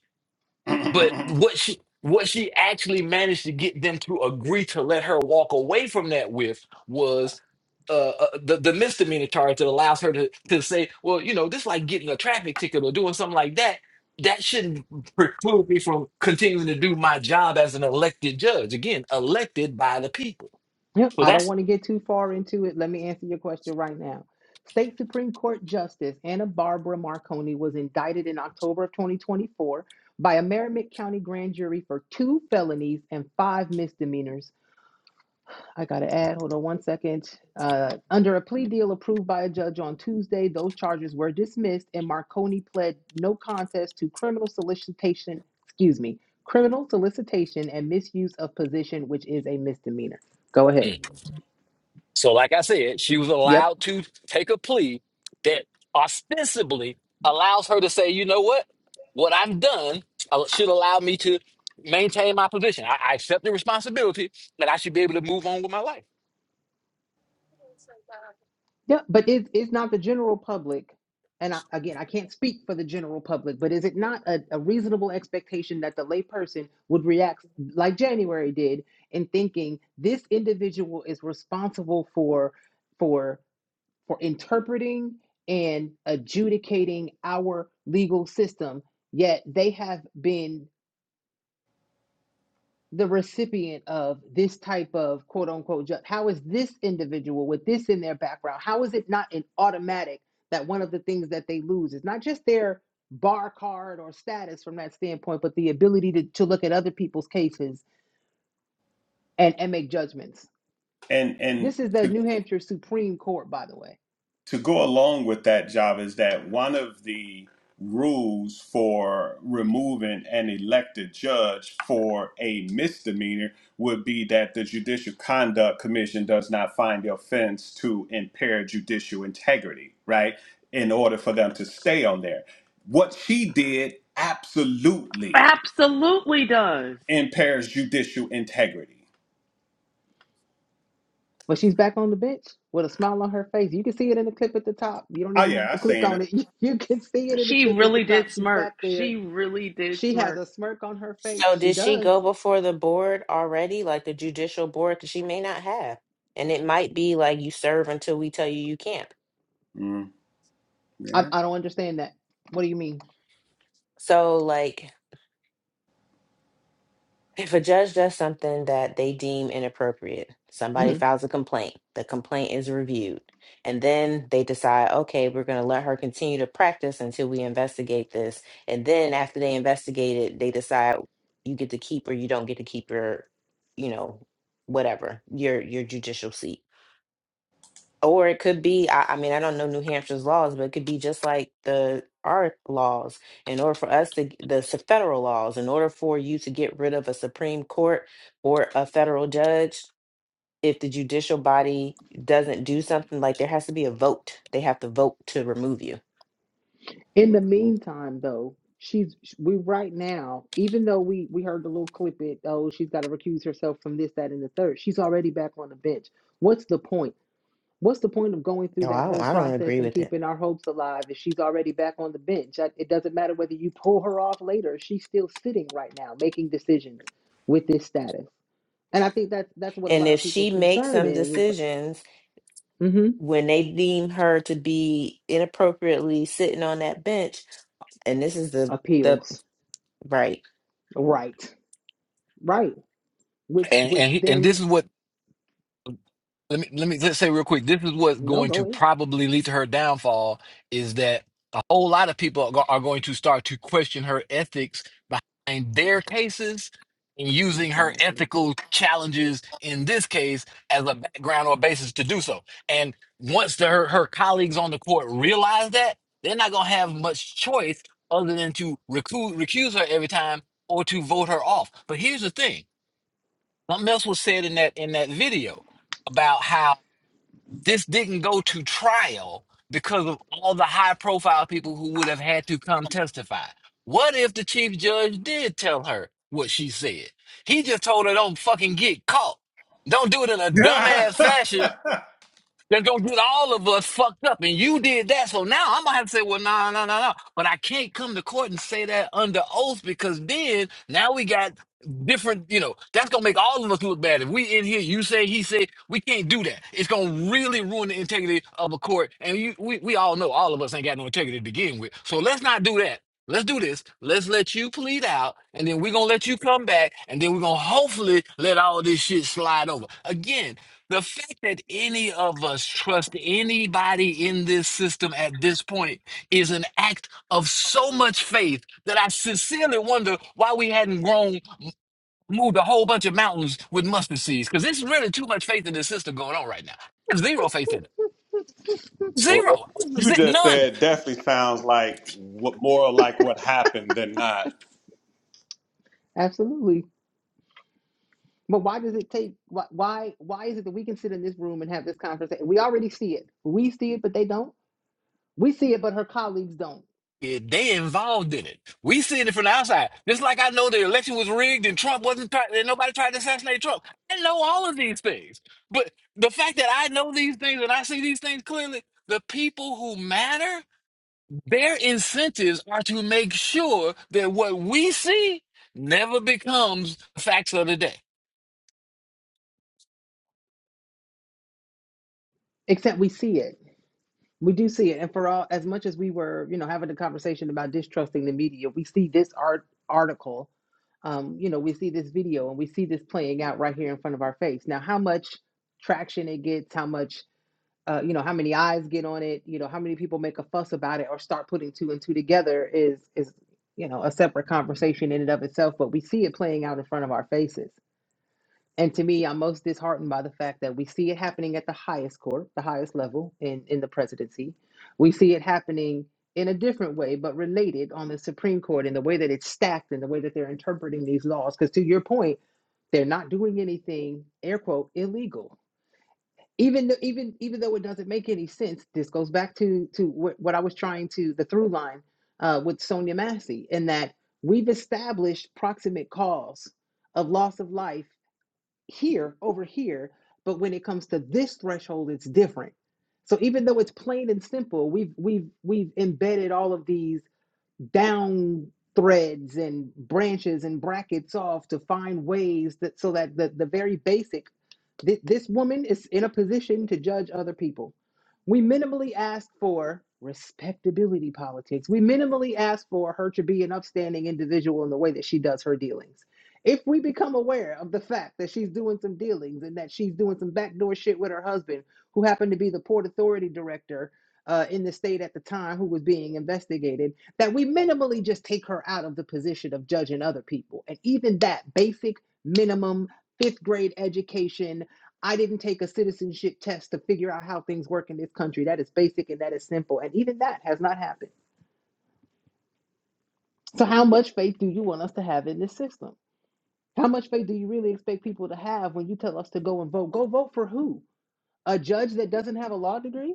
Speaker 5: <clears throat>
Speaker 7: But
Speaker 5: and
Speaker 7: what she what she actually managed to get them to agree to let her walk away from that with was uh, uh the, the misdemeanor charge that allows her to to say, well, you know, this like getting a traffic ticket or doing something like that. That shouldn't preclude me from continuing to do my job as an elected judge. Again, elected by the people.
Speaker 1: Yeah,
Speaker 7: So
Speaker 1: I
Speaker 7: that's
Speaker 1: don't want to get too far into it. Let me answer your question right now. State Supreme Court Justice Anna Barbara Marconi was indicted in October of 2024 by a Merrimack County grand jury for two felonies and five misdemeanors. I got to add, hold on one second. Uh, under a plea deal approved by a judge on Tuesday, those charges were dismissed and Marconi pled no contest to criminal solicitation, excuse me, criminal solicitation and misuse of position, which is a misdemeanor. Go ahead.
Speaker 7: Mm. So, like I said, she was
Speaker 1: Yep.
Speaker 7: allowed to take a plea that ostensibly allows her to say, you know what? What I've done uh, should allow me to maintain my position. I, I accept the responsibility that I should be able to move on with my life.
Speaker 1: Yeah, but is is not the general public, and I, again, I can't speak for the general public, but is it not a, a reasonable expectation that the layperson would react like January did in thinking this individual is responsible for for for interpreting and adjudicating our legal system, yet they have been the recipient of this type of quote unquote ju- how is this individual with this in their background how is it not an automatic that one of the things that they lose is not just their bar card or status from that standpoint but the ability to, to look at other people's cases and, and make judgments
Speaker 5: and
Speaker 1: this is the new hampshire supreme court by the way
Speaker 5: to go along with that job is that one of the rules for removing an elected judge for a misdemeanor would be that the judicial conduct commission does not find the offense to impair judicial integrity right in order for them to stay on there what she did absolutely
Speaker 2: Absolutely does.
Speaker 5: impairs judicial integrity
Speaker 1: but she's back on the bench with a smile on her face you can see it in the clip at the top you don't
Speaker 5: oh
Speaker 1: even
Speaker 5: yeah
Speaker 1: have
Speaker 5: i
Speaker 1: to click
Speaker 5: seen
Speaker 1: on
Speaker 5: it
Speaker 1: it <laughs> you can see it in the
Speaker 2: She
Speaker 1: clip at
Speaker 2: really
Speaker 1: the top
Speaker 2: did
Speaker 1: she's
Speaker 2: smirk.
Speaker 1: back there
Speaker 2: She really did
Speaker 1: she has
Speaker 2: smirk.
Speaker 1: a smirk on her face
Speaker 6: So
Speaker 1: she
Speaker 6: did she
Speaker 1: does
Speaker 6: go before the board already, like the judicial board? Because she may not have, and it might be like you serve until we tell you you can't.
Speaker 5: mm,
Speaker 1: I,
Speaker 5: yeah
Speaker 1: I don't understand that. What do you mean?
Speaker 6: So like. If a judge does something that they deem inappropriate, somebody
Speaker 1: hmm
Speaker 6: files a complaint, the complaint is reviewed, and then they decide, okay, we're going to let her continue to practice until we investigate this. And then after they investigate it, they decide you get to keep or you don't get to keep your, you know, whatever, your your judicial seat or it could be I, I mean i don't know new hampshire's laws but it could be just like the our laws in order for us to g- the s- federal laws in order for you to get rid of a supreme court or a federal judge if the judicial body doesn't do something like there has to be a vote they have to vote to remove you
Speaker 1: In the meantime, though, she's we right now. Even though we we heard the little clip, it oh she's got to recuse herself from this, that, and the third. She's already back on the bench. What's the point? What's the point of going through
Speaker 6: no
Speaker 1: that
Speaker 6: i don't
Speaker 1: whole
Speaker 6: i don't
Speaker 1: process
Speaker 6: agree
Speaker 1: and
Speaker 6: with it
Speaker 1: keeping our hopes alive if she's already back on the bench? That- It doesn't matter whether you pull her off later. She's still sitting right now making decisions with this status. And I think that's that's what a
Speaker 6: and
Speaker 1: lot
Speaker 6: if
Speaker 1: of people's
Speaker 6: she makes
Speaker 1: concern
Speaker 6: some
Speaker 1: is.
Speaker 6: decisions
Speaker 1: It's, hmm
Speaker 6: when they deem her to be inappropriately sitting on that bench and this is the the
Speaker 1: Appeals,
Speaker 6: right
Speaker 1: right? Right. which
Speaker 7: And
Speaker 1: which
Speaker 7: and, he- and
Speaker 1: then
Speaker 7: this is what let me let me let's say real quick this is what's
Speaker 1: no
Speaker 7: going
Speaker 1: go
Speaker 7: to
Speaker 1: in
Speaker 7: probably lead to her downfall is that a whole lot of people are, go- are going to start to question her ethics behind their cases and using her
Speaker 1: exactly
Speaker 7: ethical challenges in this case as a background or basis to do so and once the, her, her colleagues on the court realize that they're not going to have much choice other than to recuse, recuse her every time or to vote her off but here's the thing something else was said in that in that video about how this didn't go to trial because of all the high profile people who would have had to come testify. What if the chief judge did tell her what she said? He just told her, don't fucking get caught. Don't do it in a dumbass
Speaker 5: mhm. <laughs>
Speaker 7: fashion that's gonna get all of us fucked up. And you did that. So now I'm gonna have to say, well, no, no, no, no. But I can't come to court and say that under oath because then now we got different, you know, that's gonna make all of us look bad. If we in here, you say, he said, we can't do that. It's gonna really ruin the integrity of a court. And you we, we all know all of us ain't got no integrity to begin with. So let's not do that. Let's do this. Let's let you plead out, and then we're gonna let you come back, and then we're gonna hopefully let all this shit slide over. Again, the fact that any of us trust anybody in this system at this point is an act of so much faith that I sincerely wonder why we hadn't grown, moved a whole bunch of mountains with mustard seeds. Because there's really too much faith in this system going on right now. I have Zero faith in it.
Speaker 5: What, what,
Speaker 7: Zero.
Speaker 5: what you just
Speaker 7: None.
Speaker 5: said definitely sounds like what, more like what happened than not.
Speaker 1: absolutely but why does it take why why why is it that we can sit in this room and have this conversation we already see it we see it but they don't we see it but her colleagues don't
Speaker 7: Yeah, they involved in it. We seeing it from the outside. Just like I know the election was rigged and Trump wasn't trying, and nobody tried to assassinate Trump. I know all of these things. But the fact that I know these things and I see these things clearly, the people who matter, their incentives are to make sure that what we see never becomes facts of the day.
Speaker 1: except we see it we do see it and for all as much as we were you know having a conversation about distrusting the media we see this art article um, you know we see this video and we see this playing out right here in front of our face now how much traction it gets how much uh, you know how many eyes get on it you know how many people make a fuss about it or start putting two and two together is is you know a separate conversation in and of itself but we see it playing out in front of our faces and to me i'm most disheartened by the fact that we see it happening at the highest court the highest level in in the presidency we see it happening in a different way but related on the supreme court in the way that it's stacked and the way that they're interpreting these laws because to your point they're not doing anything air quote illegal even though even even though it doesn't make any sense this goes back to to what, what i was trying to the through line uh, with sonia massey in that we've established proximate cause of loss of life here over here but when it comes to this threshold it's different so even though it's plain and simple we've we've we've embedded all of these down threads and branches and brackets off to find ways that so that the, the very basic. Th- This woman is in a position to judge other people. We minimally ask for respectability politics. We minimally ask for her to be an upstanding individual in the way that she does her dealings. If we become aware of the fact that she's doing some dealings and that she's doing some backdoor shit with her husband, who happened to be the Port Authority director uh, in the state at the time who was being investigated, that we minimally just take her out of the position of judging other people. And even that basic minimum fifth grade education I didn't take a citizenship test to figure out how things work in this country. That is basic and that is simple. And even that has not happened. So, how much faith do you want us to have in this system? How much faith do you really expect people to have when you tell us to go and vote? Go vote for who? A judge that doesn't have a law degree?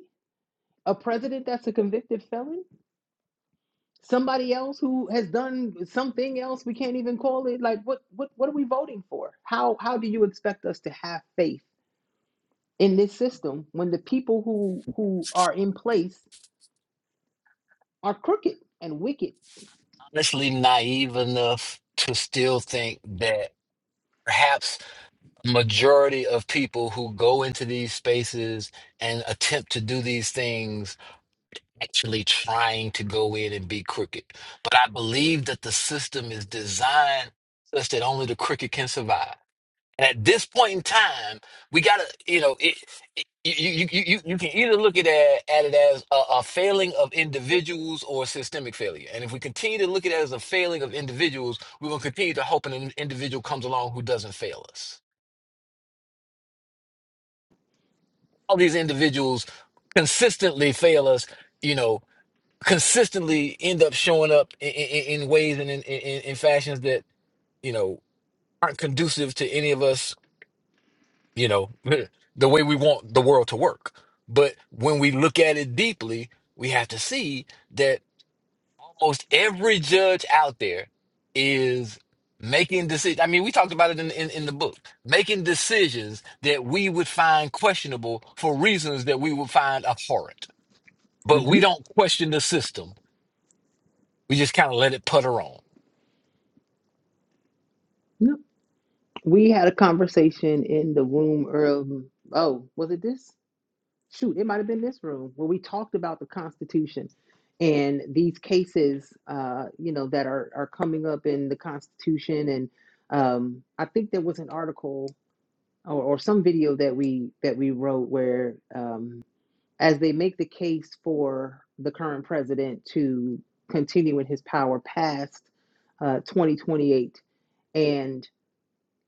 Speaker 1: A president that's a convicted felon? Somebody else who has done something else we can't even call it? Like what what what are we voting for? How how do you expect us to have faith in this system when the people who who are in place are crooked and wicked.
Speaker 7: Honestly, naive enough to still think that perhaps majority of people who go into these spaces and attempt to do these things actually trying to go in and be crooked. But I believe that the system is designed such that only the crooked can survive. And at this point in time, we gotta, you know, it, it, you, you you you you can either look at it, at it as a, a failing of individuals or systemic failure. And if we continue to look at it as a failing of individuals, we will continue to hope an individual comes along who doesn't fail us. all these individuals consistently fail us, you know, consistently end up showing up in, in, in ways and in, in, in fashions that, you know, aren't conducive to any of us, you know, <laughs> the way we want the world to work. But when we look at it deeply, we have to see that almost every judge out there is making decisions. I mean, we talked about it in, in, in the book, making decisions that we would find questionable for reasons that we would find abhorrent but
Speaker 1: hmm
Speaker 7: we don't question the system. We just kind of let it putter on.
Speaker 1: Yep. We had a conversation in the room of oh, was it this? Shoot, it might have been this room where we talked about the Constitution and these cases, uh, you know, that are are coming up in the Constitution. And um, I think there was an article or, or some video that we that we wrote where um, as they make the case for the current president to continue in his power past uh, 2028 and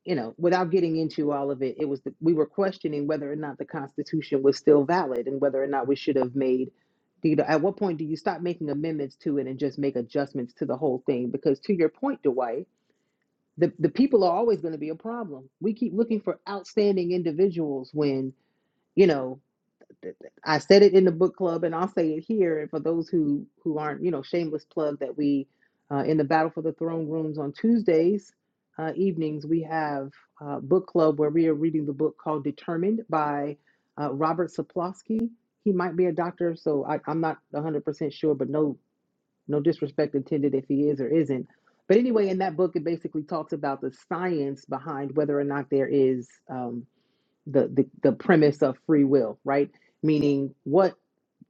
Speaker 1: you know without getting into all of it it was the, we were questioning whether or not the constitution was still valid and whether or not we should have made you know at what point do you stop making amendments to it and just make adjustments to the whole thing because to your point dwight the, the people are always going to be a problem we keep looking for outstanding individuals when you know I said it in the book club, and I'll say it here. And for those who who aren't, you know, shameless plug that we uh, in the Battle for the Throne rooms on Tuesdays uh, evenings we have uh, book club where we are reading the book called Determined by uh, Robert Sapolsky. He might be a doctor, so I, I'm not 100 percent sure, but no no disrespect intended if he is or isn't. But anyway, in that book, it basically talks about the science behind whether or not there is. Um, the, the the premise of free will right meaning what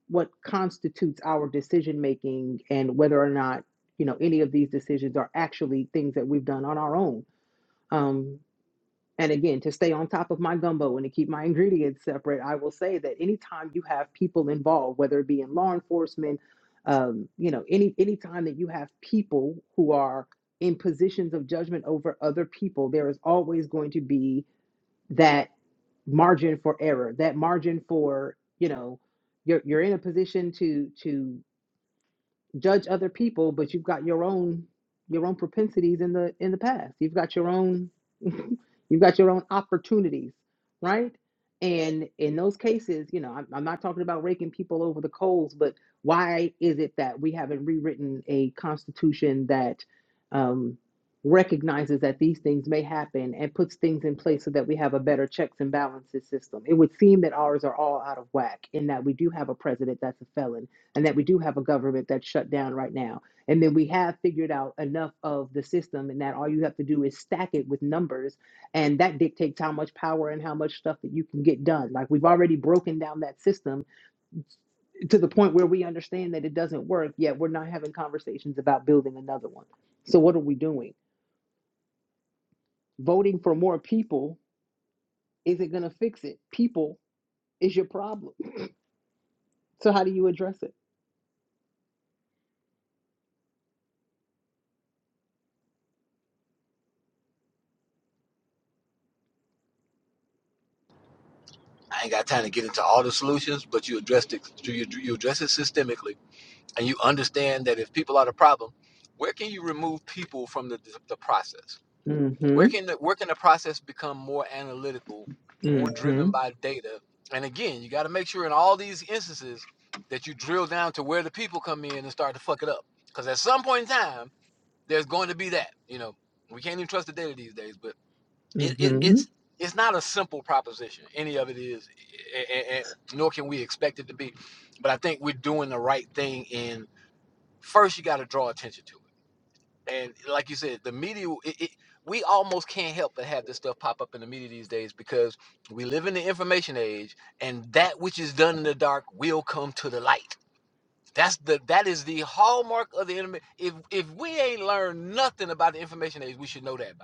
Speaker 1: what constitutes our decision making and whether or not you know any of these decisions are actually things that we've done on our own um and again to stay on top of my gumbo and to keep my <laughs> ingredients separate i will say that anytime you have people involved whether it be in law enforcement um you know any any time that you have people who are in positions of judgment over other people there is always going to be that margin for error that margin for you know you're, you're in a position to to judge other people, but you've got your own your own propensities in the in the past. You've got your own <laughs> you've got your own opportunities, right? And in those cases, you know, I'm, I'm not talking about raking people over the coals, but why is it that we haven't rewritten a constitution that um, recognizes that these things may happen and puts things in place so that we have a better checks and balances system? It would seem that ours are all out of whack in that we do have a president that's a felon and that we do have a government that's shut down right now. And then we have figured out enough of the system, and that all you have to do is stack it with numbers, and that dictates how much power and how much stuff that you can get done. Like we've already broken down that system to the point where we understand that it doesn't work, yet we're not having conversations about building another one. So, what are we doing? Voting for more people isn't going to fix it. People is your problem. So, how do you address it?
Speaker 7: I ain't got time to get into all the solutions, but you addressed it. You, you address it systemically, and you understand that if people are the problem, where can you remove people from the, the process?
Speaker 1: Mm hmm.
Speaker 7: Where can the, where can the process become more analytical, more
Speaker 1: Mm hmm.
Speaker 7: driven by data? And again, you got to make sure in all these instances that you drill down to where the people come in and start to fuck it up. Because at some point in time, there's going to be that. You know, we can't even trust the data these days. but. it,
Speaker 1: Mm
Speaker 7: it
Speaker 1: hmm.
Speaker 7: it's it's not a simple proposition. Any of it is, and, and nor can we expect it to be. But I think we're doing the right thing. In first, you got to draw attention to it, and like you said, the media. It, it, we almost can't help but have this stuff pop up in the media these days because we live in the information age, and that which is done in the dark will come to the light. That's the that is the hallmark of the enemy. If if we ain't learned nothing about the information age, we should know that by now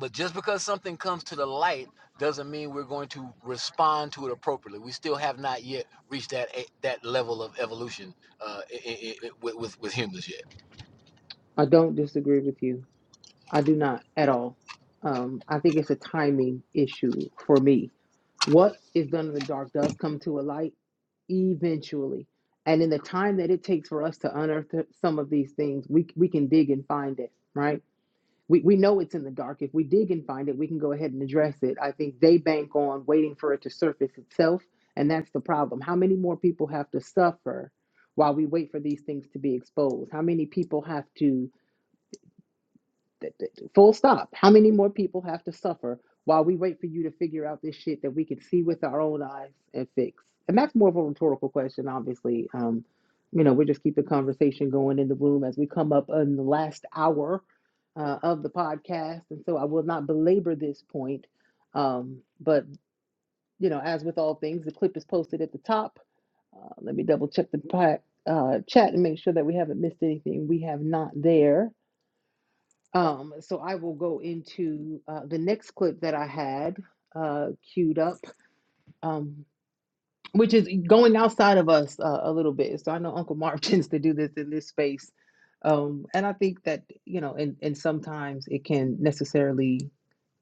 Speaker 7: but just because something comes to the light doesn't mean we're going to respond to it appropriately. We still have not yet reached that eh, that level of evolution uh, i i i with, with with humans yet.
Speaker 1: I don't disagree with you. I do not at all. Um, I think it's a timing issue for me. What is done in the dark does come to a light eventually. And in the time that it takes for us to unearth some of these things, we, we can dig and find it, right? We, we know it's in the dark. If we dig and find it, we can go ahead and address it. I think they bank on waiting for it to surface itself. And that's the problem. How many more people have to suffer while we wait for these things to be exposed? How many people have to? Th- th- Full stop. How many more people have to suffer while we wait for you to figure out this shit that we can see with our own eyes and fix? And that's more of a rhetorical question, obviously. Um, you know, we're just keeping conversation going in the room as we come up on the last hour uh, of the podcast. And so I will not belabor this point. Um, but, you know, as with all things, the clip is posted at the top. Uh, let me double check the pa- uh, chat and make sure that we haven't missed anything we have not there. Um, so I will go into uh, the next clip that I had uh, queued up, um, which is going outside of us uh, a little bit. So I know Uncle Marv <laughs> tends to do this in this space. Um, and I think that, you know, and, and sometimes it can necessarily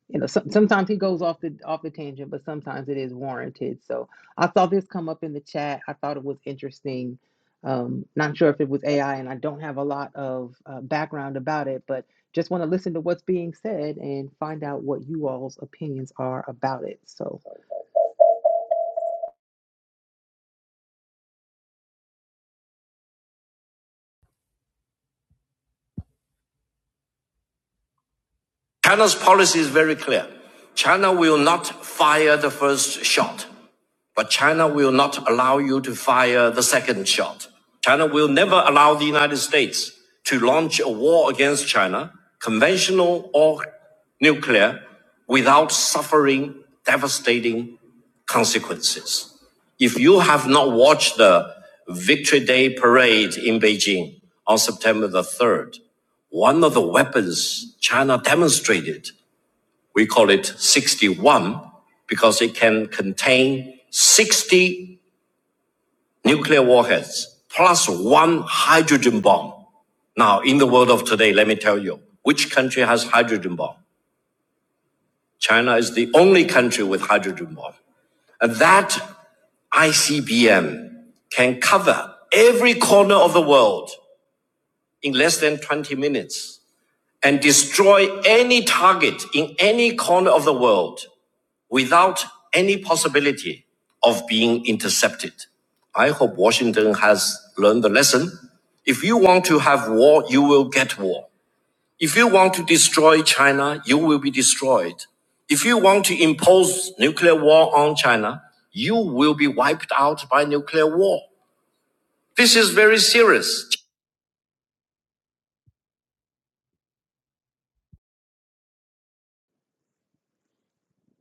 Speaker 1: you know, some, sometimes he goes off the off the tangent, but sometimes it is warranted. So I saw this come up in the chat. I thought it was interesting. Um, not sure if it was AI, and I don't have a lot of uh, background about it, but just want to listen to what's being said and find out what you all's opinions are about it. So
Speaker 4: But China will not allow you to fire the second shot. China will never allow the United States to launch a war against China, conventional or nuclear, without devastating consequences. If you have not watched the Victory Day parade in Beijing, September the 3rd, one of the weapons China demonstrated, we call it 61 because it can contain 60 nuclear weapons plus one hydrogen bomb. Now, in the world of today, let me tell you, which country has hydrogen bomb? China is the only country with hydrogen bomb. And that ICBM can cover every corner of the world in less than 20 minutes and destroy any target in any corner of the world without any possibility of being intercepted. I hope Washington has learned the lesson. If you want to destroy China, you will be destroyed. If you want to impose nuclear war on China, you will be wiped out by nuclear war. This is very serious.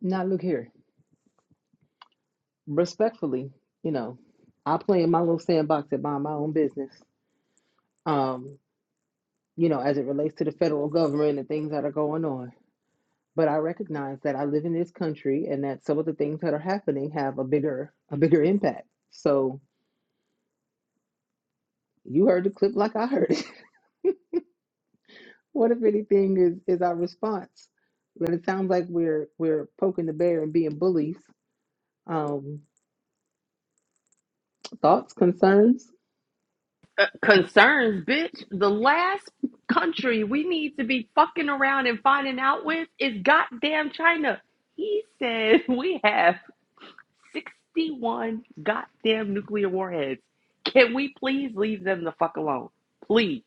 Speaker 1: now look here, respectfully, you know, I play in my little sandbox and mind my own business. Um, you know, as it relates to the federal government and things that are going on but I recognize that I live in this country and that some of the things that are happening have a bigger a bigger impact. So you heard the clip like I heard it. <laughs> what if anything is is our response? But it sounds like we're we're poking the bear and being bullies. Um, thoughts, concerns?
Speaker 2: Uh, concerns, bitch. The last country we need to be fucking around and finding out with is goddamn China. He said <laughs> we have 61 goddamn nuclear warheads. Can we please leave them the fuck alone? Please.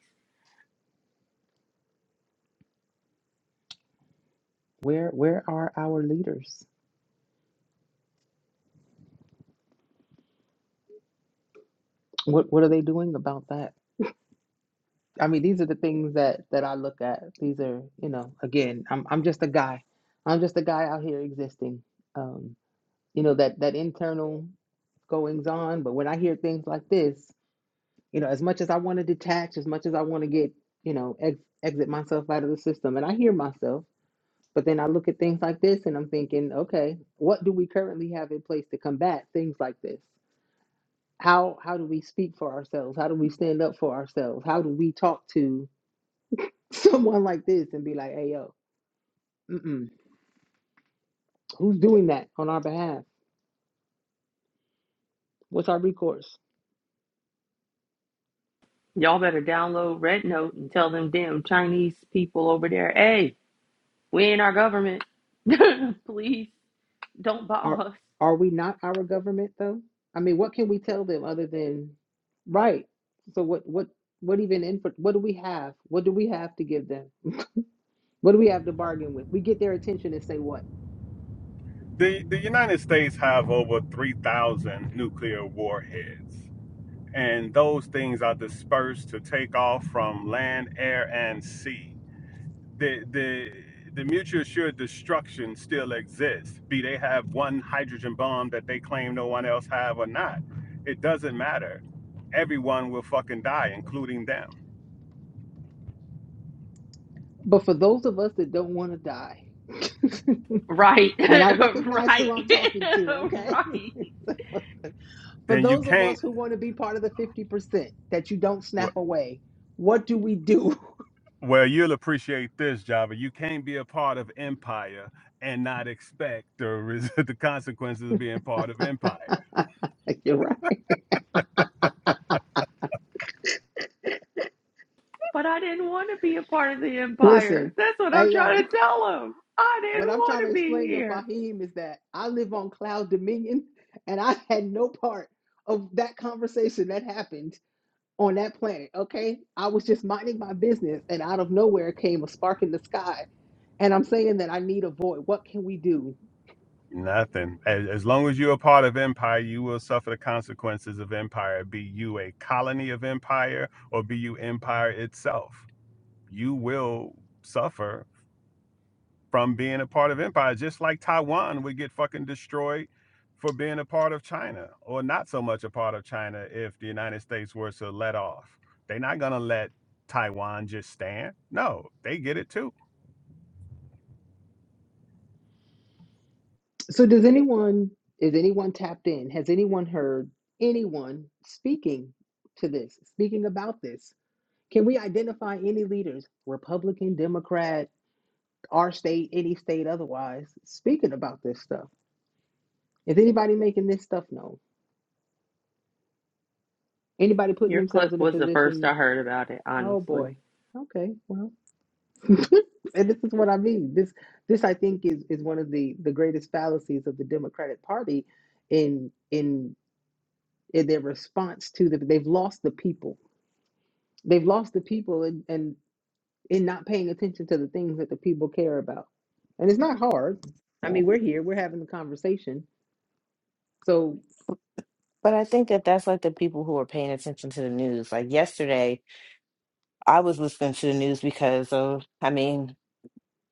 Speaker 1: Where where are our leaders? What what are they doing about that? I mean, these are the things that that I look at. These are you know again, I'm I'm just a guy. I'm just a guy out here existing. Um, you know that that internal goings on but when i hear things like this you know as much as i want to detach as much as i want to get you know ex- exit myself out of the system and i hear myself but then i look at things like this and i'm thinking okay what do we currently have in place to combat things like this how how do we speak for ourselves how do we stand up for ourselves how do we talk to <laughs> someone like this and be like hey yo mm-mm, who's doing that on our behalf what's our recourse
Speaker 2: Y'all better download Red Note and tell them damn Chinese people over there, hey, We ain't our government. <laughs> Please don't bomb
Speaker 1: Are
Speaker 2: us.
Speaker 1: are we not our government though? I mean, what can we tell them other than right? So what what what even input what do we have? What do we have to give them? What do we have to bargain with? We get their attention and say what?
Speaker 5: The, the United States have over 3,000 nuclear warheads, and those things are dispersed to take off from land, air, and sea. The, the, the mutual assured destruction still exists, be they have one hydrogen bomb that they claim no one else have or not. It doesn't matter. Everyone will fucking die, including them.
Speaker 1: But for those of us that don't want to die, <laughs>
Speaker 2: Right, <laughs>
Speaker 1: and I recognize
Speaker 2: right,
Speaker 1: who I'm talking to,
Speaker 2: <laughs>
Speaker 1: okay?
Speaker 2: right.
Speaker 1: <laughs> for
Speaker 5: Then you
Speaker 1: those of us
Speaker 5: can't.
Speaker 1: who want to be part of the 50% that you don't snap away, what do we do?
Speaker 5: Well, you'll appreciate this, Java. You can't be a part of Empire and not expect the res- <laughs> the consequences of being part of Empire.
Speaker 1: <laughs> You're right.
Speaker 2: But I didn't want to be a part of the empire.
Speaker 1: Listen,
Speaker 2: That's what I'm
Speaker 1: hey
Speaker 2: trying
Speaker 1: yo.
Speaker 2: to tell them. I didn't
Speaker 1: What I'm
Speaker 2: want
Speaker 1: trying to
Speaker 2: to be
Speaker 1: explain to
Speaker 2: here.
Speaker 1: Fahim is that I live on Cloud Dominion and I had no part of that conversation that happened on that planet. Okay. I was just minding my business and out of nowhere came a spark in the sky. And I'm saying that I need a void. What can we do?
Speaker 5: Nothing. As, as long as you're a part of Empire, you will suffer the consequences of Empire. Be you a colony of Empire or be you Empire itself, you will suffer from being a part of empire, just like Taiwan would get fucking destroyed for being a part of China or not so much a part of China if the United States were to let off. They're not gonna let Taiwan just stand. No, they get it too.
Speaker 1: So does anyone is anyone tapped in? Has anyone heard anyone speaking to this, speaking about this? Can we identify any leaders, Republican, Democrat? our state, any state otherwise, speaking about this stuff. Is anybody making this stuff known? Anybody putting
Speaker 2: Your clip
Speaker 1: themselves in a
Speaker 2: was the first I
Speaker 1: position?
Speaker 2: heard about it,
Speaker 1: Oh
Speaker 2: honestly.
Speaker 1: boy. Okay. Well, <laughs> and this is what I mean. This this I think is is one of the the greatest fallacies of the Democratic Party in in in their response to the they've lost the people. They've lost the people and and in not paying attention to the things that the people care about. And it's not hard. I mean, we're here, we're having the conversation. So.
Speaker 6: But I think that that's like the people who are paying attention to the news. Like yesterday, I was listening to the news because of, I mean,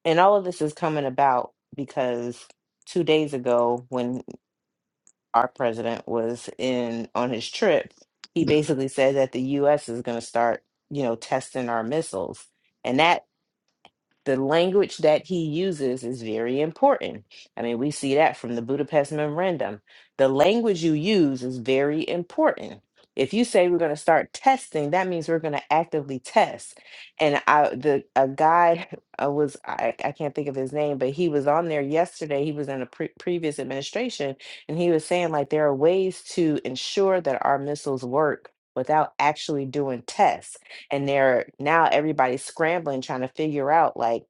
Speaker 6: and all of this is coming about because two days ago, when our president was in on his trip, he basically said that the U.S. is going to start, you know, testing our missiles. And that the language that he uses is very important. I mean, we see that from the Budapest Memorandum. The language you use is very important. If you say we're going to start testing, that means we're going to actively test. And I, the a guy <laughs> uh, was I, I can't think of his name, but he was on there yesterday. He was in a pre- previous administration, and he was saying like there are ways to ensure that our missiles work without actually doing tests and they're now everybody's scrambling trying to figure out like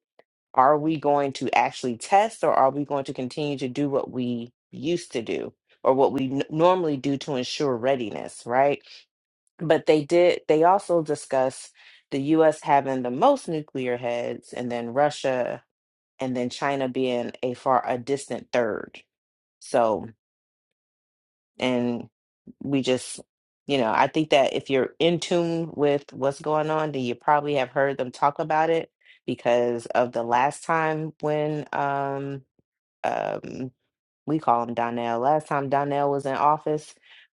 Speaker 6: are we going to actually test or are we going to continue to do what we used to do or what we n- normally do to ensure readiness right but they did they also discuss the US having the most nuclear heads and then Russia and then China being a far a distant third So and we just you know i think that if you're in tune with what's going on then you probably have heard them talk about it because of the last time when um um we call him donnell last time donnell was in office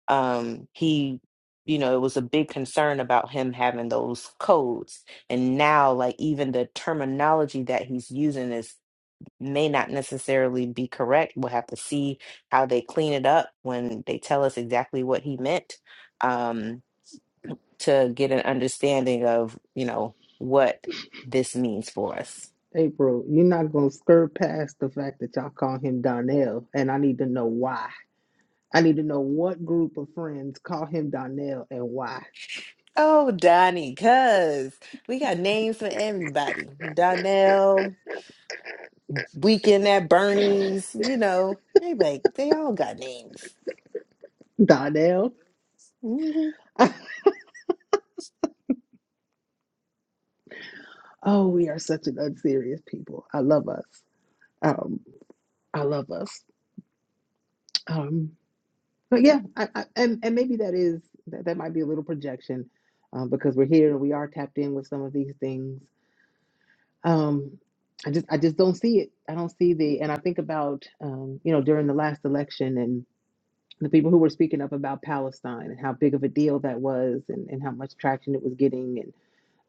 Speaker 6: um he you know it was a big concern about him having those codes and now like even the terminology that he's using is may not necessarily be correct. We'll have to see how they clean it up when they tell us exactly what he meant um, to get an understanding of, you know, what this means for us.
Speaker 1: April, you're not gonna skirt past the fact that y'all call him Donnell, and I need to know why. I need to know what group of friends call him Donnell and why.
Speaker 6: Oh, Donnie, cuz we got names for everybody. Donnell, Weekend at Bernie's, you know, everybody, they all got names.
Speaker 1: Donnell?
Speaker 6: Mhm.
Speaker 1: <laughs> oh, we are such an unserious people. I love us. Um, I love us. Um, but yeah, I, I, and and maybe that is that, that might be a little projection, um, because we're here and we are tapped in with some of these things. Um, I just I just don't see it. I don't see the and I think about um, you know during the last election and. the people who were speaking up about Palestine and how big of a deal that was and, and how much traction it was getting, and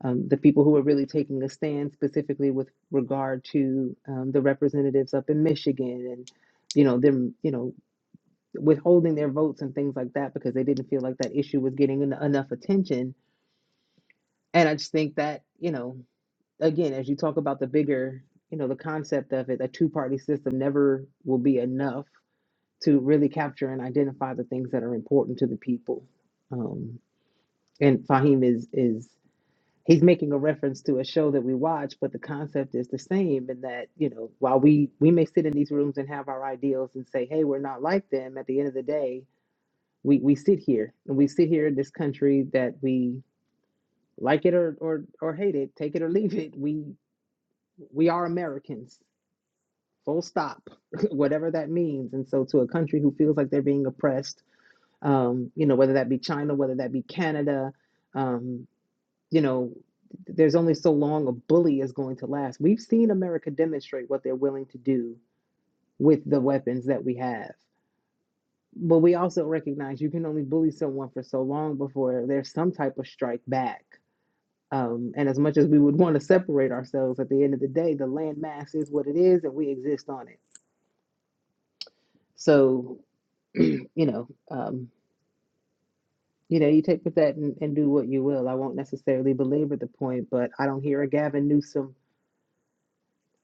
Speaker 1: um, the people who were really taking a stand specifically with regard to um, the representatives up in Michigan and, you know, them, you know, withholding their votes and things like that because they didn't feel like that issue was getting en- enough attention. And I just think that, you know, again, as you talk about the bigger, you know, the concept of it, a two party system never will be enough to really capture and identify the things that are important to the people. Um, and Fahim is is he's making a reference to a show that we watch, but the concept is the same. In that you know, while we we may sit in these rooms and have our ideals and say, hey, we're not like them. At the end of the day, we we sit here and we sit here in this country that we like it or or or hate it, take it or leave it. We we are Americans. Full stop, <laughs> whatever that means. And so, to a country who feels like they're being oppressed um, you know, whether that be China, whether that be Canada, um, you know, there's only so long a bully is going to last. We've seen America demonstrate what they're willing to do with the weapons that we have. But we also recognize you can only bully someone for so long before there's some type of strike back. Um, and as much as we would want to separate ourselves at the end of the day, the landmass is what it is and we exist on it. So, <clears throat> you know, um, You know, you take with that and, and do what you will. I won't necessarily belabor the point, but I don't hear a Gavin Newsom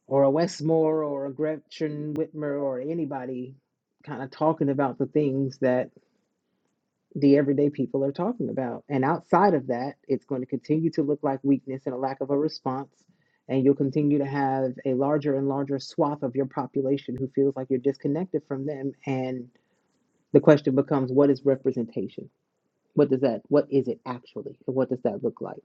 Speaker 1: or a Westmore or a Gretchen Whitmer or anybody kind of talking about the things that the everyday people are talking about. And outside of that, it's going to continue to look like weakness and a lack of a response. And you'll continue to have a larger and larger swath of your population who feels like you're disconnected from them. And the question becomes what is representation? What does that, what is it actually? And what does that look like?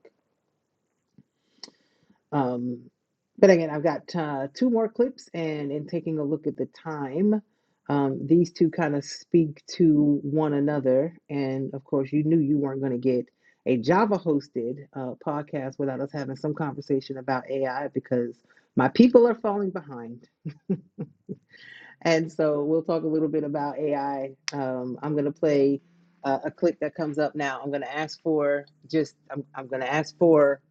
Speaker 1: Um, but again, I've got uh, two more clips, and in taking a look at the time, um, these two kind of speak to one another. And of course, you knew you weren't going to get a Java hosted uh, podcast without us having some conversation about AI because my people are falling behind. And so we'll talk a little bit about AI. Um, I'm going to play uh, a clip that comes up now. I'm going to ask for just, I'm, I'm going to ask for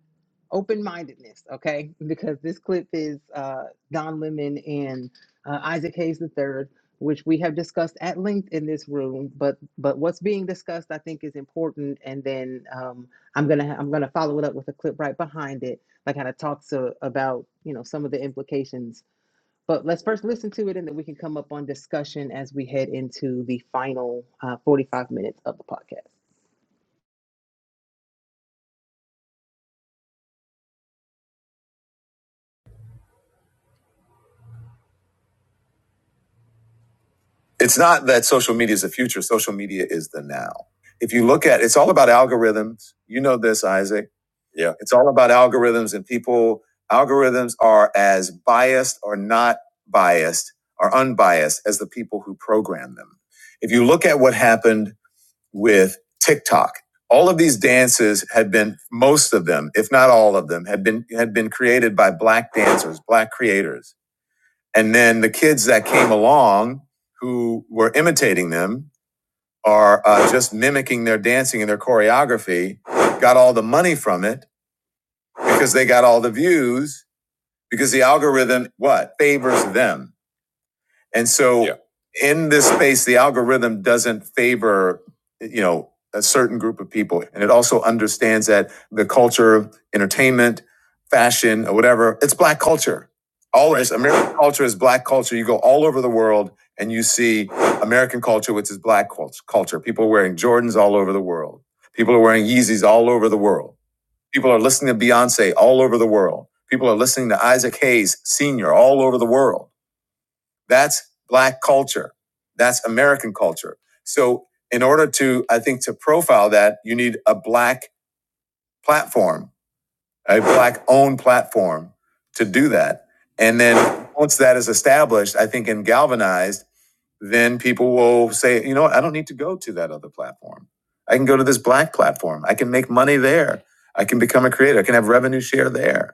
Speaker 1: open mindedness, okay? <laughs> Because this clip is uh, Don Lemon and uh, Isaac Hayes the Third, which we have discussed at length in this room. But but what's being discussed, I think, is important. And then um, I'm gonna ha- I'm gonna follow it up with a clip right behind it that kind of talks uh, about you know some of the implications. But let's first listen to it, and then we can come up on discussion as we head into the final uh, 45 minutes of the podcast.
Speaker 4: it's not that social media is the future. Social media is the now. If you look at, it's all about algorithms. You know this, Isaac. Yeah. It's all about algorithms and people. Algorithms are as biased or not biased or unbiased as the people who program them. If you look at what happened with TikTok, all of these dances had been, most of them, if not all of them, had been, had been created by black dancers, black creators and then the kids that came along who were imitating them or uh, just mimicking their dancing and their choreography got all the money from it because they got all the views because the algorithm what favors them and so Yeah. in this space, the algorithm doesn't favor, you know, a certain group of people. And it also understands that the culture, entertainment, fashion, or whatever, it's black culture. All of Right. this American culture is black culture. You go all over the world and you see American culture, which is black culture. People are wearing Jordans all over the world. People are wearing Yeezys all over the world. People are listening to Beyonce all over the world. People are listening to Isaac Hayes Sr. all over the world that's black culture. That's American culture. So in order to, I think, to profile that, you need a black platform, a black owned platform to do that. And then once that is established, I think and galvanized, then people will say, you know what, I don't need to go to that other platform. I can go to this black platform. I can make money there. I can become a creator. I can have revenue share there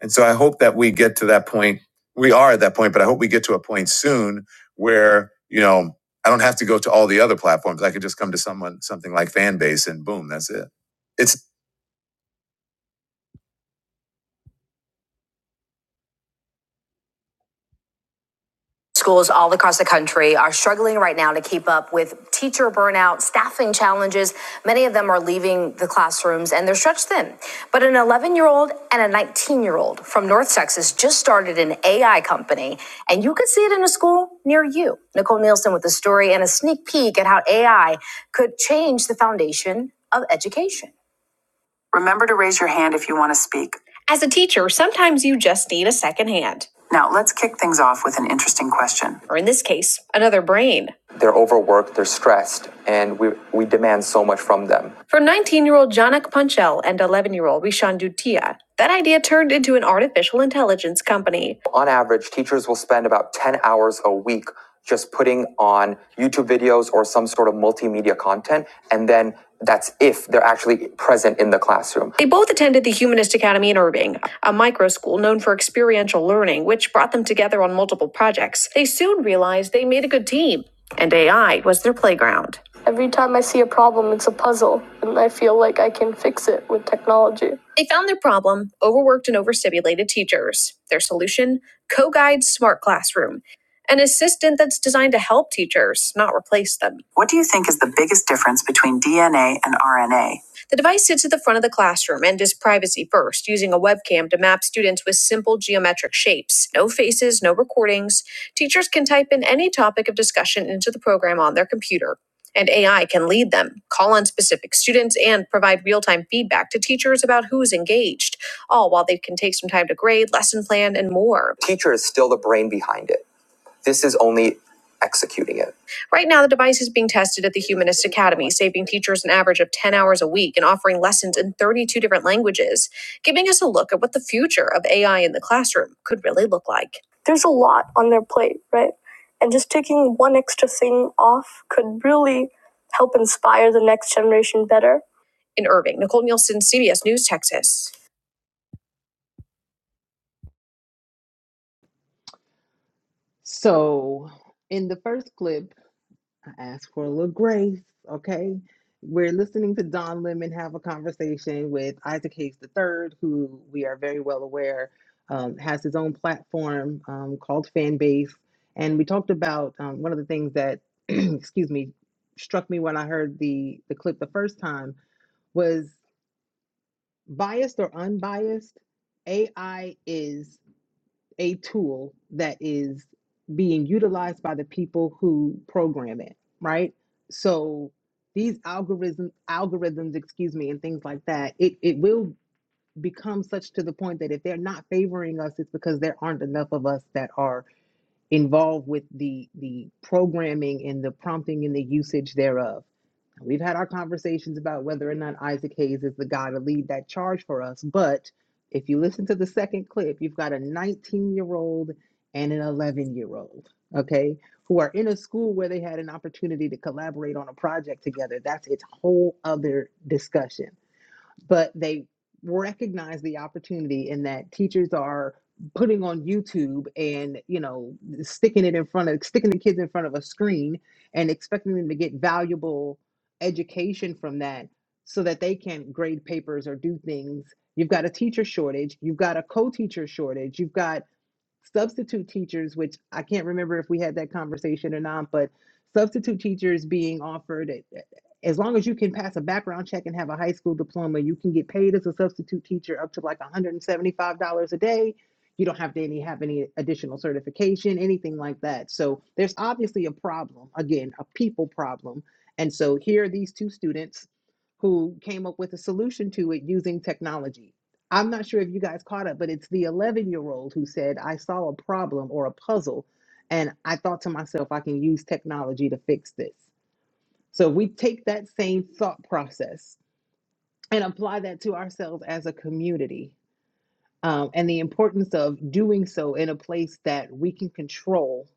Speaker 4: and so I hope that we get to that point. We are at that point, but I hope we get to a point soon where, you know, I don't have to go to all the other platforms. I could just come to someone, something like Fanbase and boom, that's it. It's good They're overworked, they're stressed, so much from them. For 19 year old Janak Panchal and 11 year old Vishan Dutia, that idea turned into an artificial intelligence company. Average teachers will spend about a week putting on YouTube videos or send, and then that's if they're actually They both attended the Humanist Academy in Irving, a micro school known for experiential learning, which brought them together on multiple projects. They soon realized found their problem, overworked and overstimulated, their so-, co-guide smart class. What do you think is the biggest difference between DNA and A? Is no grade. Right now the device is at the humanistic saving teachers an average of can offer 30 language the future of AI and the could really look like. There's a lot on their plate, right? And just taking one extra thing off could really help inspire the next generation better Nielsen, CBS News, Texas.
Speaker 1: So, in the first clip. I ask for a little grace, okay? We're listening to Don Lemon have a conversation with Isaac Hayes the Third, who we are very well aware um, has his own platform um, called Fanbase. And we talked about um, one of the things that, <clears throat> excuse me, struck me when I heard the, the clip the first time was biased or unbiased, AI is a tool that is being utilized by the people who program it, right? So these algorithm algorithms, excuse me, and things like that, it, it will become such to the point that if they're not favoring us, it's because there aren't enough of us that are involved with the the programming and the prompting and the usage thereof. We've had our conversations about whether or not Isaac Hayes is the guy to lead that charge for us, but if you listen to the second clip, you've got a 19 year old and an 11 year old, okay, who are in a school where they had an opportunity to collaborate on a project together. That's its whole other discussion but they recognize the opportunity in that teachers are putting on YouTube and you know sticking it in front of sticking the kids in front of a screen and expecting them to get valuable education from that so that they can grade papers or do things you've got a teacher shortage you've got a co-teacher shortage you've got substitute teachers, which I can't remember if we had that conversation or not, but substitute teachers being offered at- as long as you can pass a background check and have a high school diploma, you can get paid as a substitute teacher up to like $175 a day. You don't have to any have any additional certification, anything like that. So there's obviously a problem, again, a people problem. And so here are these two students who came up with a solution to it using technology I'm not sure if you guys caught it, but it's the 11 year old who said, I saw a problem or a puzzle, and I thought to myself, I can use technology to fix this. So if we take that same thought process and apply that to ourselves as a community, um, and the importance of doing so in a place that we can control,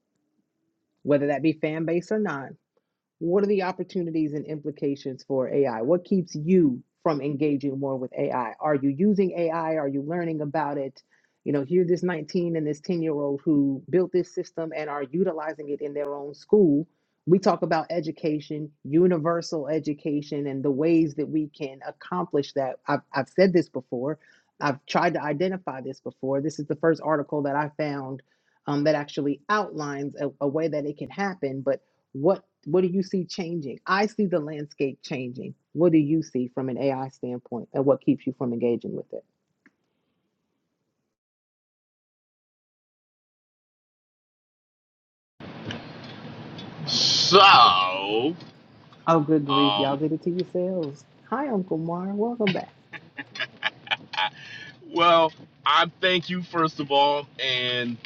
Speaker 1: whether that be fan base or not What are the opportunities and implications for AI? What keeps you from engaging more with AI? Are you using AI? Are you learning about it? You know, here's this 19 and this 10 year old who built this system and are utilizing it in their own school. We talk about education, universal education, and the ways that we can accomplish that. I've, I've said this before. I've tried to identify this before. This is the first article that I found um, that actually outlines a, a way that it can happen. But what what do you see changing? I see the landscape changing. What do you see from an AI standpoint and what keeps you from engaging with it?
Speaker 3: So,
Speaker 1: Oh, good grief, y'all
Speaker 3: um,
Speaker 1: did it to yourselves. Hi, Uncle Mar. Welcome back.
Speaker 3: well, I thank you first of all, and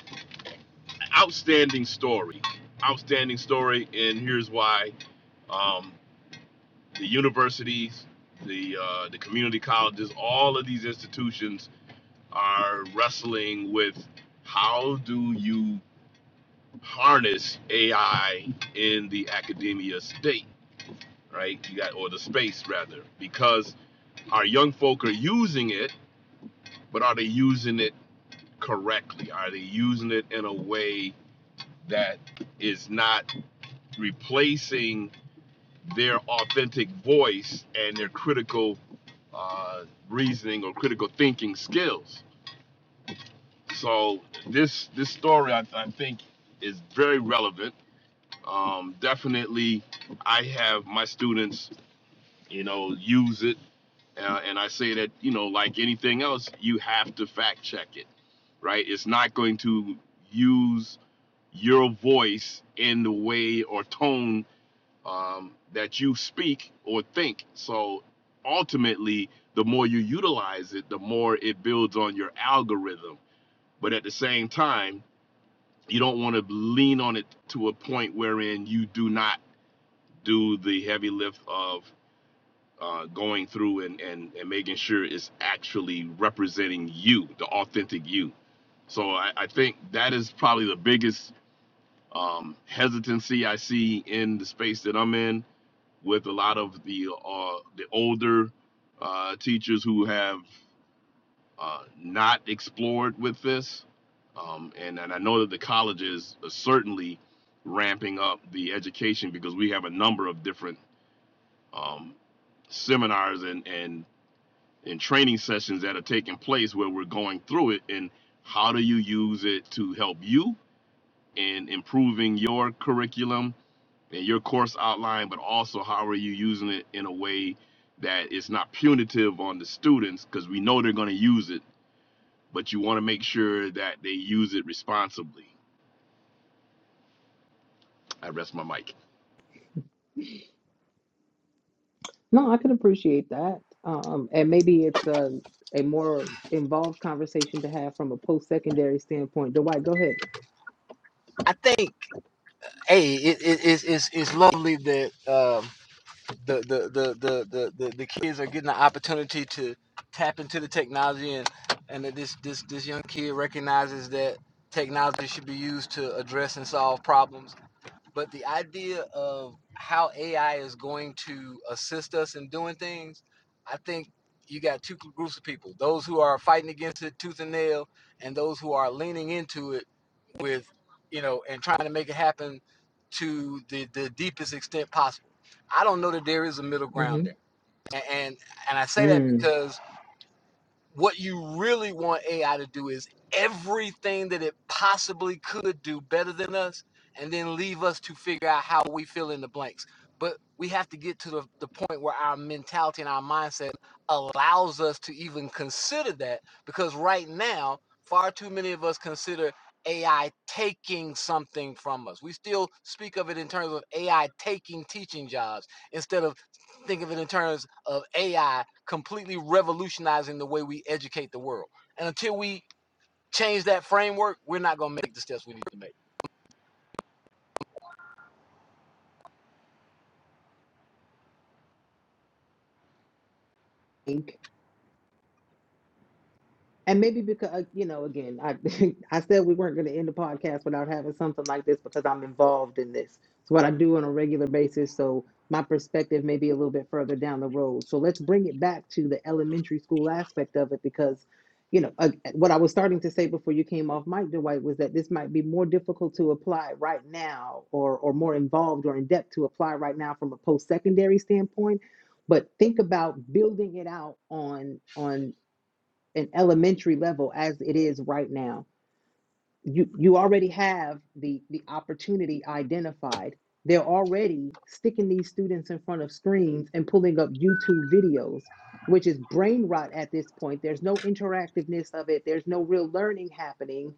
Speaker 3: outstanding story. Outstanding story, and here's why: um, the universities, the uh, the community colleges, all of these institutions are wrestling with how do you harness AI in the academia state, right? You got or the space rather, because our young folk are using it, but are they using it correctly? Are they using it in a way that is not replacing their authentic voice and their critical uh, reasoning or critical thinking skills. So this this story I, I think is very relevant. Um, definitely, I have my students, you know, use it, uh, and I say that you know, like anything else, you have to fact check it, right? It's not going to use your voice in the way or tone um, that you speak or think. So ultimately, the more you utilize it, the more it builds on your algorithm. But at the same time, you don't want to lean on it to a point wherein you do not do the heavy lift of uh, going through and, and, and making sure it's actually representing you, the authentic you. So I, I think that is probably the biggest um, hesitancy I see in the space that I'm in with a lot of the uh, the older uh, teachers who have uh, not explored with this, um, and and I know that the colleges are certainly ramping up the education because we have a number of different um, seminars and and and training sessions that are taking place where we're going through it and how do you use it to help you in improving your curriculum in your course outline, but also how are you using it in a way that it's not punitive on the students because we know they're going to use it, but you want to make sure that they use it responsibly. I rest my mic.
Speaker 1: No, I can appreciate that. Um, and maybe it's a a more involved conversation to have from a post secondary standpoint. Dwight, go ahead.
Speaker 7: I think, hey, it, is it, it's, it's it's lovely that um, the, the, the the the the the kids are getting the opportunity to tap into the technology and and that this this this young kid recognizes that technology should be used to address and solve problems but the idea of how AI is going to assist us in doing things, I think you got two groups of people: those who are fighting against it tooth and nail, and those who are leaning into it with, you know, and trying to make it happen to the the deepest extent possible. I don't know that there is a middle ground
Speaker 1: Mm-hmm.
Speaker 7: there, and and, and I say that
Speaker 1: Mm.
Speaker 7: because what you really want AI to do is everything that it possibly could do better than us, and then leave us to figure out how we fill in the blanks. But we have to get to the, the point where our mentality and our mindset allows us to even consider that because right now, far too many of us consider AI taking something from us. We still speak of it in terms of AI taking teaching jobs instead of think of it in terms of AI completely revolutionizing the way we educate the world. And until we change that framework, we're not going to make the steps we need to make.
Speaker 1: Think And maybe because uh, you know, again, I <laughs> I said we weren't going to end the podcast without having something like this because I'm involved in this. It's what I do on a regular basis, so my perspective may be a little bit further down the road. So let's bring it back to the elementary school aspect of it because, you know, uh, what I was starting to say before you came off mic, Dwight, was that this might be more difficult to apply right now, or or more involved or in depth to apply right now from a post secondary standpoint. But think about building it out on on an elementary level as it is right now you you already have the the opportunity identified they're already sticking these students in front of screens and pulling up youtube videos which is brain rot at this point there's no interactiveness of it there's no real learning happening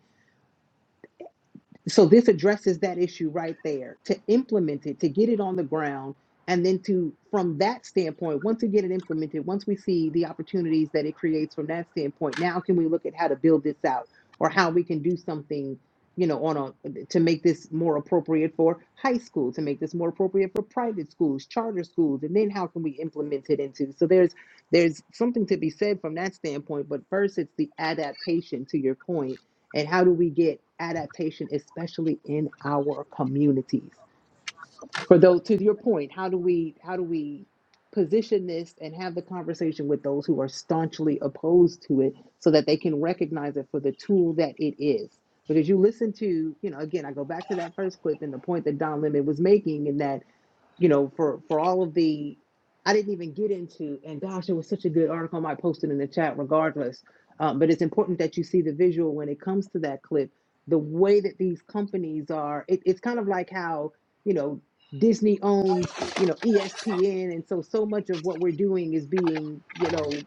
Speaker 1: so this addresses that issue right there to implement it, to get it on the ground, and then to, from that standpoint, once we get it implemented, once we see the opportunities that it creates from that standpoint, now can we look at how to build this out or how we can do something, you know, on a, to make this more appropriate for high school, to make this more appropriate for private schools, charter schools, and then how can we implement it into? So there's there's something to be said from that standpoint, but first it's the adaptation to your point and how do we get adaptation especially in our communities for those to your point how do we how do we position this and have the conversation with those who are staunchly opposed to it so that they can recognize it for the tool that it is because you listen to you know again i go back to that first clip and the point that don lemon was making and that you know for for all of the i didn't even get into and gosh it was such a good article i might post it in the chat regardless um, but it's important that you see the visual when it comes to that clip the way that these companies are it, it's kind of like how you know Disney owns, you know, ESPN, and so so much of what we're doing is being, you know,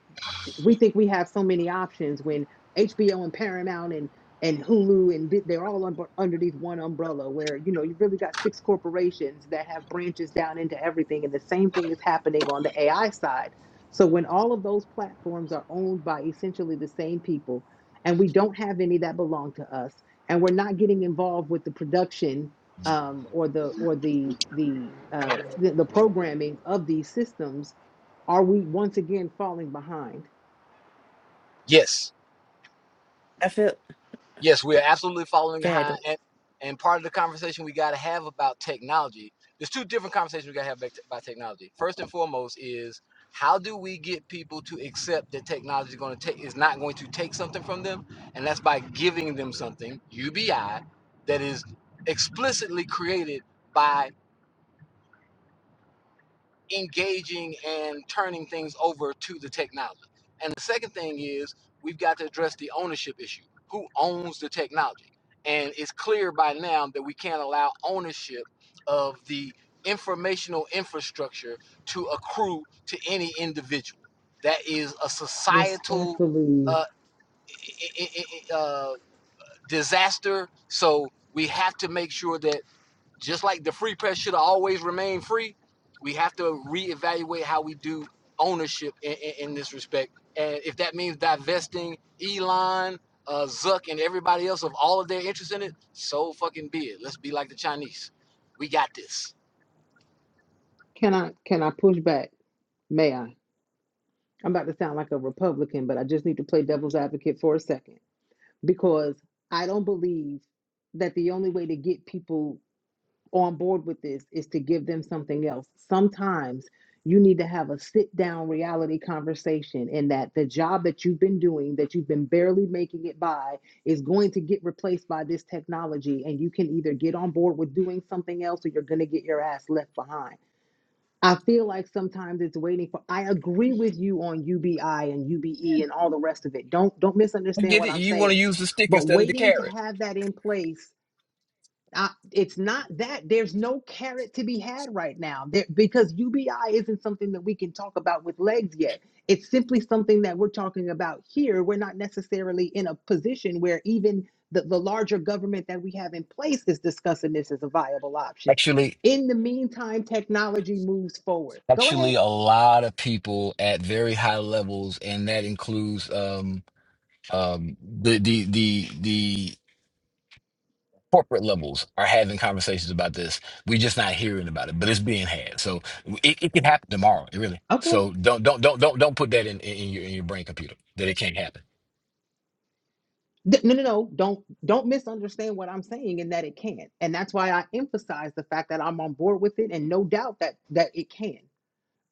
Speaker 1: we think we have so many options when HBO and Paramount and and Hulu and they're all un- underneath one umbrella where you know you've really got six corporations that have branches down into everything and the same thing is happening on the AI side. So when all of those platforms are owned by essentially the same people and we don't have any that belong to us and we're not getting involved with the production um, or the or the the, uh, the the programming of these systems, are we once again falling behind?
Speaker 7: Yes,
Speaker 6: I feel
Speaker 7: yes, we are absolutely following behind.
Speaker 6: dead.
Speaker 7: And, and part of the conversation we got to have about technology, there's two different conversations we got to have about technology. First and foremost is how do we get people to accept that technology is going to take is not going to take something from them, and that's by giving them something UBI that is explicitly created by. engaging and turning things over to the technology. And the second thing is we've got to address the ownership issue. Who owns the technology? And it's clear by now that we can't allow ownership of the informational infrastructure to accrue to any individual. That is a societal
Speaker 1: Respectfully,
Speaker 7: uh, uh, disaster. So we have to make sure that just like the free press should always remain free, we have to reevaluate how we do ownership in, in, in this respect. And if that means divesting Elon, uh, Zuck, and everybody else of all of their interest in it, so fucking be it. Let's be like the Chinese. We got this.
Speaker 1: can I can I push back? May I? I'm about to sound like a Republican, but I just need to play devil's advocate for a second because I don't believe that the only way to get people on board with this is to give them something else. Sometimes you need to have a sit down reality conversation in that the job that you've been doing that you've been barely making it by is going to get replaced by this technology and you can either get on board with doing something else or you're going to get your ass left behind I feel like sometimes it's waiting for I agree with you on UBI and UBE and all the rest of it. Don't don't misunderstand what I'm saying. But waiting to have that in place uh, it's not that there's no carrot to be had right now there, because UBI isn't something that we can talk about with legs yet. It's simply something that we're talking about here. We're not necessarily in a position where even the, the larger government that we have in place is discussing this as a viable option.
Speaker 7: Actually,
Speaker 1: In the meantime, technology moves forward. Go ahead.
Speaker 7: actually, a lot of people at very high levels, and that includes um um the the the the corporate levels are having conversations about this. We're just not hearing about it, but it's being had. So it, it can happen tomorrow. It really.
Speaker 1: Okay.
Speaker 7: So don't don't don't don't don't put that in, in in your in your brain computer that it can't happen.
Speaker 1: Th- No, no, no. Don't don't misunderstand what I'm saying in that it can. And that's why I emphasize the fact that I'm on board with it and no doubt that that it can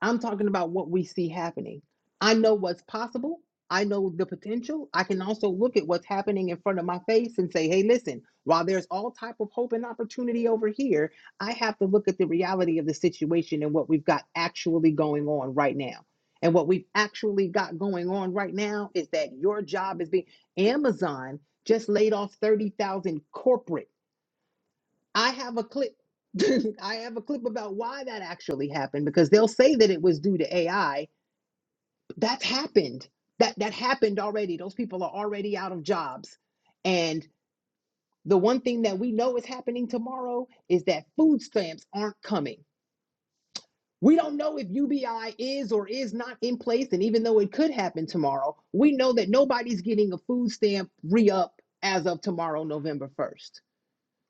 Speaker 1: I'm talking about what we see happening. I know what's possible. I know the potential. I can also look at what's happening in front of my face and say, "Hey, listen, while there's all type of hope and opportunity over here, I have to look at the reality of the situation and what we've got actually going on right now." And what we've actually got going on right now is that your job is being Amazon just laid off 30,000 corporate I have a clip. <laughs> I have a clip about why that actually happened because they'll say that it was due to AI. That's happened. That that happened already. Those people are already out of jobs. And the one thing that we know is happening tomorrow is that food stamps aren't coming. We don't know if UBI is or is not in place. And even though it could happen tomorrow, we know that nobody's getting a food stamp re up as of tomorrow, November 1st.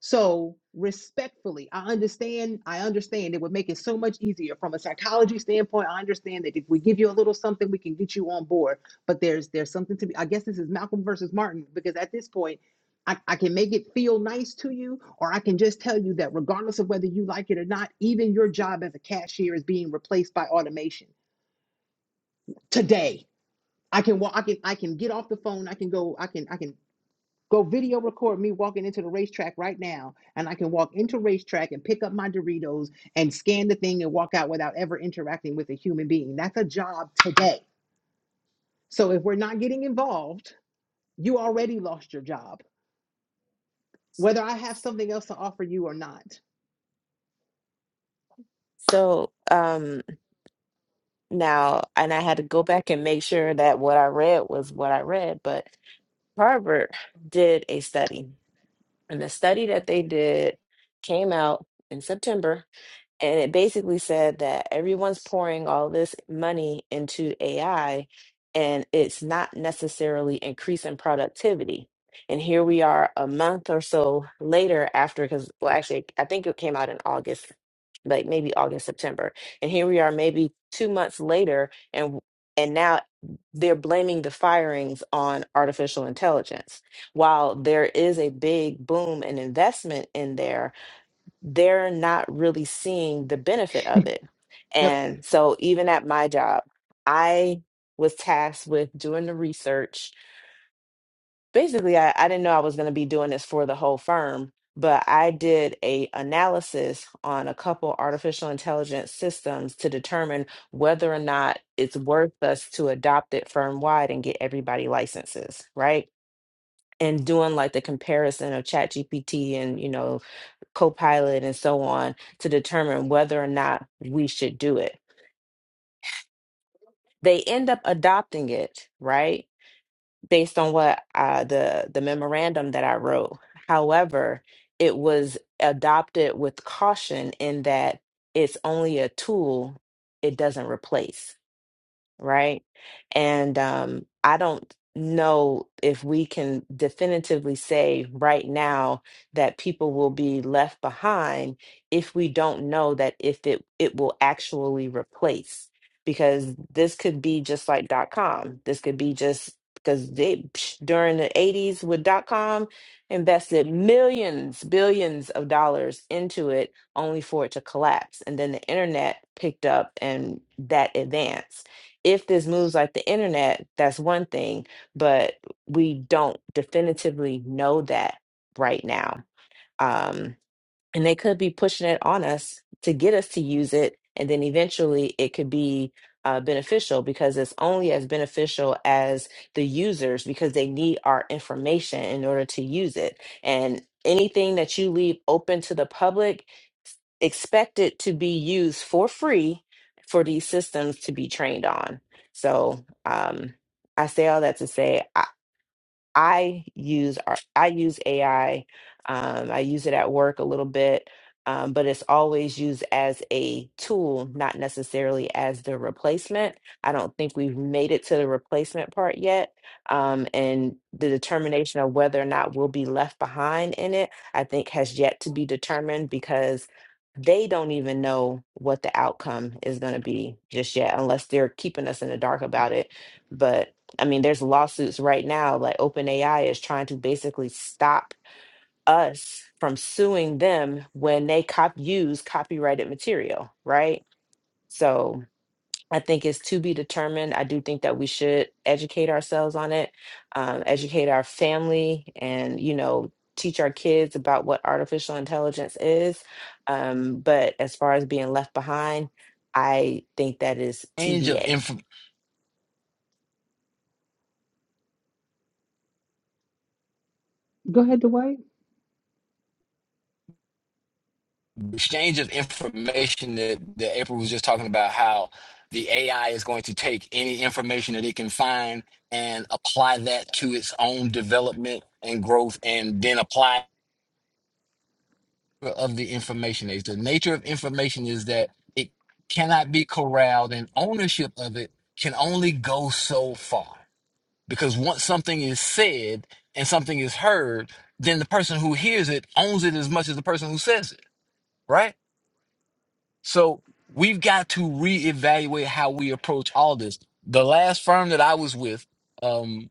Speaker 1: So respectfully, I understand, I understand it would make it so much easier from a psychology standpoint. I understand that if we give you a little something, we can get you on board. But there's there's something to be, I guess this is Malcolm versus Martin, because at this point, I, I can make it feel nice to you, or I can just tell you that regardless of whether you like it or not, even your job as a cashier is being replaced by automation today. I can walk, I can I can get off the phone, I can go, I can I can Go video record me walking into the racetrack right now, and I can walk into racetrack and pick up my Doritos and scan the thing and walk out without ever interacting with a human being. That's a job today. So if we're not getting involved, you already lost your job, whether I have something else to offer you or not.
Speaker 6: So, um, Now, and I had to go back and make sure that what I read was what I read, but Harvard did a study, and the study that they did came out in September and it basically said that everyone's pouring all this money into AI and it's not necessarily increasing productivity. And here we are a month or so later after, because, well, actually, I think it came out in August, like maybe August, September. And here we are maybe two months later and and now they're blaming the firings on artificial intelligence. While there is a big boom and investment in there, they're not really seeing the benefit of it.
Speaker 1: Yep.
Speaker 6: And so, even at my job, I was tasked with doing the research. Basically, I, I didn't know I was going to be doing this for the whole firm, but I did a analysis on a couple artificial intelligence systems to determine whether or not it's worth us to adopt it firm wide and get everybody licenses, right? And doing like the comparison of ChatGPT and you know Copilot and so on to determine whether or not we should do it. They end up adopting it, right? Based on what uh, the the memorandum that I wrote. However, it was adopted with caution in that it's only a tool; it doesn't replace right? And um, I don't know if we can definitively say right now that people will be left behind if we don't know that if it it will actually replace because this could be just like dot com this could be just because they psh, during the 80s with dot com invested millions billions of dollars into it only for it to collapse and then the internet picked up and that advanced if this moves like the internet, that's one thing, but we don't definitively know that right now. Um, and they could be pushing it on us to get us to use it and then eventually it could be uh, beneficial because it's only as beneficial as the users because they need our information in order to use it and anything that you leave open to the public s- expect it to be used for free for these systems to be trained on so um, i say all that to say I use ar- I use AI. Um, I use it at work a little bit, um, but it's always used as a tool, not necessarily as the replacement. I don't think we've made it to the replacement part yet, um, and the determination of whether or not we'll be left behind in it, I think, has yet to be determined because they don't even know what the outcome is going to be just yet, unless they're keeping us in the dark about it. But I mean, there's lawsuits right now, like OpenAI is trying to basically stop us from suing them when they cop use copyrighted material, right? So I think it's to be determined. I do think that we should educate ourselves on it, um, educate our family, and you know, teach our kids about what artificial intelligence is. Um, but as far as being left behind, I think that is
Speaker 7: Range of
Speaker 6: TBA.
Speaker 7: inf-
Speaker 1: Go ahead, Dwight.
Speaker 7: exchange of information that, that April was just talking about how the AI is going to take any information that it can find and apply that to its own development and growth and then apply of the information age. The nature of information is that it cannot be corralled and ownership of it can only go so far. Because once something is said and something is heard, then the person who hears it owns it as much as the person who says it, right? So we've got to reevaluate how we approach all this. The last firm that I was with um,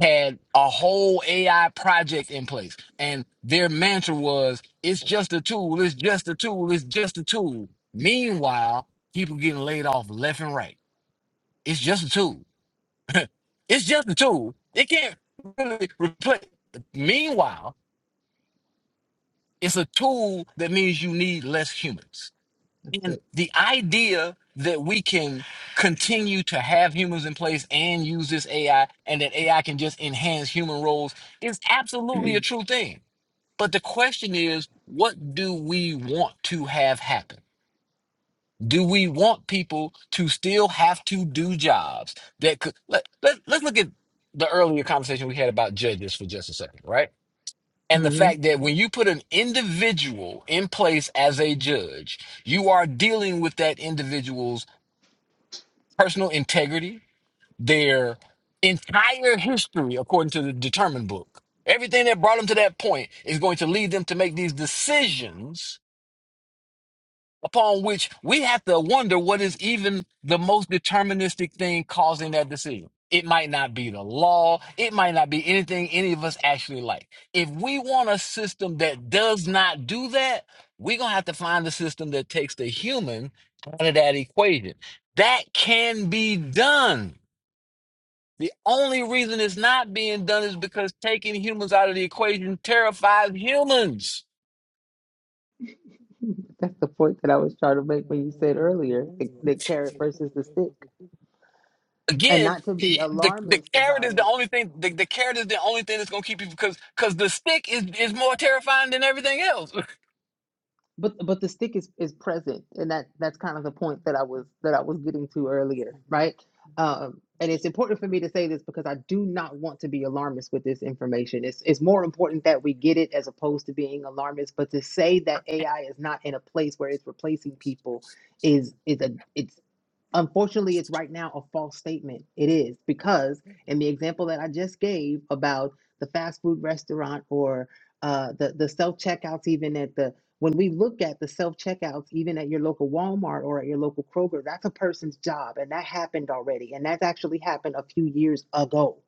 Speaker 7: had a whole AI project in place, and their mantra was, "It's just a tool. It's just a tool. It's just a tool." Meanwhile, people getting laid off left and right. It's just a tool. <laughs> it's just a tool. It can't really replace. Meanwhile, it's a tool that means you need less humans.
Speaker 1: That's
Speaker 7: And
Speaker 1: it.
Speaker 7: the idea that we can continue to have humans in place and use this AI and that AI can just enhance human roles is absolutely a true thing. But the question is, what do we want to have happen? Do we want people to still have to do jobs that could let, let, let's look at the earlier conversation we had about judges for just a second, right? and the
Speaker 1: hmm
Speaker 7: fact that when you put an individual in place as a judge, you are dealing with that individual's personal integrity, their entire history, according to the determined book. Everything that brought them to that point is going to lead them to make these decisions upon which we have to wonder what is even the most deterministic thing causing that decision. It might not be the law. It might not be anything any of us actually like. If we want a system that does not do that, we're going to have to find a system that takes the human out of that equation. That can be done. The only reason it's not being done is because taking humans out of the equation terrifies humans
Speaker 1: That's the point that I was trying to make when you said earlier the, the carrot versus the stick. And
Speaker 7: again,
Speaker 1: not to be
Speaker 7: the the
Speaker 1: alarmist
Speaker 7: carrot
Speaker 1: about
Speaker 7: is the
Speaker 1: it.
Speaker 7: only thing. The, the carrot is the only thing that's gonna keep people because because the stick is is more terrifying than everything else. <laughs>
Speaker 1: but but the stick is is present and that that's kind of the point that i was that i was getting to earlier right um and it's important for me to say this because i do not want to be alarmist with this information it's it's more important that we get it as opposed to being alarmist but to say that ai is not in a place where it's replacing people is is a it's unfortunately it's right now a false statement it is because in the example that i just gave about the fast food restaurant or uh, the the self checkouts even at the when we look at the self checkouts, even at your local Walmart or at your local Kroger, that's a person's job. And that happened already. And that's actually happened a few years ago.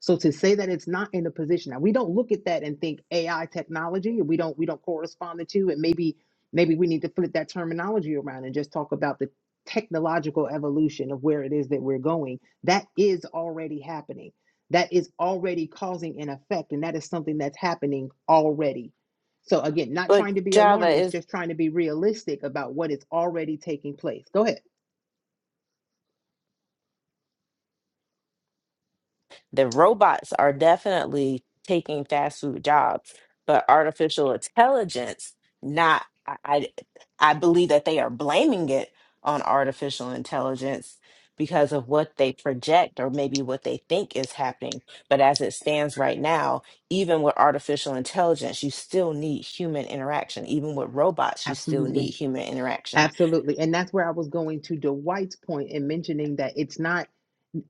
Speaker 1: So to say that it's not in a position now, we don't look at that and think AI technology. We don't we don't correspond the two, and maybe maybe we need to flip that terminology around and just talk about the technological evolution of where it is that we're going. That is already happening. That is already causing an effect, and that is something that's happening already. So again, not
Speaker 6: But
Speaker 1: trying to be
Speaker 6: Java
Speaker 1: alarmist,
Speaker 6: is.
Speaker 1: just trying to be realistic about what is already taking place. Go ahead.
Speaker 6: The robots are definitely taking fast food jobs, but artificial intelligence, not, I, I I believe that they are blaming it on artificial intelligence because of what they project or maybe what they think is happening. But as it stands right now, even with artificial intelligence, you still need human interaction. Even with robots, you still
Speaker 1: Absolutely.
Speaker 6: need human interaction.
Speaker 1: Absolutely. And that's where I was going to Dwight's point in mentioning that it's not,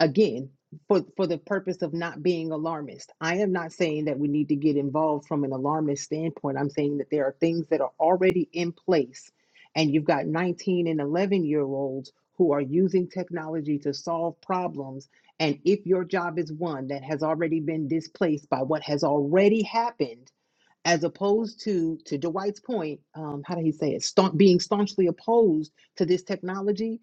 Speaker 1: again, for, for the purpose of not being alarmist. I am not saying that we need to get involved from an alarmist standpoint. I'm saying that there are things that are already in place, and you've got 19 and 11 year olds who are using technology to solve problems. And if your job is one that has already been displaced by what has already happened, as opposed to to Dwight's point, um, how did he say it? Staun- being staunchly opposed to this technology,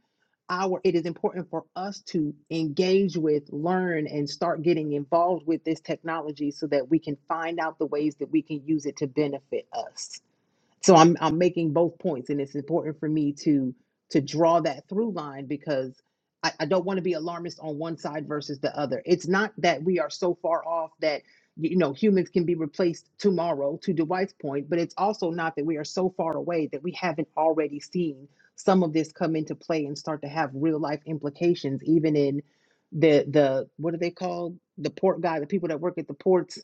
Speaker 1: our it is important for us to engage with, learn, and start getting involved with this technology so that we can find out the ways that we can use it to benefit us so I'm I'm making both points, and it's important for me to to draw that through line because I, I don't want to be alarmist on one side versus the other. It's not that we are so far off that you know humans can be replaced tomorrow, to Dwight's point, but it's also not that we are so far away that we haven't already seen some of this come into play and start to have real life implications, even in the the what are they called? The port guy, the people that work at the ports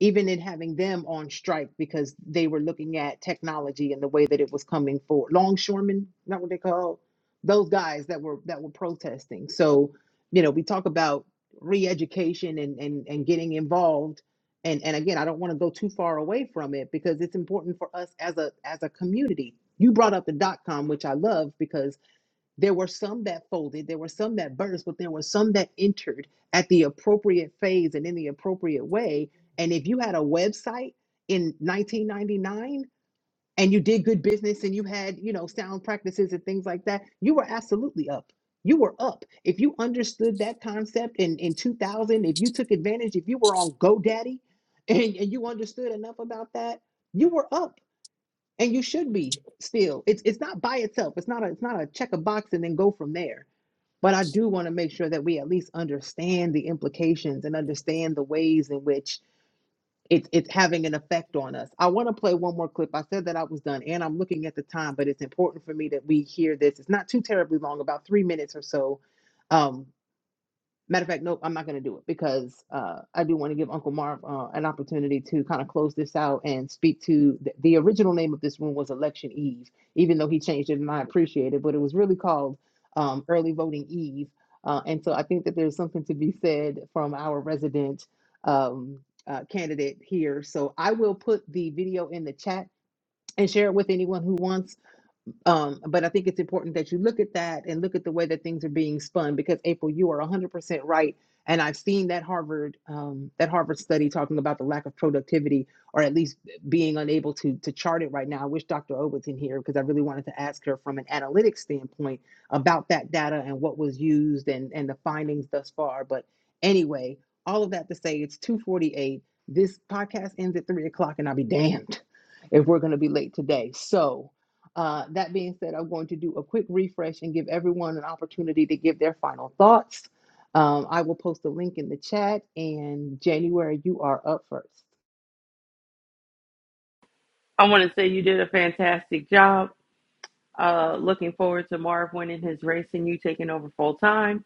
Speaker 1: even in having them on strike because they were looking at technology and the way that it was coming forward. Longshoremen, not what they call those guys that were that were protesting. So, you know, we talk about re-education and and, and getting involved. And and again, I don't want to go too far away from it because it's important for us as a as a community. You brought up the dot com, which I love because there were some that folded, there were some that burst, but there were some that entered at the appropriate phase and in the appropriate way. And if you had a website in 1999 and you did good business and you had, you know, sound practices and things like that, you were absolutely up. You were up. If you understood that concept in, in 2000, if you took advantage, if you were on GoDaddy <laughs> and, and you understood enough about that, you were up and you should be still it's it's not by itself it's not a, it's not a check a box and then go from there but i do want to make sure that we at least understand the implications and understand the ways in which it's it's having an effect on us i want to play one more clip i said that i was done and i'm looking at the time but it's important for me that we hear this it's not too terribly long about three minutes or so Um, Matter of fact, nope, I'm not going to do it because uh, I do want to give Uncle Marv uh, an opportunity to kind of close this out and speak to the, the original name of this room was Election Eve, even though he changed it and I appreciate it, but it was really called um, Early Voting Eve. Uh, and so I think that there's something to be said from our resident um, uh, candidate here. So I will put the video in the chat and share it with anyone who wants. Um, but I think it's important that you look at that and look at the way that things are being spun because April, you are 100% right. And I've seen that Harvard um, that Harvard study talking about the lack of productivity, or at least being unable to to chart it right now. I wish Dr. O was in here because I really wanted to ask her from an analytics standpoint about that data and what was used and and the findings thus far. But anyway, all of that to say, it's 2:48. This podcast ends at three o'clock, and I'll be damned if we're going to be late today. So uh, that being said, I'm going to do a quick refresh and give everyone an opportunity to give their final thoughts. Um, I will post a link in the chat, and January, you are up first.
Speaker 2: I want to say you did a fantastic job. Uh, looking forward to Marv winning his race and you taking over full time.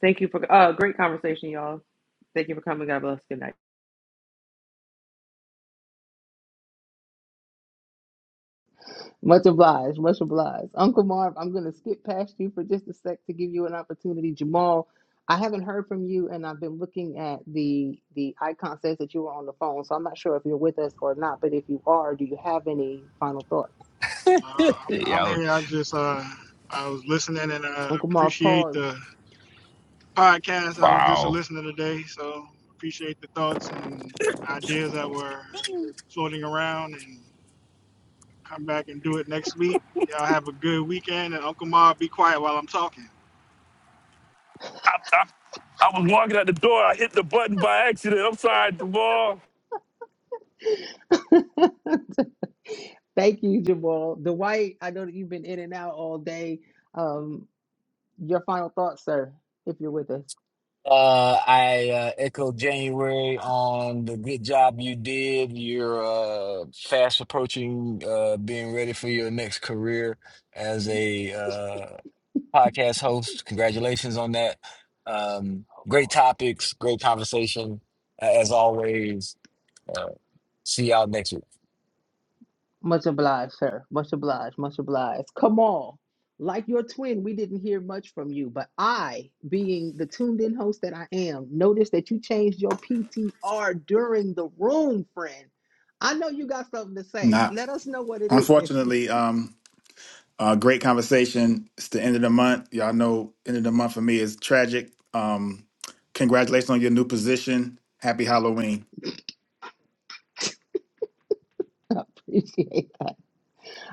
Speaker 2: Thank you for uh, great conversation, y'all. Thank you for coming. God bless. Good night.
Speaker 1: Much obliged, much obliged. Uncle Marv, I'm going to skip past you for just a sec to give you an opportunity. Jamal, I haven't heard from you, and I've been looking at the the icon says that you were on the phone, so I'm not sure if you're with us or not. But if you are, do you have any final thoughts?
Speaker 8: Uh, I'm
Speaker 3: Yeah.
Speaker 8: here. I just uh, I was listening and I
Speaker 1: Uncle Marv,
Speaker 8: appreciate
Speaker 1: pause.
Speaker 8: the podcast. I was just a
Speaker 3: Wow.
Speaker 8: listener today, so appreciate the thoughts and ideas that were floating around. And come back and do it next week. Y'all have a good weekend. And Uncle Ma, be quiet while I'm talking.
Speaker 3: I, I, I was walking out the door. I hit the button by accident. I'm sorry, Duval.
Speaker 1: <laughs> Thank you, Jamal. Dwight, I know that you've been in and out all day. Um, your final thoughts, sir, if you're with us.
Speaker 7: Uh, I uh, echo January on the good job you did. You're uh, fast approaching uh, being ready for your next career as a uh, podcast host. Congratulations on that. Um,
Speaker 1: Oh boy.
Speaker 7: great topics, great conversation, uh, as always. Uh, see y'all next week.
Speaker 1: Much obliged, sir. Much obliged. Much obliged. Kamal, like your twin, we didn't hear much from you, but I, being the tuned in host that I am, noticed that you changed your PTR during the room, friend. I know you got something to say.
Speaker 9: Not
Speaker 1: Let us know what it is. <laughs>
Speaker 9: unfortunately, um, uh, great conversation. It's the end of the month. Y'all know end of the month for me is tragic. Um, congratulations on your new position. Happy Halloween.
Speaker 1: appreciate that.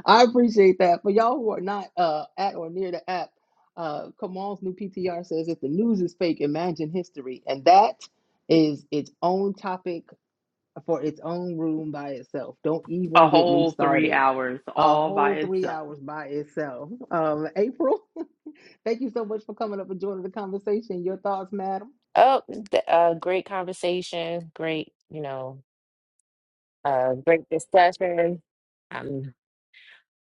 Speaker 1: I appreciate that. For y'all who are not uh, at or near the app, uh, Kamal's new PTR says if the news is fake, imagine history. And that is its own topic for its own room by itself. Don't
Speaker 2: A
Speaker 1: even get me
Speaker 2: whole three
Speaker 1: started.
Speaker 2: hours
Speaker 1: A
Speaker 2: all by
Speaker 1: whole three
Speaker 2: itself.
Speaker 1: hours by itself. Um, April, <laughs> thank you so much for coming up and joining the conversation. Your thoughts, madam?
Speaker 6: Oh, th- uh, great conversation. Great, you know, uh, great discussion. I'm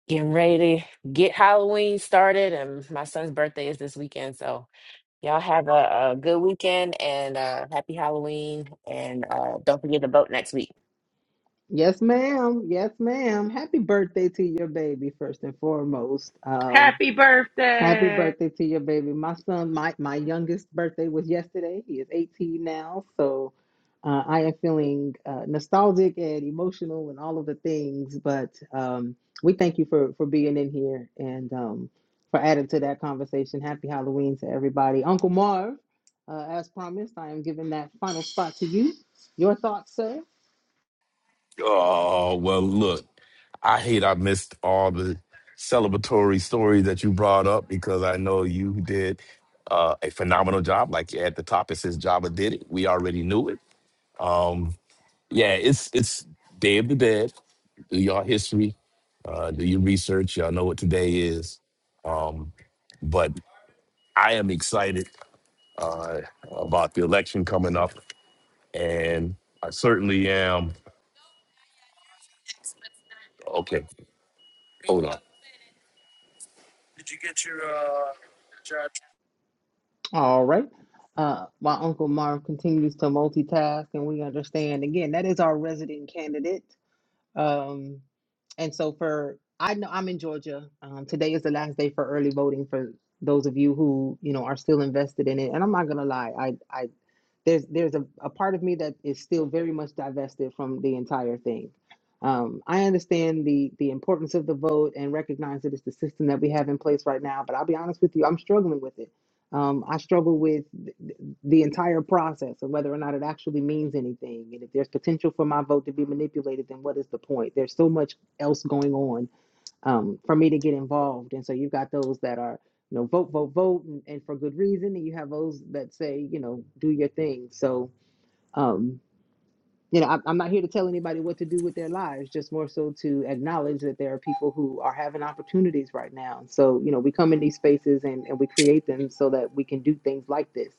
Speaker 6: getting ready to get Halloween started, and my son's birthday is this weekend, so. Y'all have a, a good weekend and uh, happy Halloween. And uh, don't forget to vote next week.
Speaker 1: Yes, ma'am. Yes, ma'am. Happy birthday to your baby, first and foremost. Um,
Speaker 2: Happy
Speaker 1: Happy
Speaker 2: birthday!
Speaker 1: birthday to your baby. My son, my, my youngest birthday was yesterday. He is 18 now. So uh, I am feeling uh, nostalgic and emotional and all of the things. But um, we thank you for, for being in here and um, for adding to that conversation. Happy Halloween to everybody. Uncle Marv, uh, as promised, I am giving that final spot to you. Your thoughts, sir?
Speaker 3: Oh well, look. I hate I missed all the celebratory stories that you brought up because I know you did uh, a phenomenal job. Like at the top, it says Java did it. We already knew it. Um, yeah, it's it's Day of the Dead. Do your history, uh, do your research. Y'all know what today is. Um, but I am excited uh, about the election coming up, and I certainly am. Okay, hold on.
Speaker 1: All right. Uh, while Uncle Marv continues to multitask, and we understand again that is our resident candidate. Um, and so for I know I'm in Georgia. Um, today is the last day for early voting for those of you who you know are still invested in it. And I'm not gonna lie, I I there's there's a, a part of me that is still very much divested from the entire thing. Um, I understand the the importance of the vote and recognize that it's the system that we have in place right now. But I'll be honest with you, I'm struggling with it. Um, I struggle with th- th- the entire process and whether or not it actually means anything. And if there's potential for my vote to be manipulated, then what is the point? There's so much else going on um, for me to get involved. And so you've got those that are, you know, vote, vote, vote, and, and for good reason. And you have those that say, you know, do your thing. So, um, you know, I, I'm not here to tell anybody what to do with their lives, just more so to acknowledge that there are people who are having opportunities right now. So, you know, we come in these spaces and, and we create them so that we can do things like this,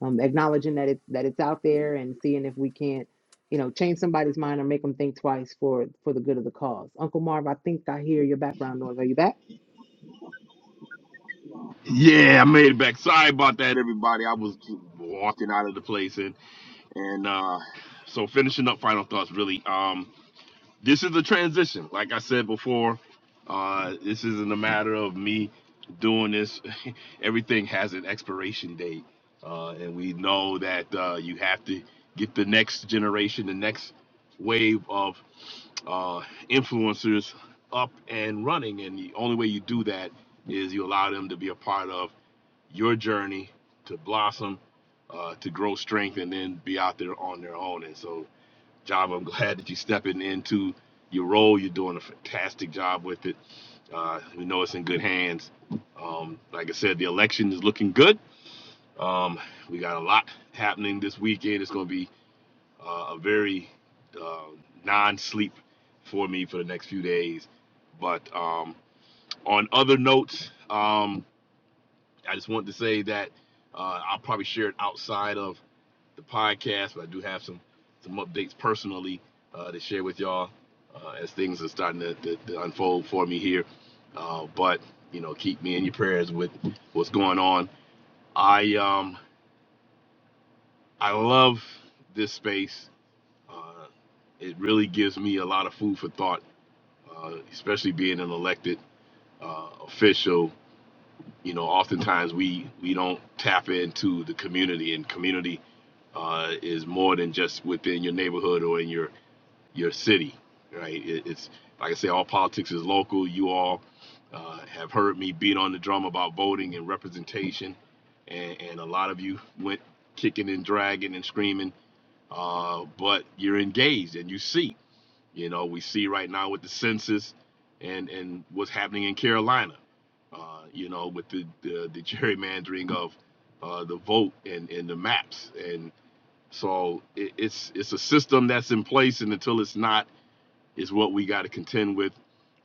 Speaker 1: um, acknowledging that it's that it's out there and seeing if we can't, you know, change somebody's mind or make them think twice for for the good of the cause. Uncle Marv, I think I hear your background noise. Are you back?
Speaker 3: Yeah, I made it back. Sorry about that, everybody. I was walking out of the place and and uh so finishing up final thoughts really. Um this is a transition. Like I said before, uh this isn't a matter of me doing this. <laughs> Everything has an expiration date. Uh and we know that uh you have to get the next generation, the next wave of uh, influencers up and running. And the only way you do that is you allow them to be a part of your journey to blossom, uh, to grow strength, and then be out there on their own. And so, Java, I'm <laughs> glad that you're stepping into your role. You're doing a fantastic job with it. Uh, we know it's in good hands. Um, like I said, the election is looking good. Um, we got a lot happening this weekend. It's going to be uh, a very uh, non sleep for me for the next few days. But um, on other notes, um, I just wanted to say that uh, I'll probably share it outside of the podcast, but I do have some some updates personally uh, to share with y'all uh, as things are starting to, to, to unfold for me here. Uh, but you know, keep me in your prayers with what's going on. I um I love this space. Uh, it really gives me a lot of food for thought, uh, especially being an elected uh, official You know, oftentimes we we don't tap into the community, and community uh, is more than just within your neighborhood or in your your city, right? It, it's like I say, all politics is local. You all uh, have heard me beat on the drum about voting and representation, and, and a lot of you went kicking and dragging and screaming, uh, but you're engaged and you see. You know, we see right now with the census and and what's happening in Carolina. Uh, you know, with the the, the <laughs> gerrymandering of uh, the vote and, and the maps, and so it, it's it's a system that's in place, and until it's not, is what we got to contend with,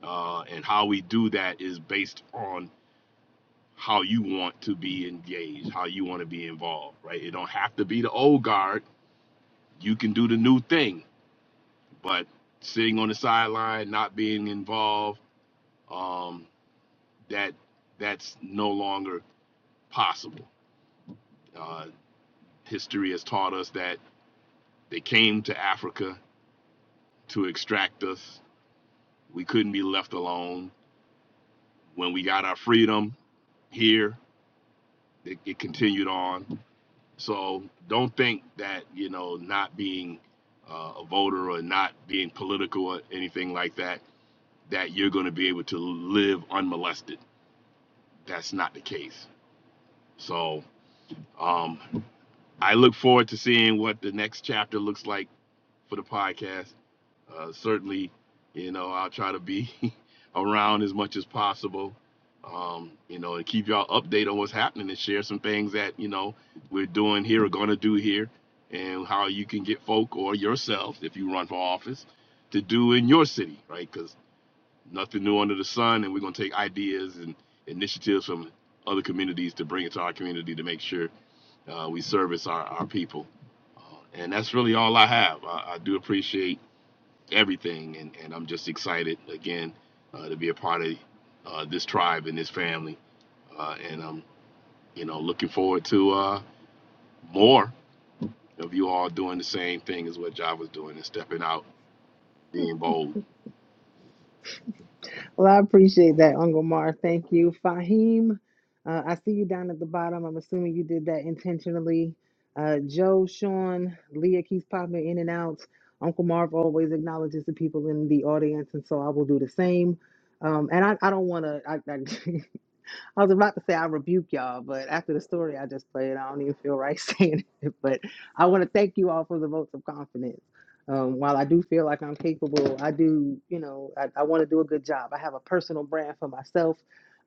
Speaker 3: uh, and how we do that is based on how you want to be engaged, how you want to be involved, right? It don't have to be the old guard. You can do the new thing, but sitting on the sideline, not being involved um, that that's no longer possible. Uh, history has taught us that they came to Africa to extract us. We couldn't be left alone. When we got our freedom here, it, it continued on. So don't think that you know not being uh, a voter or not being political or anything like that that you're going to be able to live unmolested. That's not the case. So um, I look forward to seeing what the next chapter looks like for the podcast. Uh, certainly, you know, I'll try to be <laughs> around as much as possible, um, you know, and keep y'all updated on what's happening and share some things that, you know, we're doing here or going to do here and how you can get folk or yourself, if you run for office, to do in your city, right? Because. Nothing new under the sun, and we're going to take ideas and initiatives from other communities to bring it to our community to make sure uh, we service our, our people. Uh, and that's really all I have. I, I do appreciate everything, and, and I'm just excited again uh, to be a part of uh, this tribe and this family. Uh, and I'm, you know, looking forward to uh, more of you all doing the same thing as what Java's doing and stepping out, being bold.
Speaker 1: Well, I appreciate that, Uncle Mar. Thank you. Fahim, uh, I see you down at the bottom. I'm assuming you did that intentionally. Uh, Joe, Sean, Leah keeps popping in and out. Uncle Marv always acknowledges the people in the audience, and so I will do the same. Um, and I, I don't want to. I, I <laughs> I was about to say I rebuke y'all, but after the story I just played, I don't even feel right <laughs> saying it. But I want to thank you all for the votes of confidence. Um, while I do feel like I'm capable, I do, you know, I, I want to do a good job. I have a personal brand for myself.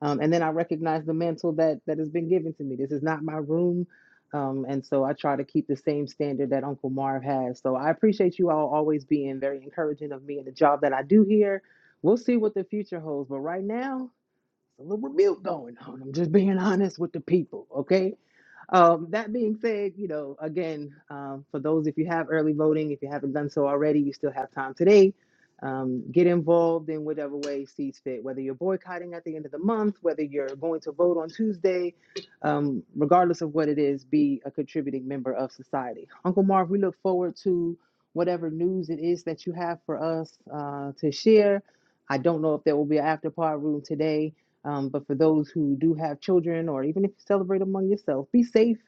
Speaker 1: Um, and then I recognize the mantle that, that has been given to me. This is not my room. Um, and so I try to keep the same standard that Uncle Marv has. So I appreciate you all always being very encouraging of me and the job that I do here. We'll see what the future holds. But right now, it's a little rebuke going on. I'm just being <laughs> honest with the people, okay? Um, that being said, you know, again, um, for those if you have early voting, if you haven't done so already, you still have time today. Um, get involved in whatever way sees fit, whether you're boycotting at the end of the month, whether you're going to vote on Tuesday, um, regardless of what it is, be a contributing member of society. Uncle Marv, we look forward to whatever news it is that you have for us uh, to share. I don't know if there will be an after party room today um, but for those who do have children, or even if you celebrate among yourself, be safe.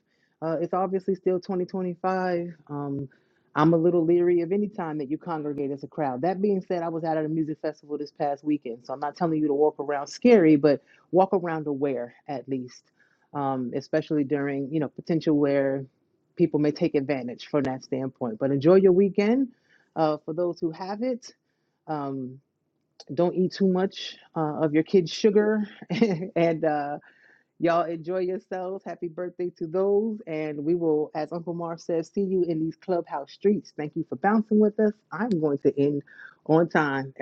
Speaker 1: Uh, it's obviously still 2025. Um, I'm a little leery of any time that you congregate as a crowd. That being said, I was out at a music festival this past weekend, so I'm not telling you to walk around scary, but walk around aware at least, um, especially during you know potential where people may take advantage from that standpoint. But enjoy your weekend. Uh, for those who have it, um, don't eat too much uh, of your kids' sugar. <laughs> and uh, y'all enjoy yourselves. Happy birthday to those. And we will, as Uncle Marv says, see you in these clubhouse streets. Thank you for bouncing with us. I'm going to end on time.